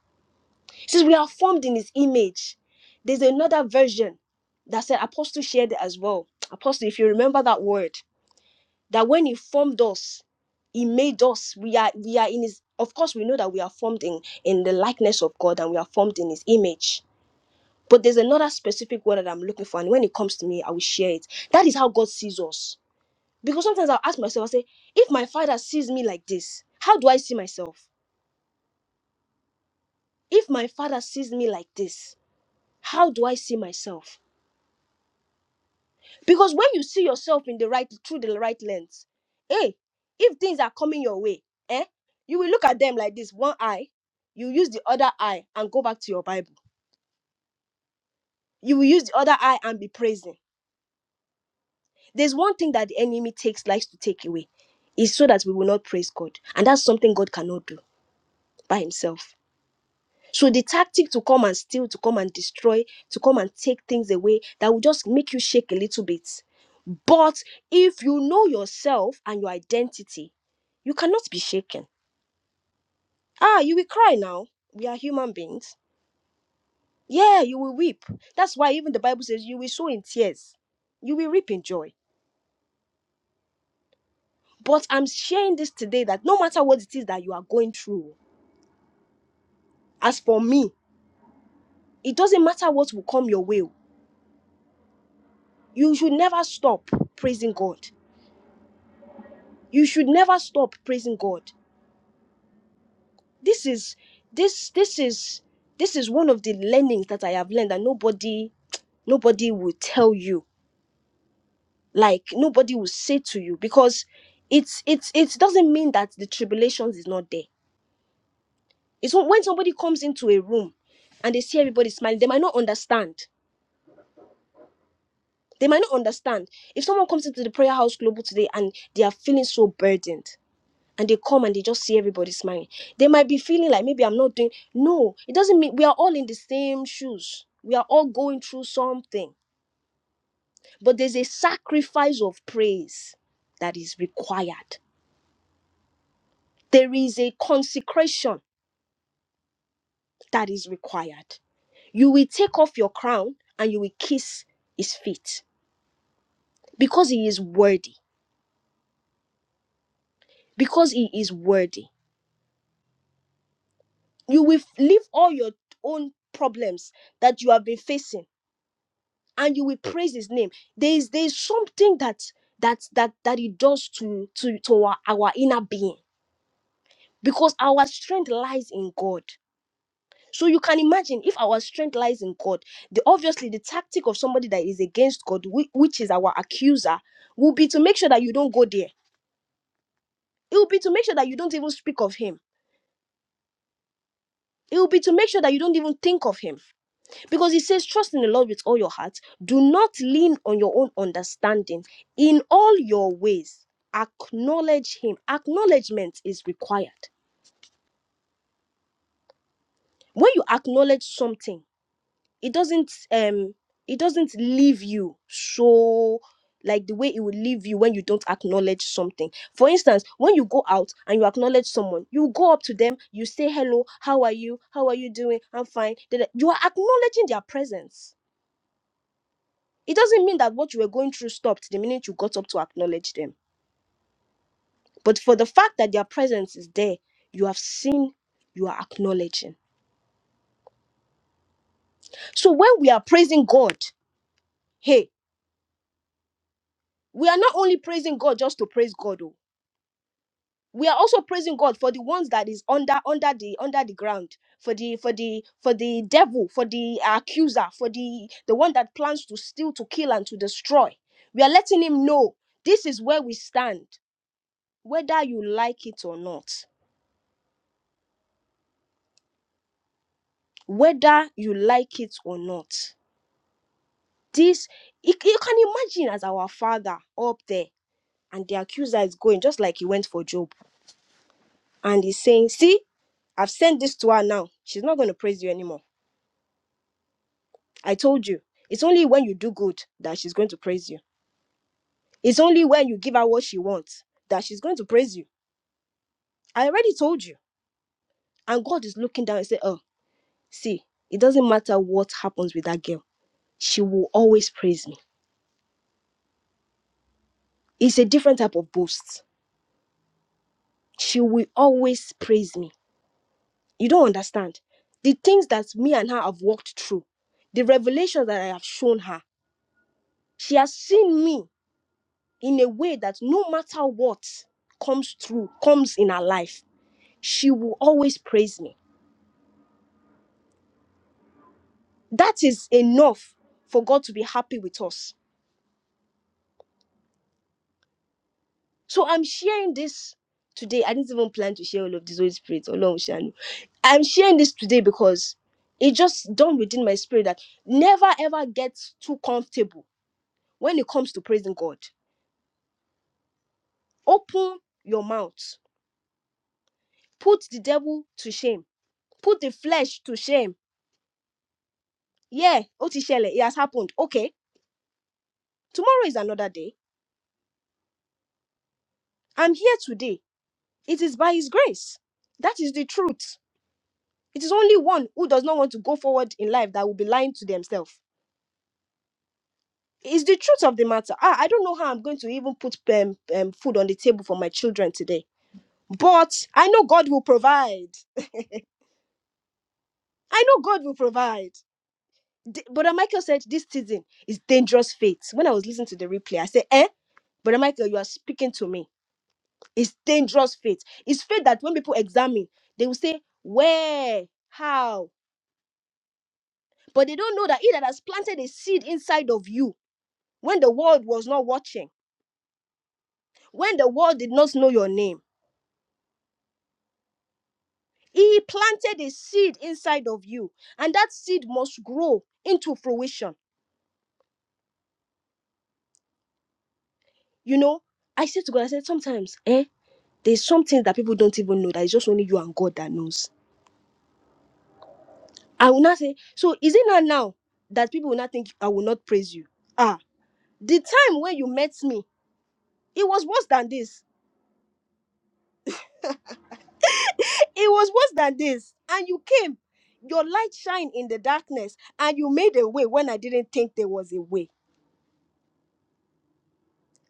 S1: it says we are formed in his image there's another version that said apostle shared it as well apostle if you remember that word that when he formed us he made us we are we are in his of course we know that we are formed in in the likeness of god and we are formed in his image but there's another specific word that i'm looking for and when it comes to me i will share it that is how god sees us because sometimes i'll ask myself i say if my father sees me like this how do i see myself if my father sees me like this how do i see myself because when you see yourself in the right through the right lens hey if things are coming your way eh you will look at them like this one eye you use the other eye and go back to your bible you will use the other eye and be praising there's one thing that the enemy takes likes to take away is so that we will not praise god and that's something god cannot do by himself so the tactic to come and steal to come and destroy to come and take things away that will just make you shake a little bit But if you know yourself and your identity, you cannot be shaken. Ah, you will cry now. We are human beings. Yeah, you will weep. That's why even the Bible says you will sow in tears, you will reap in joy. But I'm sharing this today that no matter what it is that you are going through, as for me, it doesn't matter what will come your way. You should never stop praising God. You should never stop praising God. This is this this is this is one of the learnings that I have learned that nobody nobody will tell you like nobody will say to you because it's it's it doesn't mean that the tribulations is not there it's when when somebody comes into a room and they see everybody smiling they might not understand they might not understand if someone comes into the prayer house global today and they are feeling so burdened and they come and they just see everybody smiling they might be feeling like maybe i'm not doing no it doesn't mean we are all in the same shoes we are all going through something but there's a sacrifice of praise that is required There is a consecration that is required. You will take off your crown and you will kiss his feet because he is worthy. Because he is worthy. You will leave all your own problems that you have been facing and you will praise his name. There is there is something that that that that it does to to to our, our inner being because our strength lies in God. So you can imagine if our strength lies in God, the obviously the tactic of somebody that is against God, whi- which is our accuser, will be to make sure that you don't go there. It will be to make sure that you don't even speak of him. It will be to make sure that you don't even think of him. Because he says, Trust in the Lord with all your heart. Do not lean on your own understanding. In all your ways, acknowledge him. Acknowledgement is required. When you acknowledge something, it doesn't um it doesn't leave you so like the way it will leave you when you don't acknowledge something for instance when you go out and you acknowledge someone you go up to them you say hello how are you how are you doing i'm fine Then you are acknowledging their presence it doesn't mean that what you were going through stopped the minute you got up to acknowledge them but for the fact that their presence is there you have seen you are acknowledging so when we are praising god hey we are not only praising god just to praise god oh we are also praising god for the ones that is under under the under the ground for the for the for the devil for the accuser for the the one that plans to steal to kill and to destroy we are letting him know this is where we stand whether you like it or not whether you like it or not this you you can imagine as our father up there and the accuser is going just like he went for job and he's saying see i've sent this to her now she's not going to praise you anymore I told you, it's only when you do good that she's going to praise you. It's only when you give her what she wants that she's going to praise you. I already told you. And God is looking down and say, Oh, see, it doesn't matter what happens with that girl, she will always praise me. It's a different type of boast. She will always praise me. You don't understand. The things that me and her have walked through, the revelations that I have shown her, she has seen me in a way that no matter what comes through, comes in her life she will always praise me. That is enough for God to be happy with us. So I'm sharing this today. I didn't even plan to share all of this Holy Spirit along Shanu. I'm sharing this today because it just dawned within my spirit that never ever get too comfortable when it comes to praising God. Open your mouth. Put the devil to shame. Put the flesh to shame. Yeah, Otishele, it has happened. Okay, tomorrow is another day. I'm here today It is by His grace. That is the truth. It is only one who does not want to go forward in life that will be lying to themselves. It's the truth of the matter. Ah, I don't know how I'm going to even put um, um, food on the table for my children today, but I know God will provide. I know God will provide. D- Brother Michael said this season is dangerous faith. When I was listening to the replay, I said, "Eh, Brother Michael, you are speaking to me. It's dangerous faith. It's faith that when people examine, they will say, where, how." But they don't know that he that has planted a seed inside of you when the world was not watching, when the world did not know your name, he planted a seed inside of you. And that seed must grow into fruition. You know, I said to God, I said, sometimes, eh, there's something that people don't even know that it's just only you and God that knows. I will not say, so is it not now that people will not think I will not praise you? Ah, the time when you met me, it was worse than this It was worse than this. And you came. Your light shined in the darkness, and you made a way when I didn't think there was a way.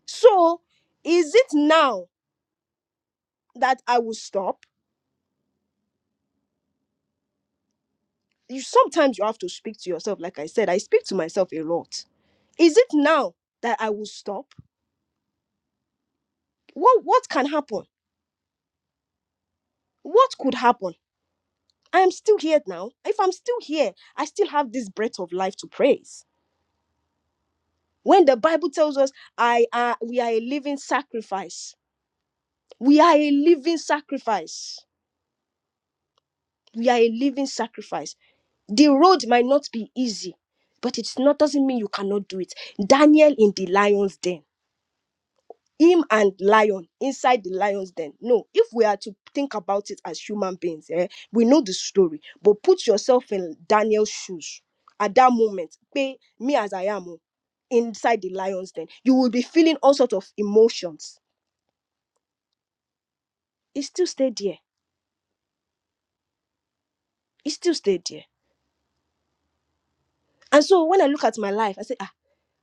S1: So, is it now that I will stop? You sometimes you have to speak to yourself. Like I said, I speak to myself a lot. Is it now that I will stop? What what can happen? What could happen? I am still here now. If I'm still here, I still have this breath of life to praise. When the Bible tells us I are we are a living sacrifice, We are a living sacrifice. We are a living sacrifice. The road might not be easy, but it's not doesn't mean you cannot do it. Daniel in the lion's den, him and lion inside the lion's den. No, if we are to think about it as human beings, eh, we know the story, but put yourself in Daniel's shoes at that moment. Pay me as I am oh, inside the lion's den. You will be feeling all sorts of emotions. It still stayed there. It still stayed there. And so when I look at my life, I say, ah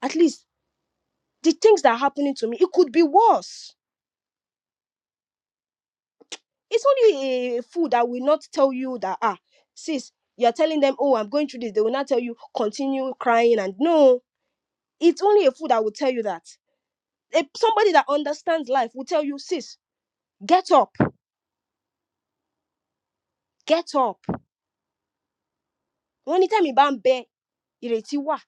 S1: At least the things that are happening to me, it could be worse. It's only a fool that will not tell you that, ah, sis, you're telling them, oh, I'm going through this. They will not tell you, continue crying. And no, it's only a fool that will tell you that. A- somebody that understands life will tell you, sis, get up, get up. Anytime you bam bear, ireti wa.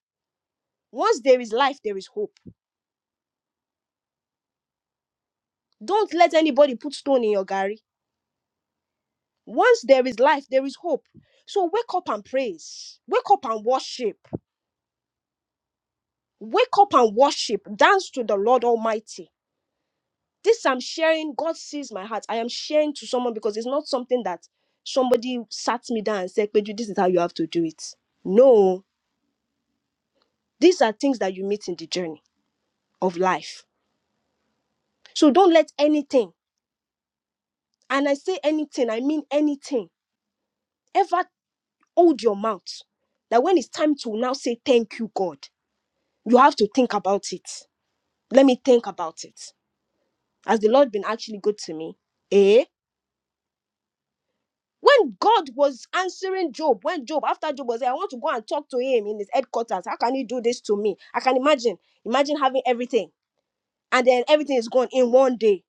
S1: Once there is life, there is hope. Don't let anybody put stone in your gari. Once there is life, there is hope. So wake up and praise. Wake up and worship. Wake up and worship, dance to the Lord Almighty. This I'm sharing, God sees my heart. I am sharing to someone because it's not something that somebody sat me down and said, Peju, this is how you have to do it. No, these are things that you meet in the journey of life. So don't let anything, and I say anything, I mean anything, ever hold your mouth. That when it's time to now say thank you, God, you have to think about it. Let me think about it. Has the Lord been actually good to me? Eh? When God was answering Job, when Job, after Job was there, I want to go and talk to him in his headquarters. How can he do this to me? I can imagine. Imagine having everything and then everything is gone in one day.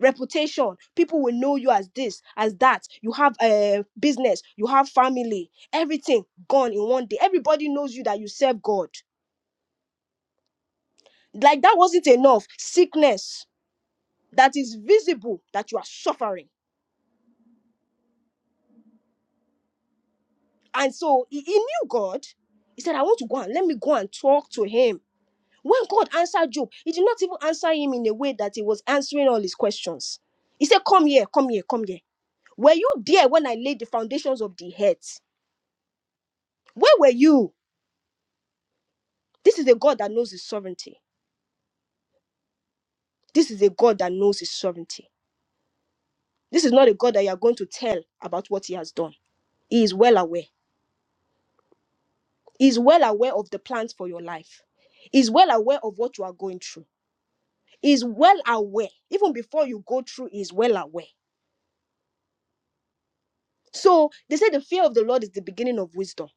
S1: Reputation, people will know you as this, as that. You have a business, you have family, everything gone in one day. Everybody knows you that you serve God. Like that wasn't enough. Sickness that is visible that you are suffering. And so he, he knew God. He said, I want to go and let me go and talk to him When God answered Job, he did not even answer him in a way that he was answering all his questions. He said, Come here, come here, come here. Were you there when I laid the foundations of the earth? Where were you? This is a God that knows his sovereignty. This is a God that knows his sovereignty. This is not a God that you are going to tell about what he has done. He is well aware. He is well aware of the plans for your life. He is well aware of what you are going through. He is well aware. Even before you go through, he is well aware. So they say the fear of the Lord is the beginning of wisdom.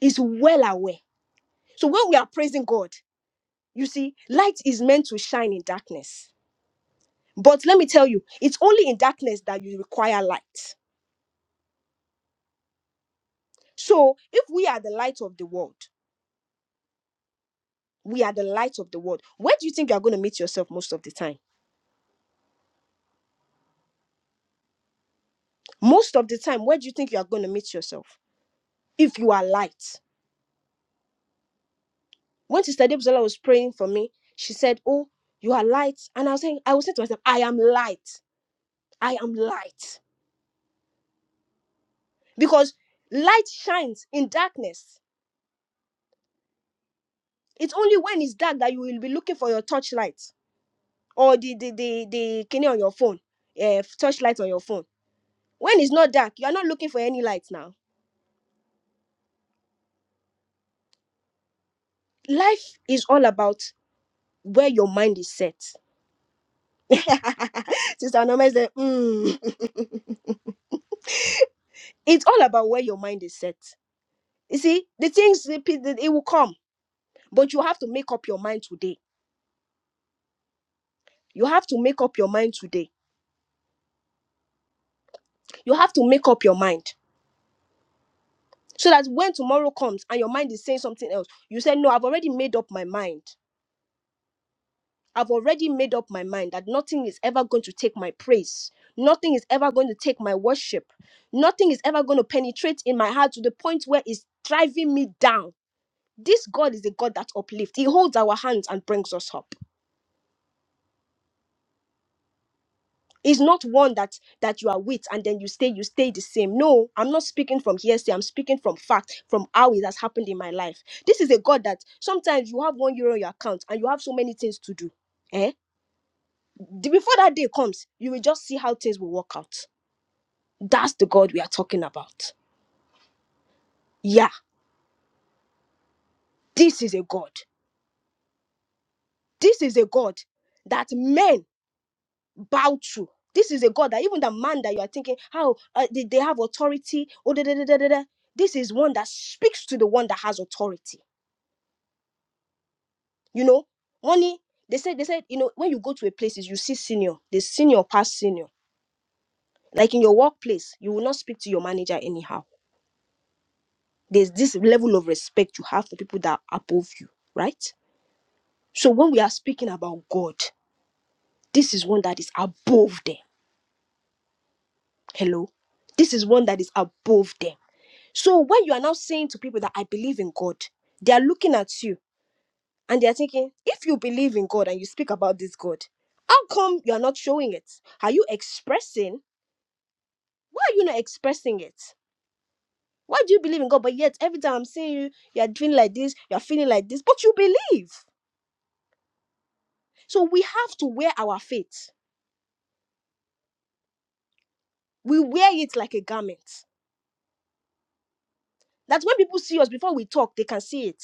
S1: is well aware. So when we are praising God, you see, light is meant to shine in darkness. But let me tell you, it's only in darkness that you require light. So if we are the light of the world, we are the light of the world. Where do you think you are going to meet yourself most of the time? Most of the time, where do you think you are going to meet yourself? If you are light. When Sister Debzola was praying for me, she said, Oh, you are light. And I was saying, I was saying to myself, I am light. I am light. Because light shines in darkness It's only when it's dark that you will be looking for your torchlight or the the the the kini on your phone, uh, torchlight on your phone. When it's not dark, you are not looking for any light now. Life is all about where your mind is set. Sister Anoma is there. Mm. It's all about where your mind is set. You see, the things the it will come, but you have to make up your mind today. You have to make up your mind today. You have to make up your mind so that when tomorrow comes and your mind is saying something else, you say, "No, I've already made up my mind. I've already made up my mind that nothing is ever going to take my praise. Nothing is ever going to take my worship. Nothing is ever going to penetrate in my heart to the point where it's driving me down. This God is a God that uplifts. He holds our hands and brings us up. He's not one that that you are with and then you stay you stay the same. No, I'm not speaking from hearsay. I'm speaking from fact, from how it has happened in my life. This is a God that sometimes you have one euro on your account and you have so many things to do. Eh? The- Before that day comes, you will just see how things will work out That's the God we are talking about. Yeah, this is a God. This is a God that men bow to. This is a God that even the man that you are thinking, how uh, did they have authority? Oh, da, da, da, da, da, da. This is one that speaks to the one that has authority. You know, money. They said, they said, you know, when you go to a places, you see senior, the senior past senior. Like in your workplace, you will not speak to your manager anyhow. There's this level of respect you have for people that are above you, right? So when we are speaking about God, This is one that is above them. Hello. This is one that is above them. So when you are now saying to people that I believe in God, they are looking at you and they are thinking, if you believe in God and you speak about this God, how come you are not showing it? Are you expressing? Why are you not expressing it? Why do you believe in God? But yet every time I'm seeing you, you are doing like this, you are feeling like this, but you believe. So we have to wear our faith. We wear it like a garment. That's when people see us before we talk, they can see it.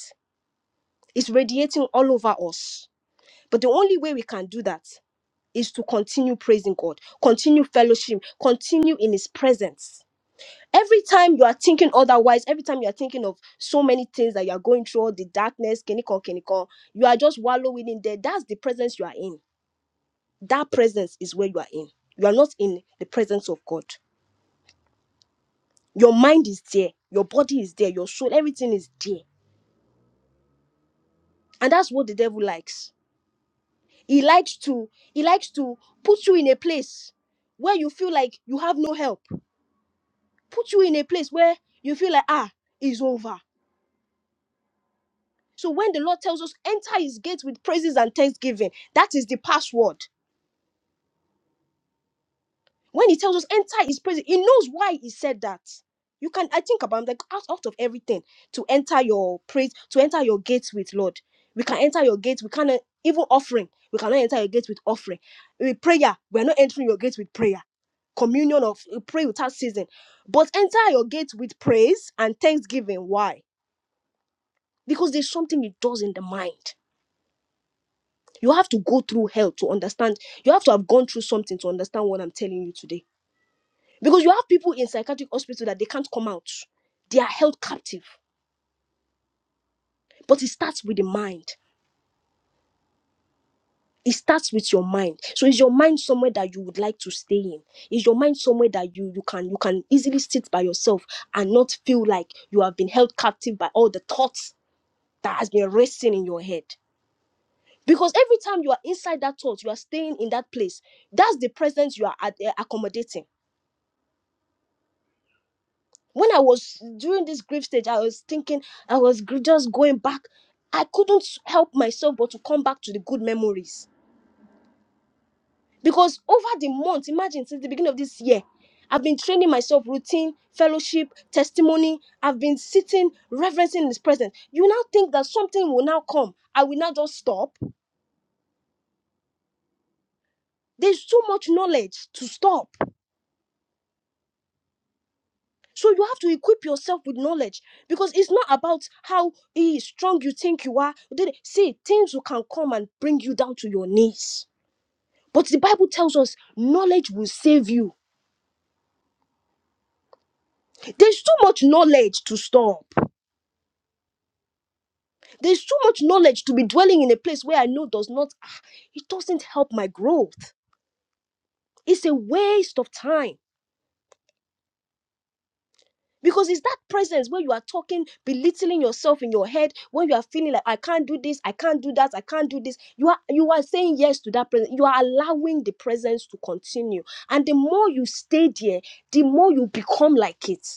S1: It's radiating all over us. But the only way we can do that is to continue praising God, continue fellowship, continue in His presence. Every time you are thinking otherwise, every time you are thinking of so many things that you are going through, all the darkness, kinikon, kinikon, you are just wallowing in there. That's the presence you are in. That presence is where you are in. You are not in the presence of God. Your mind is there, your body is there, your soul, everything is there. And that's what the devil likes he likes to he likes to put you in a place where you feel like you have no help put you in a place where you feel like ah it's over so when the lord tells us enter his gates with praises and thanksgiving that is the password When he tells us enter his presence, he knows why he said that. You can, I think about like out, out of everything to enter your praise, to enter your gates with Lord. We can enter your gates. We cannot even offering. We cannot enter your gates with offering. With prayer, we are not entering your gates with prayer. Communion of you pray without season, but enter your gates with praise and thanksgiving. Why? Because there's something it does in the mind. You have to go through hell to understand. You have to have gone through something to understand what I'm telling you today Because you have people in psychiatric hospital that they can't come out. They are held captive. But it starts with the mind. It starts with your mind. So is your mind somewhere that you would like to stay in? Is your mind somewhere that you you can you can easily sit by yourself and not feel like you have been held captive by all the thoughts that has been racing in your head? Because every time you are inside that thought, you are staying in that place. That's the presence you are ad- accommodating. when I was during this grief stage, I was thinking, I was gr- just going back. I couldn't help myself but to come back to the good memories. Because over the month, imagine since the beginning of this year, I've been training myself routine, fellowship, testimony. I've been sitting, reverencing His presence. You now think that something will now come. I will now just stop. There's too much knowledge to stop So you have to equip yourself with knowledge because it's not about how eh, strong you think you are. Then- See, things will can come and bring you down to your knees. But the Bible tells us knowledge will save you. There's too much knowledge to stop. There's too much knowledge to be dwelling in a place where I know does not, ah, it doesn't help my growth. It's a waste of time. Because it's that presence when you are talking, belittling yourself in your head, when you are feeling like I can't do this, I can't do that, I can't do this. You are you are saying yes to that presence. You are allowing the presence to continue. And the more you stay there, the more you become like it.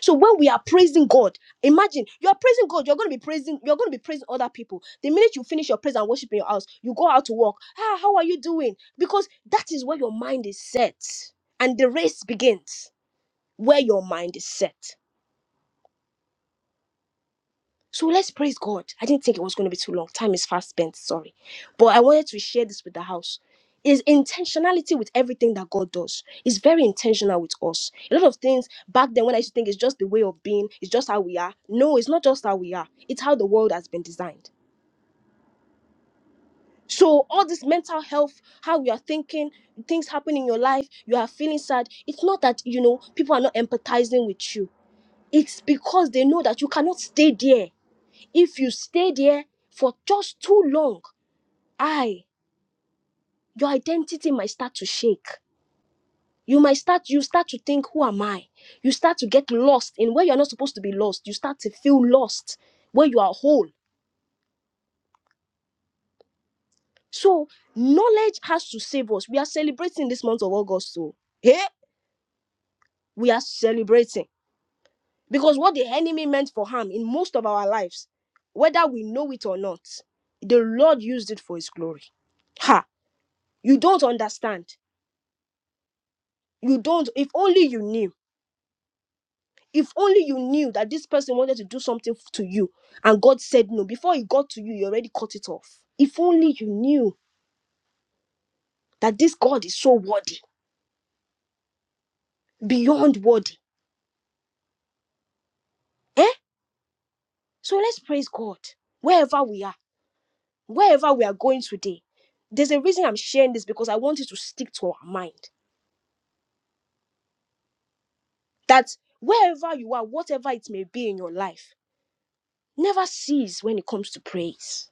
S1: So when we are praising God, imagine you are praising God, you're gonna be praising, you're gonna be praising other people. The minute you finish your praise and worship in your house, you go out to work. Ah, how are you doing? Because that is where your mind is set. And the race begins where your mind is set. So let's praise God. I didn't think it was going to be too long. Time is fast spent, sorry. But I wanted to share this with the house. Is intentionality with everything that God does. It's very intentional with us. A lot of things back then when I used to think it's just the way of being, it's just how we are. No, it's not just how we are, it's how the world has been designed. So all this mental health, how you are thinking, things happen in your life, you are feeling sad. It's not that you know people are not empathizing with you. It's because they know that you cannot stay there if you stay there for just too long, I, your identity might start to shake. You might start, you start to think, who am I? You start to get lost in where you're not supposed to be lost. You start to feel lost where you are whole. So knowledge has to save us. We are celebrating this month of August. So, hey, we are celebrating because what the enemy meant for harm in most of our lives, whether we know it or not, the Lord used it for his glory. Ha! You don't understand. You don't, if only you knew. If only you knew that this person wanted to do something f- to you and God said no, before he got to you, you already cut it off. If only you knew that this God is so worthy, beyond worthy. Eh? So let's praise God wherever we are, wherever we are going today. There's a reason I'm sharing this because I want you to stick to our mind that wherever you are, whatever it may be in your life, never cease when it comes to praise.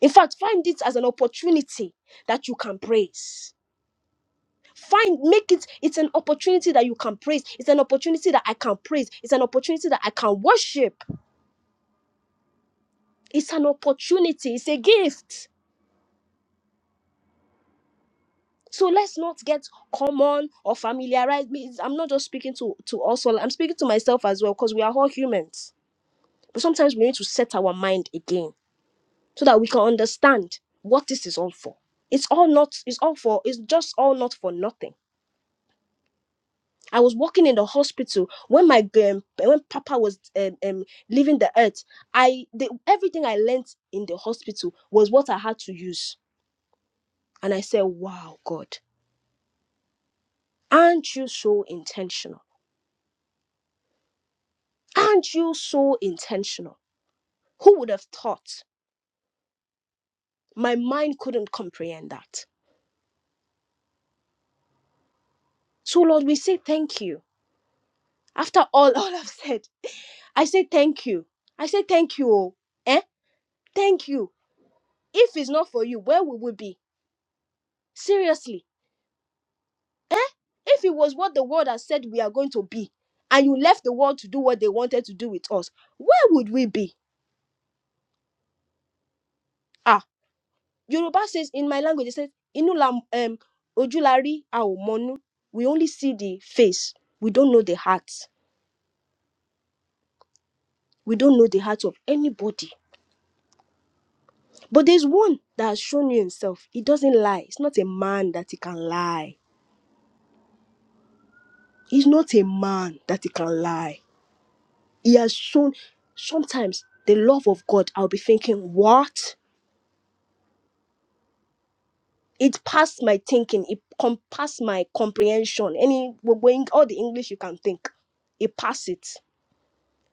S1: In fact, find it as an opportunity that you can praise. find make it it's an opportunity that you can praise it's an opportunity that i can praise it's an opportunity that i can worship it's an opportunity it's a gift so let's not get common or familiarized me i'm not just speaking to to us all i'm speaking to myself as well because we are all humans but sometimes we need to set our mind again so that we can understand what this is all for it's all not it's all for it's just all not for nothing I was working in the hospital when my um, when Papa was um, um, leaving the earth. I the, everything I learnt in the hospital was what I had to use, and I said, "Wow, God, aren't you so intentional? Aren't you so intentional? Who would have thought? My mind couldn't comprehend that. So, Lord, we say thank you. After all, all I've said, I say thank you. I say thank you. oh. Eh? Thank you. If it's not for you, where would we be? Seriously." Eh? If it was what the world has said we are going to be, and you left the world to do what they wanted to do with us, where would we be? Ah, Yoruba says in my language, it says, Inu la, um, ojulari aomonu. We only see the face. We don't know the heart. We don't know the heart of anybody. But there's one that has shown you himself. He doesn't lie. It's not a man that he can lie. He's not a man that he can lie. He has shown sometimes the love of God. I'll be thinking, what? it passed my thinking it com- passed my comprehension any gbogbo Eng- all the english you can think it passed it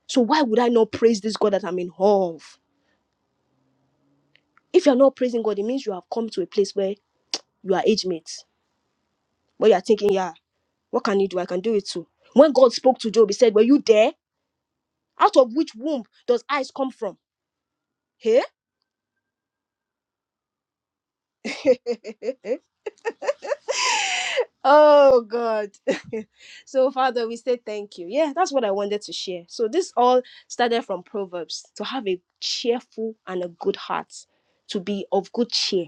S1: so why would i not praise this god that i'm in awe of if you're not praising god it means you have come to a place where you are age mates where you're thinking yeah what can you do i can do it too when god spoke to job he said were you there out of which womb does eyes come from Hey? Oh God. so Father, we say thank you. Yeah, that's what I wanted to share. So this all started from Proverbs to have a cheerful and a good heart, to be of good cheer,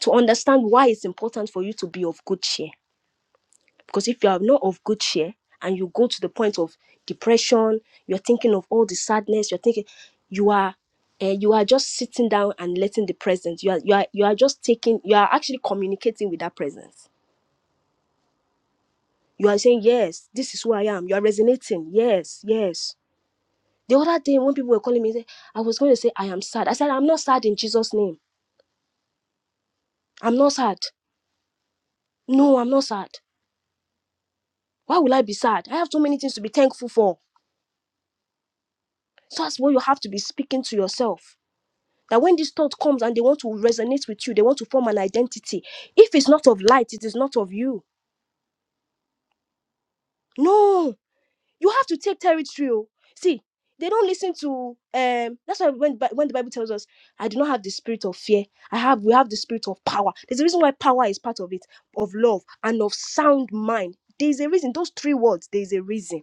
S1: to understand why it's important for you to be of good cheer. Because if you are not of good cheer and you go to the point of depression, you're thinking of all the sadness, you're thinking you are uh, you are just sitting down and letting the presence. You are you are you are just taking you are actually communicating with that presence You are saying, Yes, this is who I am. You are resonating. Yes, yes. The other day, when people were calling me, I was going to say, I am sad. I said, I'm not sad in Jesus' name. I'm not sad. No, I'm not sad. Why will I be sad? I have so many things to be thankful for. So that's what you have to be speaking to yourself. That when this thought comes and they want to resonate with you, they want to form an identity. If it's not of light, it is not of you. No. you have to take territory oh see they don't listen to um that's why when, when the bible tells us i do not have the spirit of fear i have we have the spirit of power there's a reason why power is part of it of love and of sound mind there's a reason those three words there's a reason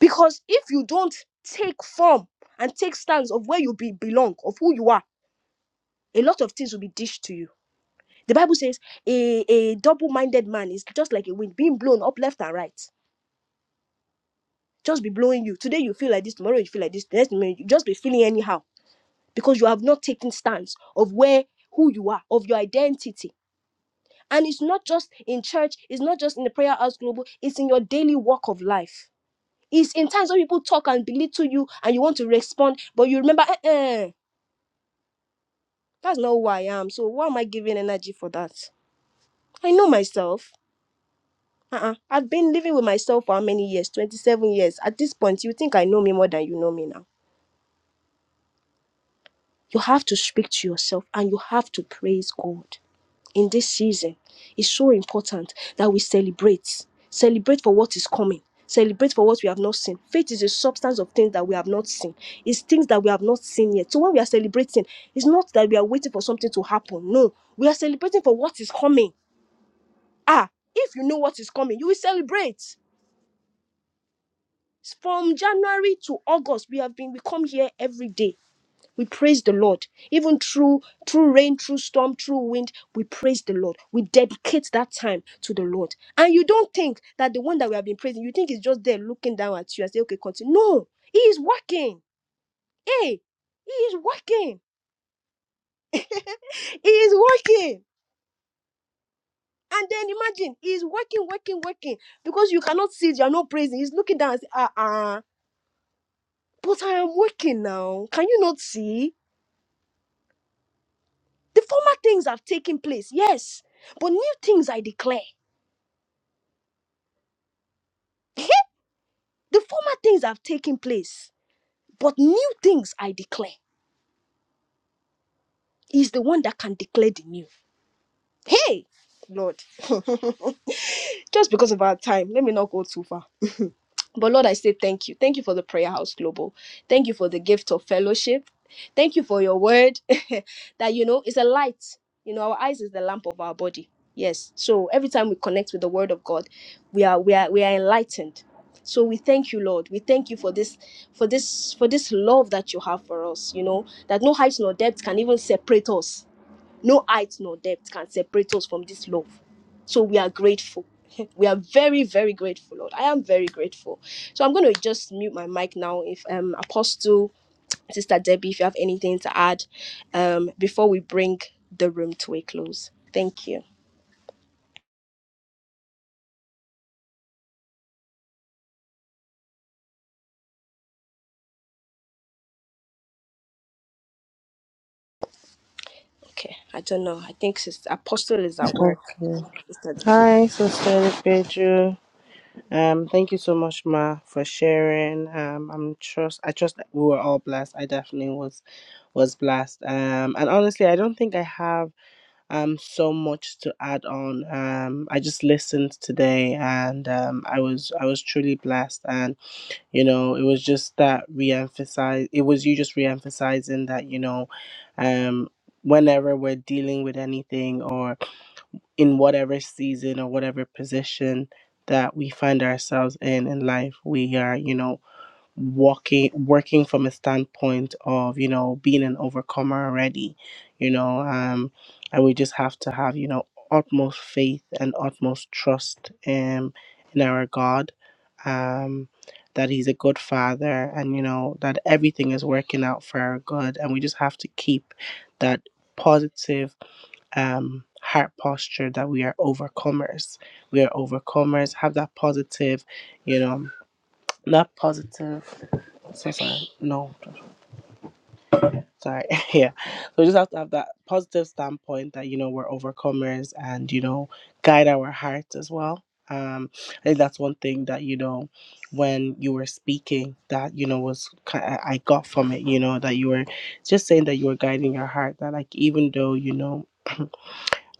S1: because if you don't take form and take stance of where you be, belong of who you are a lot of things will be dished to you the bible says a, a double-minded man is just like a wind being blown up left and right just be blowing you. Today you feel like this, tomorrow you feel like this, the next minute you just be feeling anyhow because you have not taken stance of where who you are, of your identity. And it's not just in church, it's not just in the prayer house global, it's in your daily walk of life. It's in times when people talk and belittle you and you want to respond, but you remember, eh, eh, that's not who I am. So why am I giving energy for that? I know myself. Uh-uh. I've been living with myself for how many years? 27 years. At this point, you think I know me more than you know me now You have to speak to yourself and you have to praise God. In this season, it's so important that we celebrate. Celebrate for what is coming. Celebrate for what we have not seen. Faith is a substance of things that we have not seen. It's things that we have not seen yet. So when we are celebrating, it's not that we are waiting for something to happen. No, we are celebrating for what is coming. Ah, if you know what is coming, you will celebrate. From January to August, we have been, we come here every day We praise the Lord. Even through through rain, through storm, through wind, we praise the Lord. We dedicate that time to the Lord. And you don't think that the one that we have been praising, you think is just there looking down at you and say, okay, continue. No, he is working. Hey, he is working. He is working. And then imagine he is working, working, working. Because you cannot see it, you are not praising. He's looking down and say, ah ah. But I am working now. Can you not see? The former things have taken place, yes. But new things I declare. The former things have taken place, but new things I declare. He's the one that can declare the new. Hey, Lord. Just because of our time, let me not go too far. But Lord, I say thank you. Thank you for the Prayer House Global. Thank you for the gift of fellowship. Thank you for your word that, you know, is a light. You know, our eyes is the lamp of our body. Yes. So every time we connect with the word of God, we are we are we are enlightened. So we thank you, Lord. We thank you for this, for this, for this love that you have for us, you know, that no height nor depth can even separate us no height nor depth can separate us from this love. So we are grateful. We are very, very grateful, Lord. I am very grateful. So I'm going to just mute my mic now. If um Apostle, Sister Debbie, if you have anything to add, um, before we bring the room to a close. Thank you. Okay. I don't know. I think Sister Apostle is at
S6: Okay.
S1: work.
S6: Hi, Sister Pedro. Um, thank you so much, Ma, for sharing. Um, I'm trust. I trust that we were all blessed. I definitely was was blessed. Um, and honestly, I don't think I have. um so much to add on um i just listened today and um i was i was truly blessed and you know it was just that re-emphasize it was you just re-emphasizing that you know um whenever we're dealing with anything or in whatever season or whatever position that we find ourselves in in life we are you know walking working from a standpoint of you know being an overcomer already you know um and we just have to have you know utmost faith and utmost trust um in our god um that he's a good father and you know that everything is working out for our good and we just have to keep that positive um heart posture that we are overcomers we are overcomers have that positive you know that positive so sorry. No, sorry. yeah. So we just have to have that positive standpoint that, you know, we're overcomers and, you know, guide our hearts as well. Um, I think that's one thing that, you know, when you were speaking that, you know, was ki- I I got from it, you know, that you were just saying that you were guiding your heart, that like even though, you know,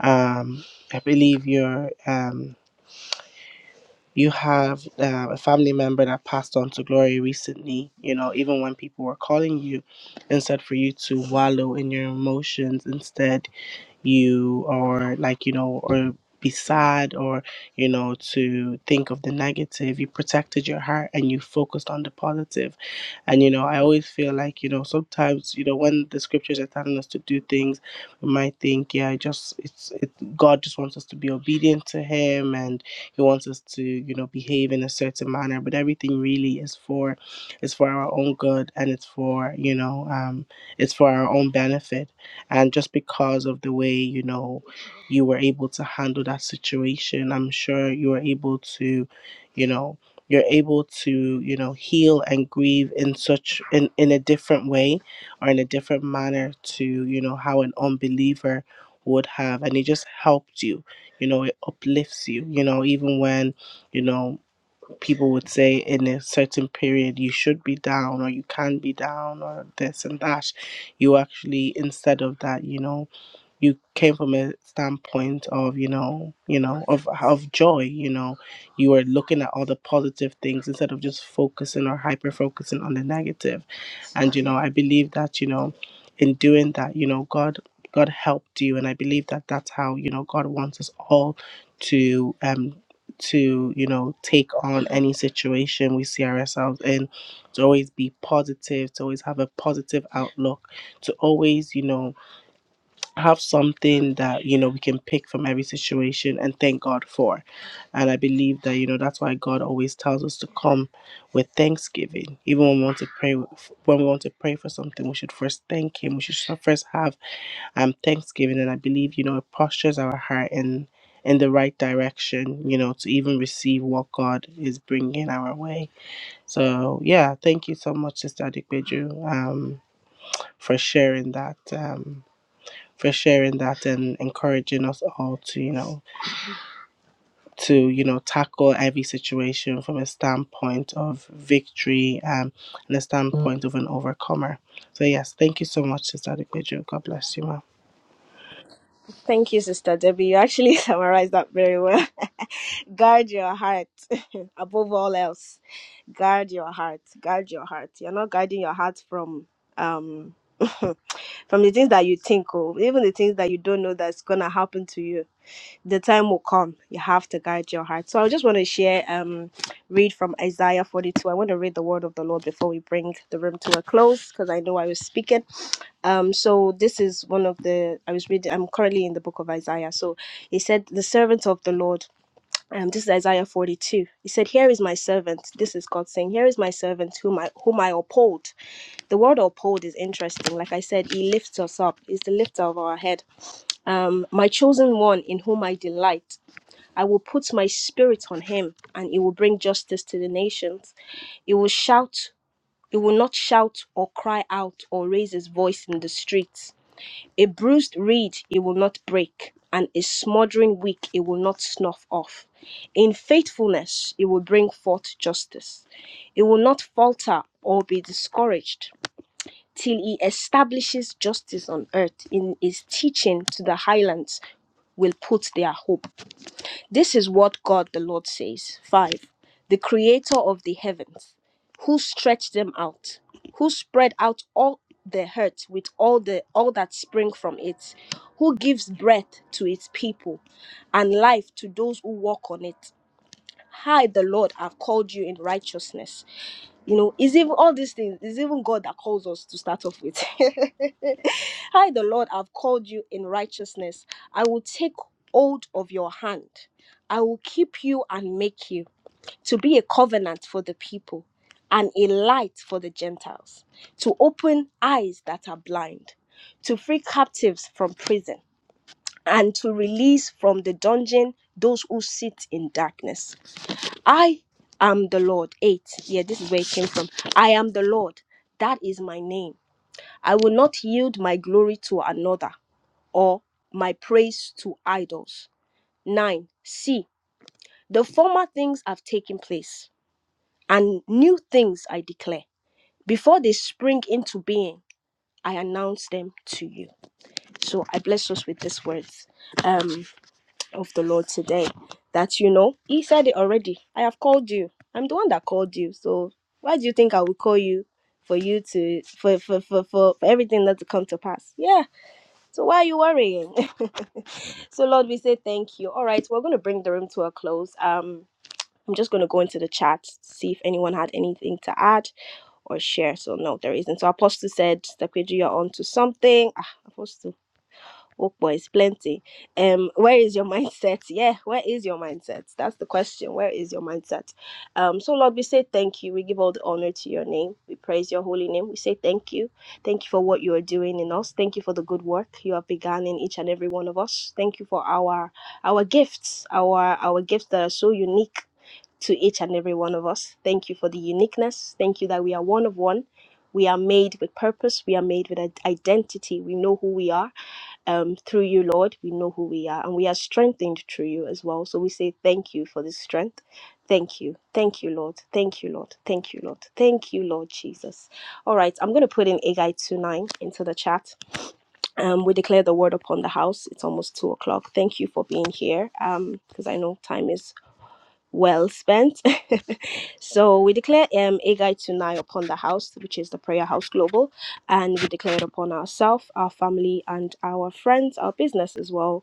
S6: um, I believe you're um you have uh, a family member that passed on to glory recently, you know, even when people were calling you, instead for you to wallow in your emotions, instead you are like, you know, or be sad or, you know, to think of the negative, you protected your heart and you focused on the positive and you know, I always feel like you know sometimes you know when the scriptures are telling us to do things, we might think, yeah, I just it's it, God just wants us to be obedient to Him, and He wants us to you know behave in a certain manner. But everything really is for is for our own good, and it's for you know um, it's for our own benefit. And just because of the way you know you were able to handle that situation, I'm sure you were able to. You know, you're able to you know heal and grieve in such in, in a different way or in a different manner to you know how an unbeliever would have and it just helped you you know it uplifts you you know even when you know people would say in a certain period you should be down or you can be down or this and that you actually instead of that you know you came from a standpoint of you know you know of of joy you know you were looking at all the positive things instead of just focusing or hyper focusing on the negative negative. and you know i believe that you know in doing that you know god god helped you and i believe that that's how you know god wants us all to um to you know take on any situation we see ourselves in to always be positive to always have a positive outlook to always you know have something that you know we can pick from every situation and thank God for. And I believe that you know that's why God always tells us to come with thanksgiving. Even when we want to pray when we want to pray for something, we should first thank him. We should so- first have um thanksgiving and I believe you know it postures our heart in in the right direction, you know, to even receive what God is bringing our way. So, yeah, thank you so much, Sister Adequeju, um, for sharing that. Um, for sharing that and encouraging us all to, you know, to, you know, tackle every situation from a standpoint of victory um, and a standpoint mm. of an overcomer. So, yes, thank you so much, Sister Adequajo. God bless you, ma'am.
S1: Thank you, Sister Debbie. You actually summarized that very well. guard your heart above all else. Guard your heart. Guard your heart. You're not guarding your heart from um from the things that you think or even the things that you don't know that's gonna happen to you. The time will come. You have to guard your heart. So I just want to share um read from Isaiah 42. I want to read the word of the Lord before we bring the room to a close because I know I was speaking um so this is one of the i was reading i'm currently in the book of isaiah so he said the servant of the lord um this is isaiah 42 he said here is my servant this is god saying here is my servant whom i whom i uphold the word uphold is interesting like i said he lifts us up he's the lifter of our head um my chosen one in whom i delight i will put my spirit on him and he will bring justice to the nations he will shout he will not shout or cry out or raise his voice in the streets a bruised reed he will not break, and a smoldering wick he will not snuff off. In faithfulness he will bring forth justice. He will not falter or be discouraged till he establishes justice on earth. In his teaching to the highlands will put their hope. This is what God the Lord says. 5. The creator of the heavens, who stretched them out, who spread out all the earth with all the all that spring from it, who gives breath to its people and life to those who walk on it. I, the Lord, have called you in righteousness you know it's even all these things it's even god that calls us to start off with hi the lord i've called you in righteousness i will take hold of your hand i will keep you and make you to be a covenant for the people and a light for the gentiles to open eyes that are blind to free captives from prison and to release from the dungeon those who sit in darkness I am the Lord. Eight. Yeah, this is where it came from. I am the Lord. That is my name. I will not yield my glory to another or my praise to idols. Nine. See, the former things have taken place, and new things I declare. Before they spring into being, I announce them to you. So I bless us with these words. Um. of the Lord today. That you know, He said it already. I have called you. I'm the one that called you. So why do you think I will call you for you to for for for for, for everything not to come to pass? Yeah. So why are you worrying? so Lord, we say thank you. All right, we're going to bring the room to a close. Um. I'm just going to go into the chat, see if anyone had anything to add or share. So, no, there isn't. So, Apostle said, Stepkeju, you're on to something. Ah, Apostle Work boys, plenty. Um, where is your mindset? Yeah, where is your mindset? That's the question. Where is your mindset? Um, so Lord, we say thank you. We give all the honor to your name. We praise your holy name. We say thank you. Thank you for what you are doing in us. Thank you for the good work you have begun in each and every one of us. Thank you for our our gifts, our our gifts that are so unique to each and every one of us. Thank you for the uniqueness. Thank you that we are one of one. We are made with purpose. We are made with i- identity. We know who we are um, through you, Lord, we know who we are and we are strengthened through you as well. So we say thank you for this strength. Thank you. Thank you, Lord. Thank you, Lord. Thank you, Lord. Thank you, Lord Jesus. All right, I'm going to put in Agai 29 into the chat. Um, we declare the word upon the house. It's almost two o'clock. Thank you for being here Um, because I know time is well spent. so we declare um, Agai Tunai upon the house, which is the Prayer House Global, and we declare it upon ourselves, our family, and our friends, our business as well.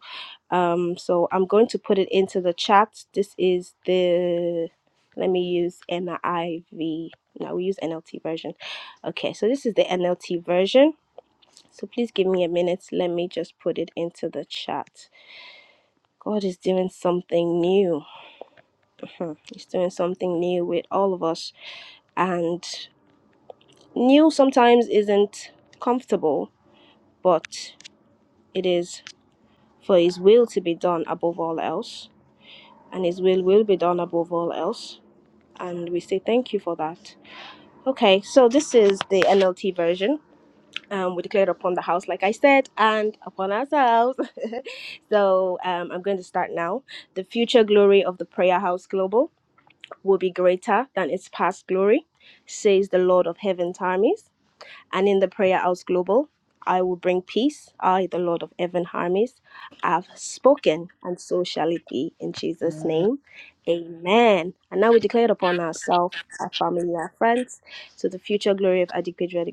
S1: Um, so I'm going to put it into the chat. This is the let me use NIV. No, we use NLT version. Okay, so this is the NLT version. So please give me a minute. Let me just put it into the chat. God is doing something new. Hmm, He's doing something new with all of us. And new sometimes isn't comfortable, but it is for His will to be done above all else. And His will will be done above all else. And we say thank you for that. Okay, so this is the NLT version. Um, we declared upon the house, like I said, and upon ourselves. so um, I'm going to start now. The future glory of the Prayer House Global. will be greater than its past glory, says the Lord of heaven's armies. And in the prayer house global, I will bring peace. I, the Lord of heaven, armies, have spoken, and so shall it be in Jesus'
S6: Amen.
S1: name. Amen. And now we declare it upon ourselves, our family, our friends, to the future glory of Adik Pedro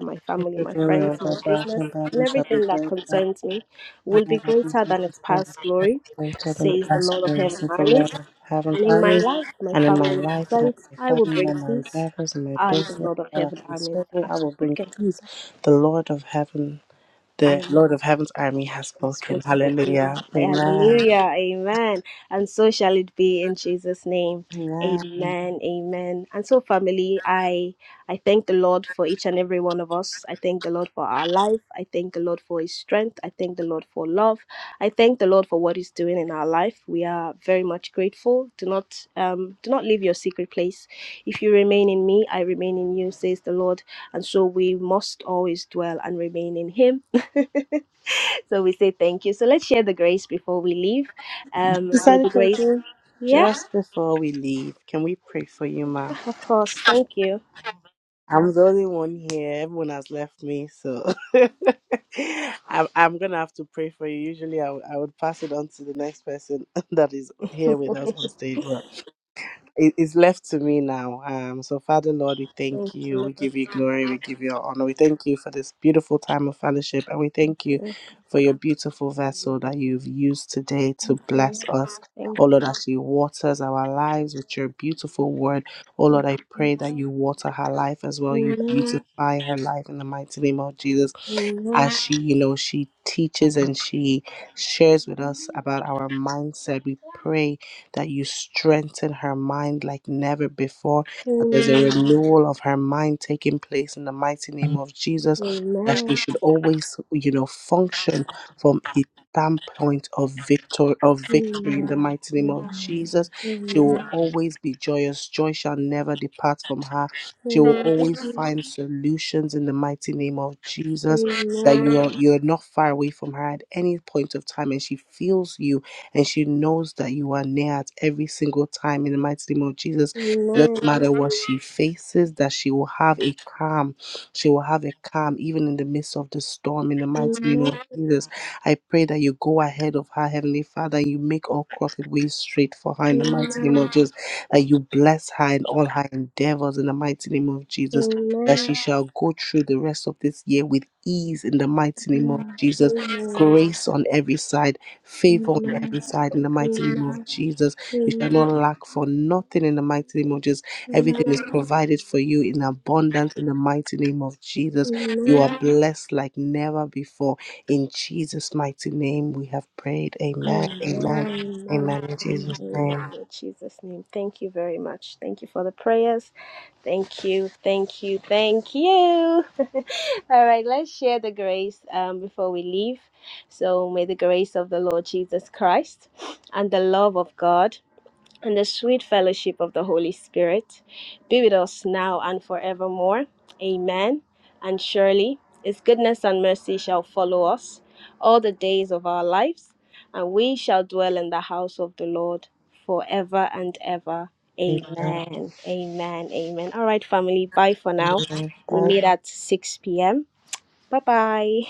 S1: my family,
S6: The
S1: my
S6: glory
S1: friends,
S6: of
S1: my
S6: the back
S1: business,
S6: and
S1: and
S6: body shall be
S1: everything that
S6: praised by
S1: concerns me
S6: the
S1: will be
S6: Lord that is
S1: greater
S6: in
S1: than
S6: this
S1: its
S6: world.
S1: past glory,
S6: Praise the
S1: says the
S6: past
S1: Lord of
S6: grace
S1: heaven,
S6: and the Lord
S1: armies.
S6: of heaven's
S1: And in my
S6: others,
S1: life, my
S6: and in
S1: family,
S6: my
S1: and
S6: life and in
S1: friends, I
S6: my
S1: will
S6: family
S1: bring
S6: and my
S1: peace.
S6: endeavors and my
S1: I, the
S6: business,
S1: Lord of
S6: all
S1: heaven,
S6: that
S1: armies,
S6: concerns me,
S1: have
S6: I will bring
S1: spoken
S6: peace. The Lord of heaven The
S1: and
S6: Lord of Heaven's army has spoken.
S1: spoken.
S6: Hallelujah. Amen.
S1: Hallelujah. Amen. And so shall it be in Jesus' name.
S6: Amen.
S1: Amen. Amen. And so family, I I thank the Lord for each and every one of us. I thank the Lord for our life. I thank the Lord for his strength. I thank the Lord for love. I thank the Lord for what he's doing in our life. We are very much grateful. Do not um do not leave your secret place. If you remain in me, I remain in you, says the Lord. And so we must always dwell and remain in him. So we say thank you. So let's share the grace before we leave. Um,
S6: Sister
S1: may the grace.
S6: Adepoju,
S1: Yeah,
S6: just before we leave, can we pray for you, ma?
S1: of course. Thank you.
S6: I'm the only one here. Everyone has left me, so I'm, I'm gonna have to pray for you. Usually, I, w- I would pass it on to the next person that is here with us on stage. it is left to me now. Um, so, Father, Lord, we thank you. We give you glory. We give you honor. We thank you for this beautiful time of fellowship. And we thank you for your beautiful vessel that you've used today to bless us.
S1: Thank,
S6: Oh, Lord, as she waters our lives with your beautiful word. Oh, Lord, I
S1: you.
S6: pray that you water her life as well. You
S1: Amen.
S6: beautify her life in the mighty name of Jesus as
S1: Amen.
S6: she you know she teaches and she shares with us about our mindset we pray that you strengthen her mind like never before that there's a
S1: Amen.
S6: renewal of her mind taking place in the mighty name of jesus that she
S1: Amen.
S6: should always you know function from a standpoint of victor of
S1: Amen.
S6: victory in
S1: Amen.
S6: the mighty name of jesus she
S1: Amen.
S6: will
S1: Amen.
S6: always be joyous joy shall never depart from her she will always find solutions in the mighty name of jesus that you
S1: Amen.
S6: are, you're not far away from her at any point of time and she feels you and she knows that you are near at every single time in the mighty name of
S1: Amen.
S6: jesus it doesn't
S1: Amen.
S6: matter what she faces that she will have a calm she will have a calm even in the midst of the storm in the mighty name
S1: Amen.
S6: of jesus i pray that you go ahead of her heavenly father and you make all crooked ways straight for her in the mighty name of
S1: Amen.
S6: jesus that you bless her in all her endeavors in the mighty name of jesus that
S1: Amen.
S6: she shall go through the rest of this year with ease in the mighty name of Jesus. Grace on every side, favor on every side in the mighty name of
S1: Amen.
S6: Jesus. You shall
S1: Amen.
S6: not lack for nothing in the mighty name of Jesus. Everything
S1: Amen.
S6: is
S1: Amen.
S6: provided for you in abundance in the mighty name of Jesus. You
S1: Amen.
S6: are blessed like never before. In Jesus' mighty name, we have prayed. Amen.
S1: Amen.
S6: Amen.
S1: Amen.
S6: Amen. In Jesus'
S1: Amen.
S6: name.
S1: In Jesus' name. Thank you very much. Thank you for the prayers. Thank you. Thank you. Thank you. All right, let's share the grace um, before we leave. So, may the grace of the Lord Jesus Christ and the love of God and the sweet fellowship of the Holy Spirit be with us now and forevermore. Amen. And surely his goodness and mercy shall follow us all the days of our lives, and we shall dwell in the house of the Lord forever and ever.
S6: Amen.
S1: Amen. Amen. Amen. All right, family. Bye for now. We
S6: Bye.
S1: meet at 6 p.m. Bye bye.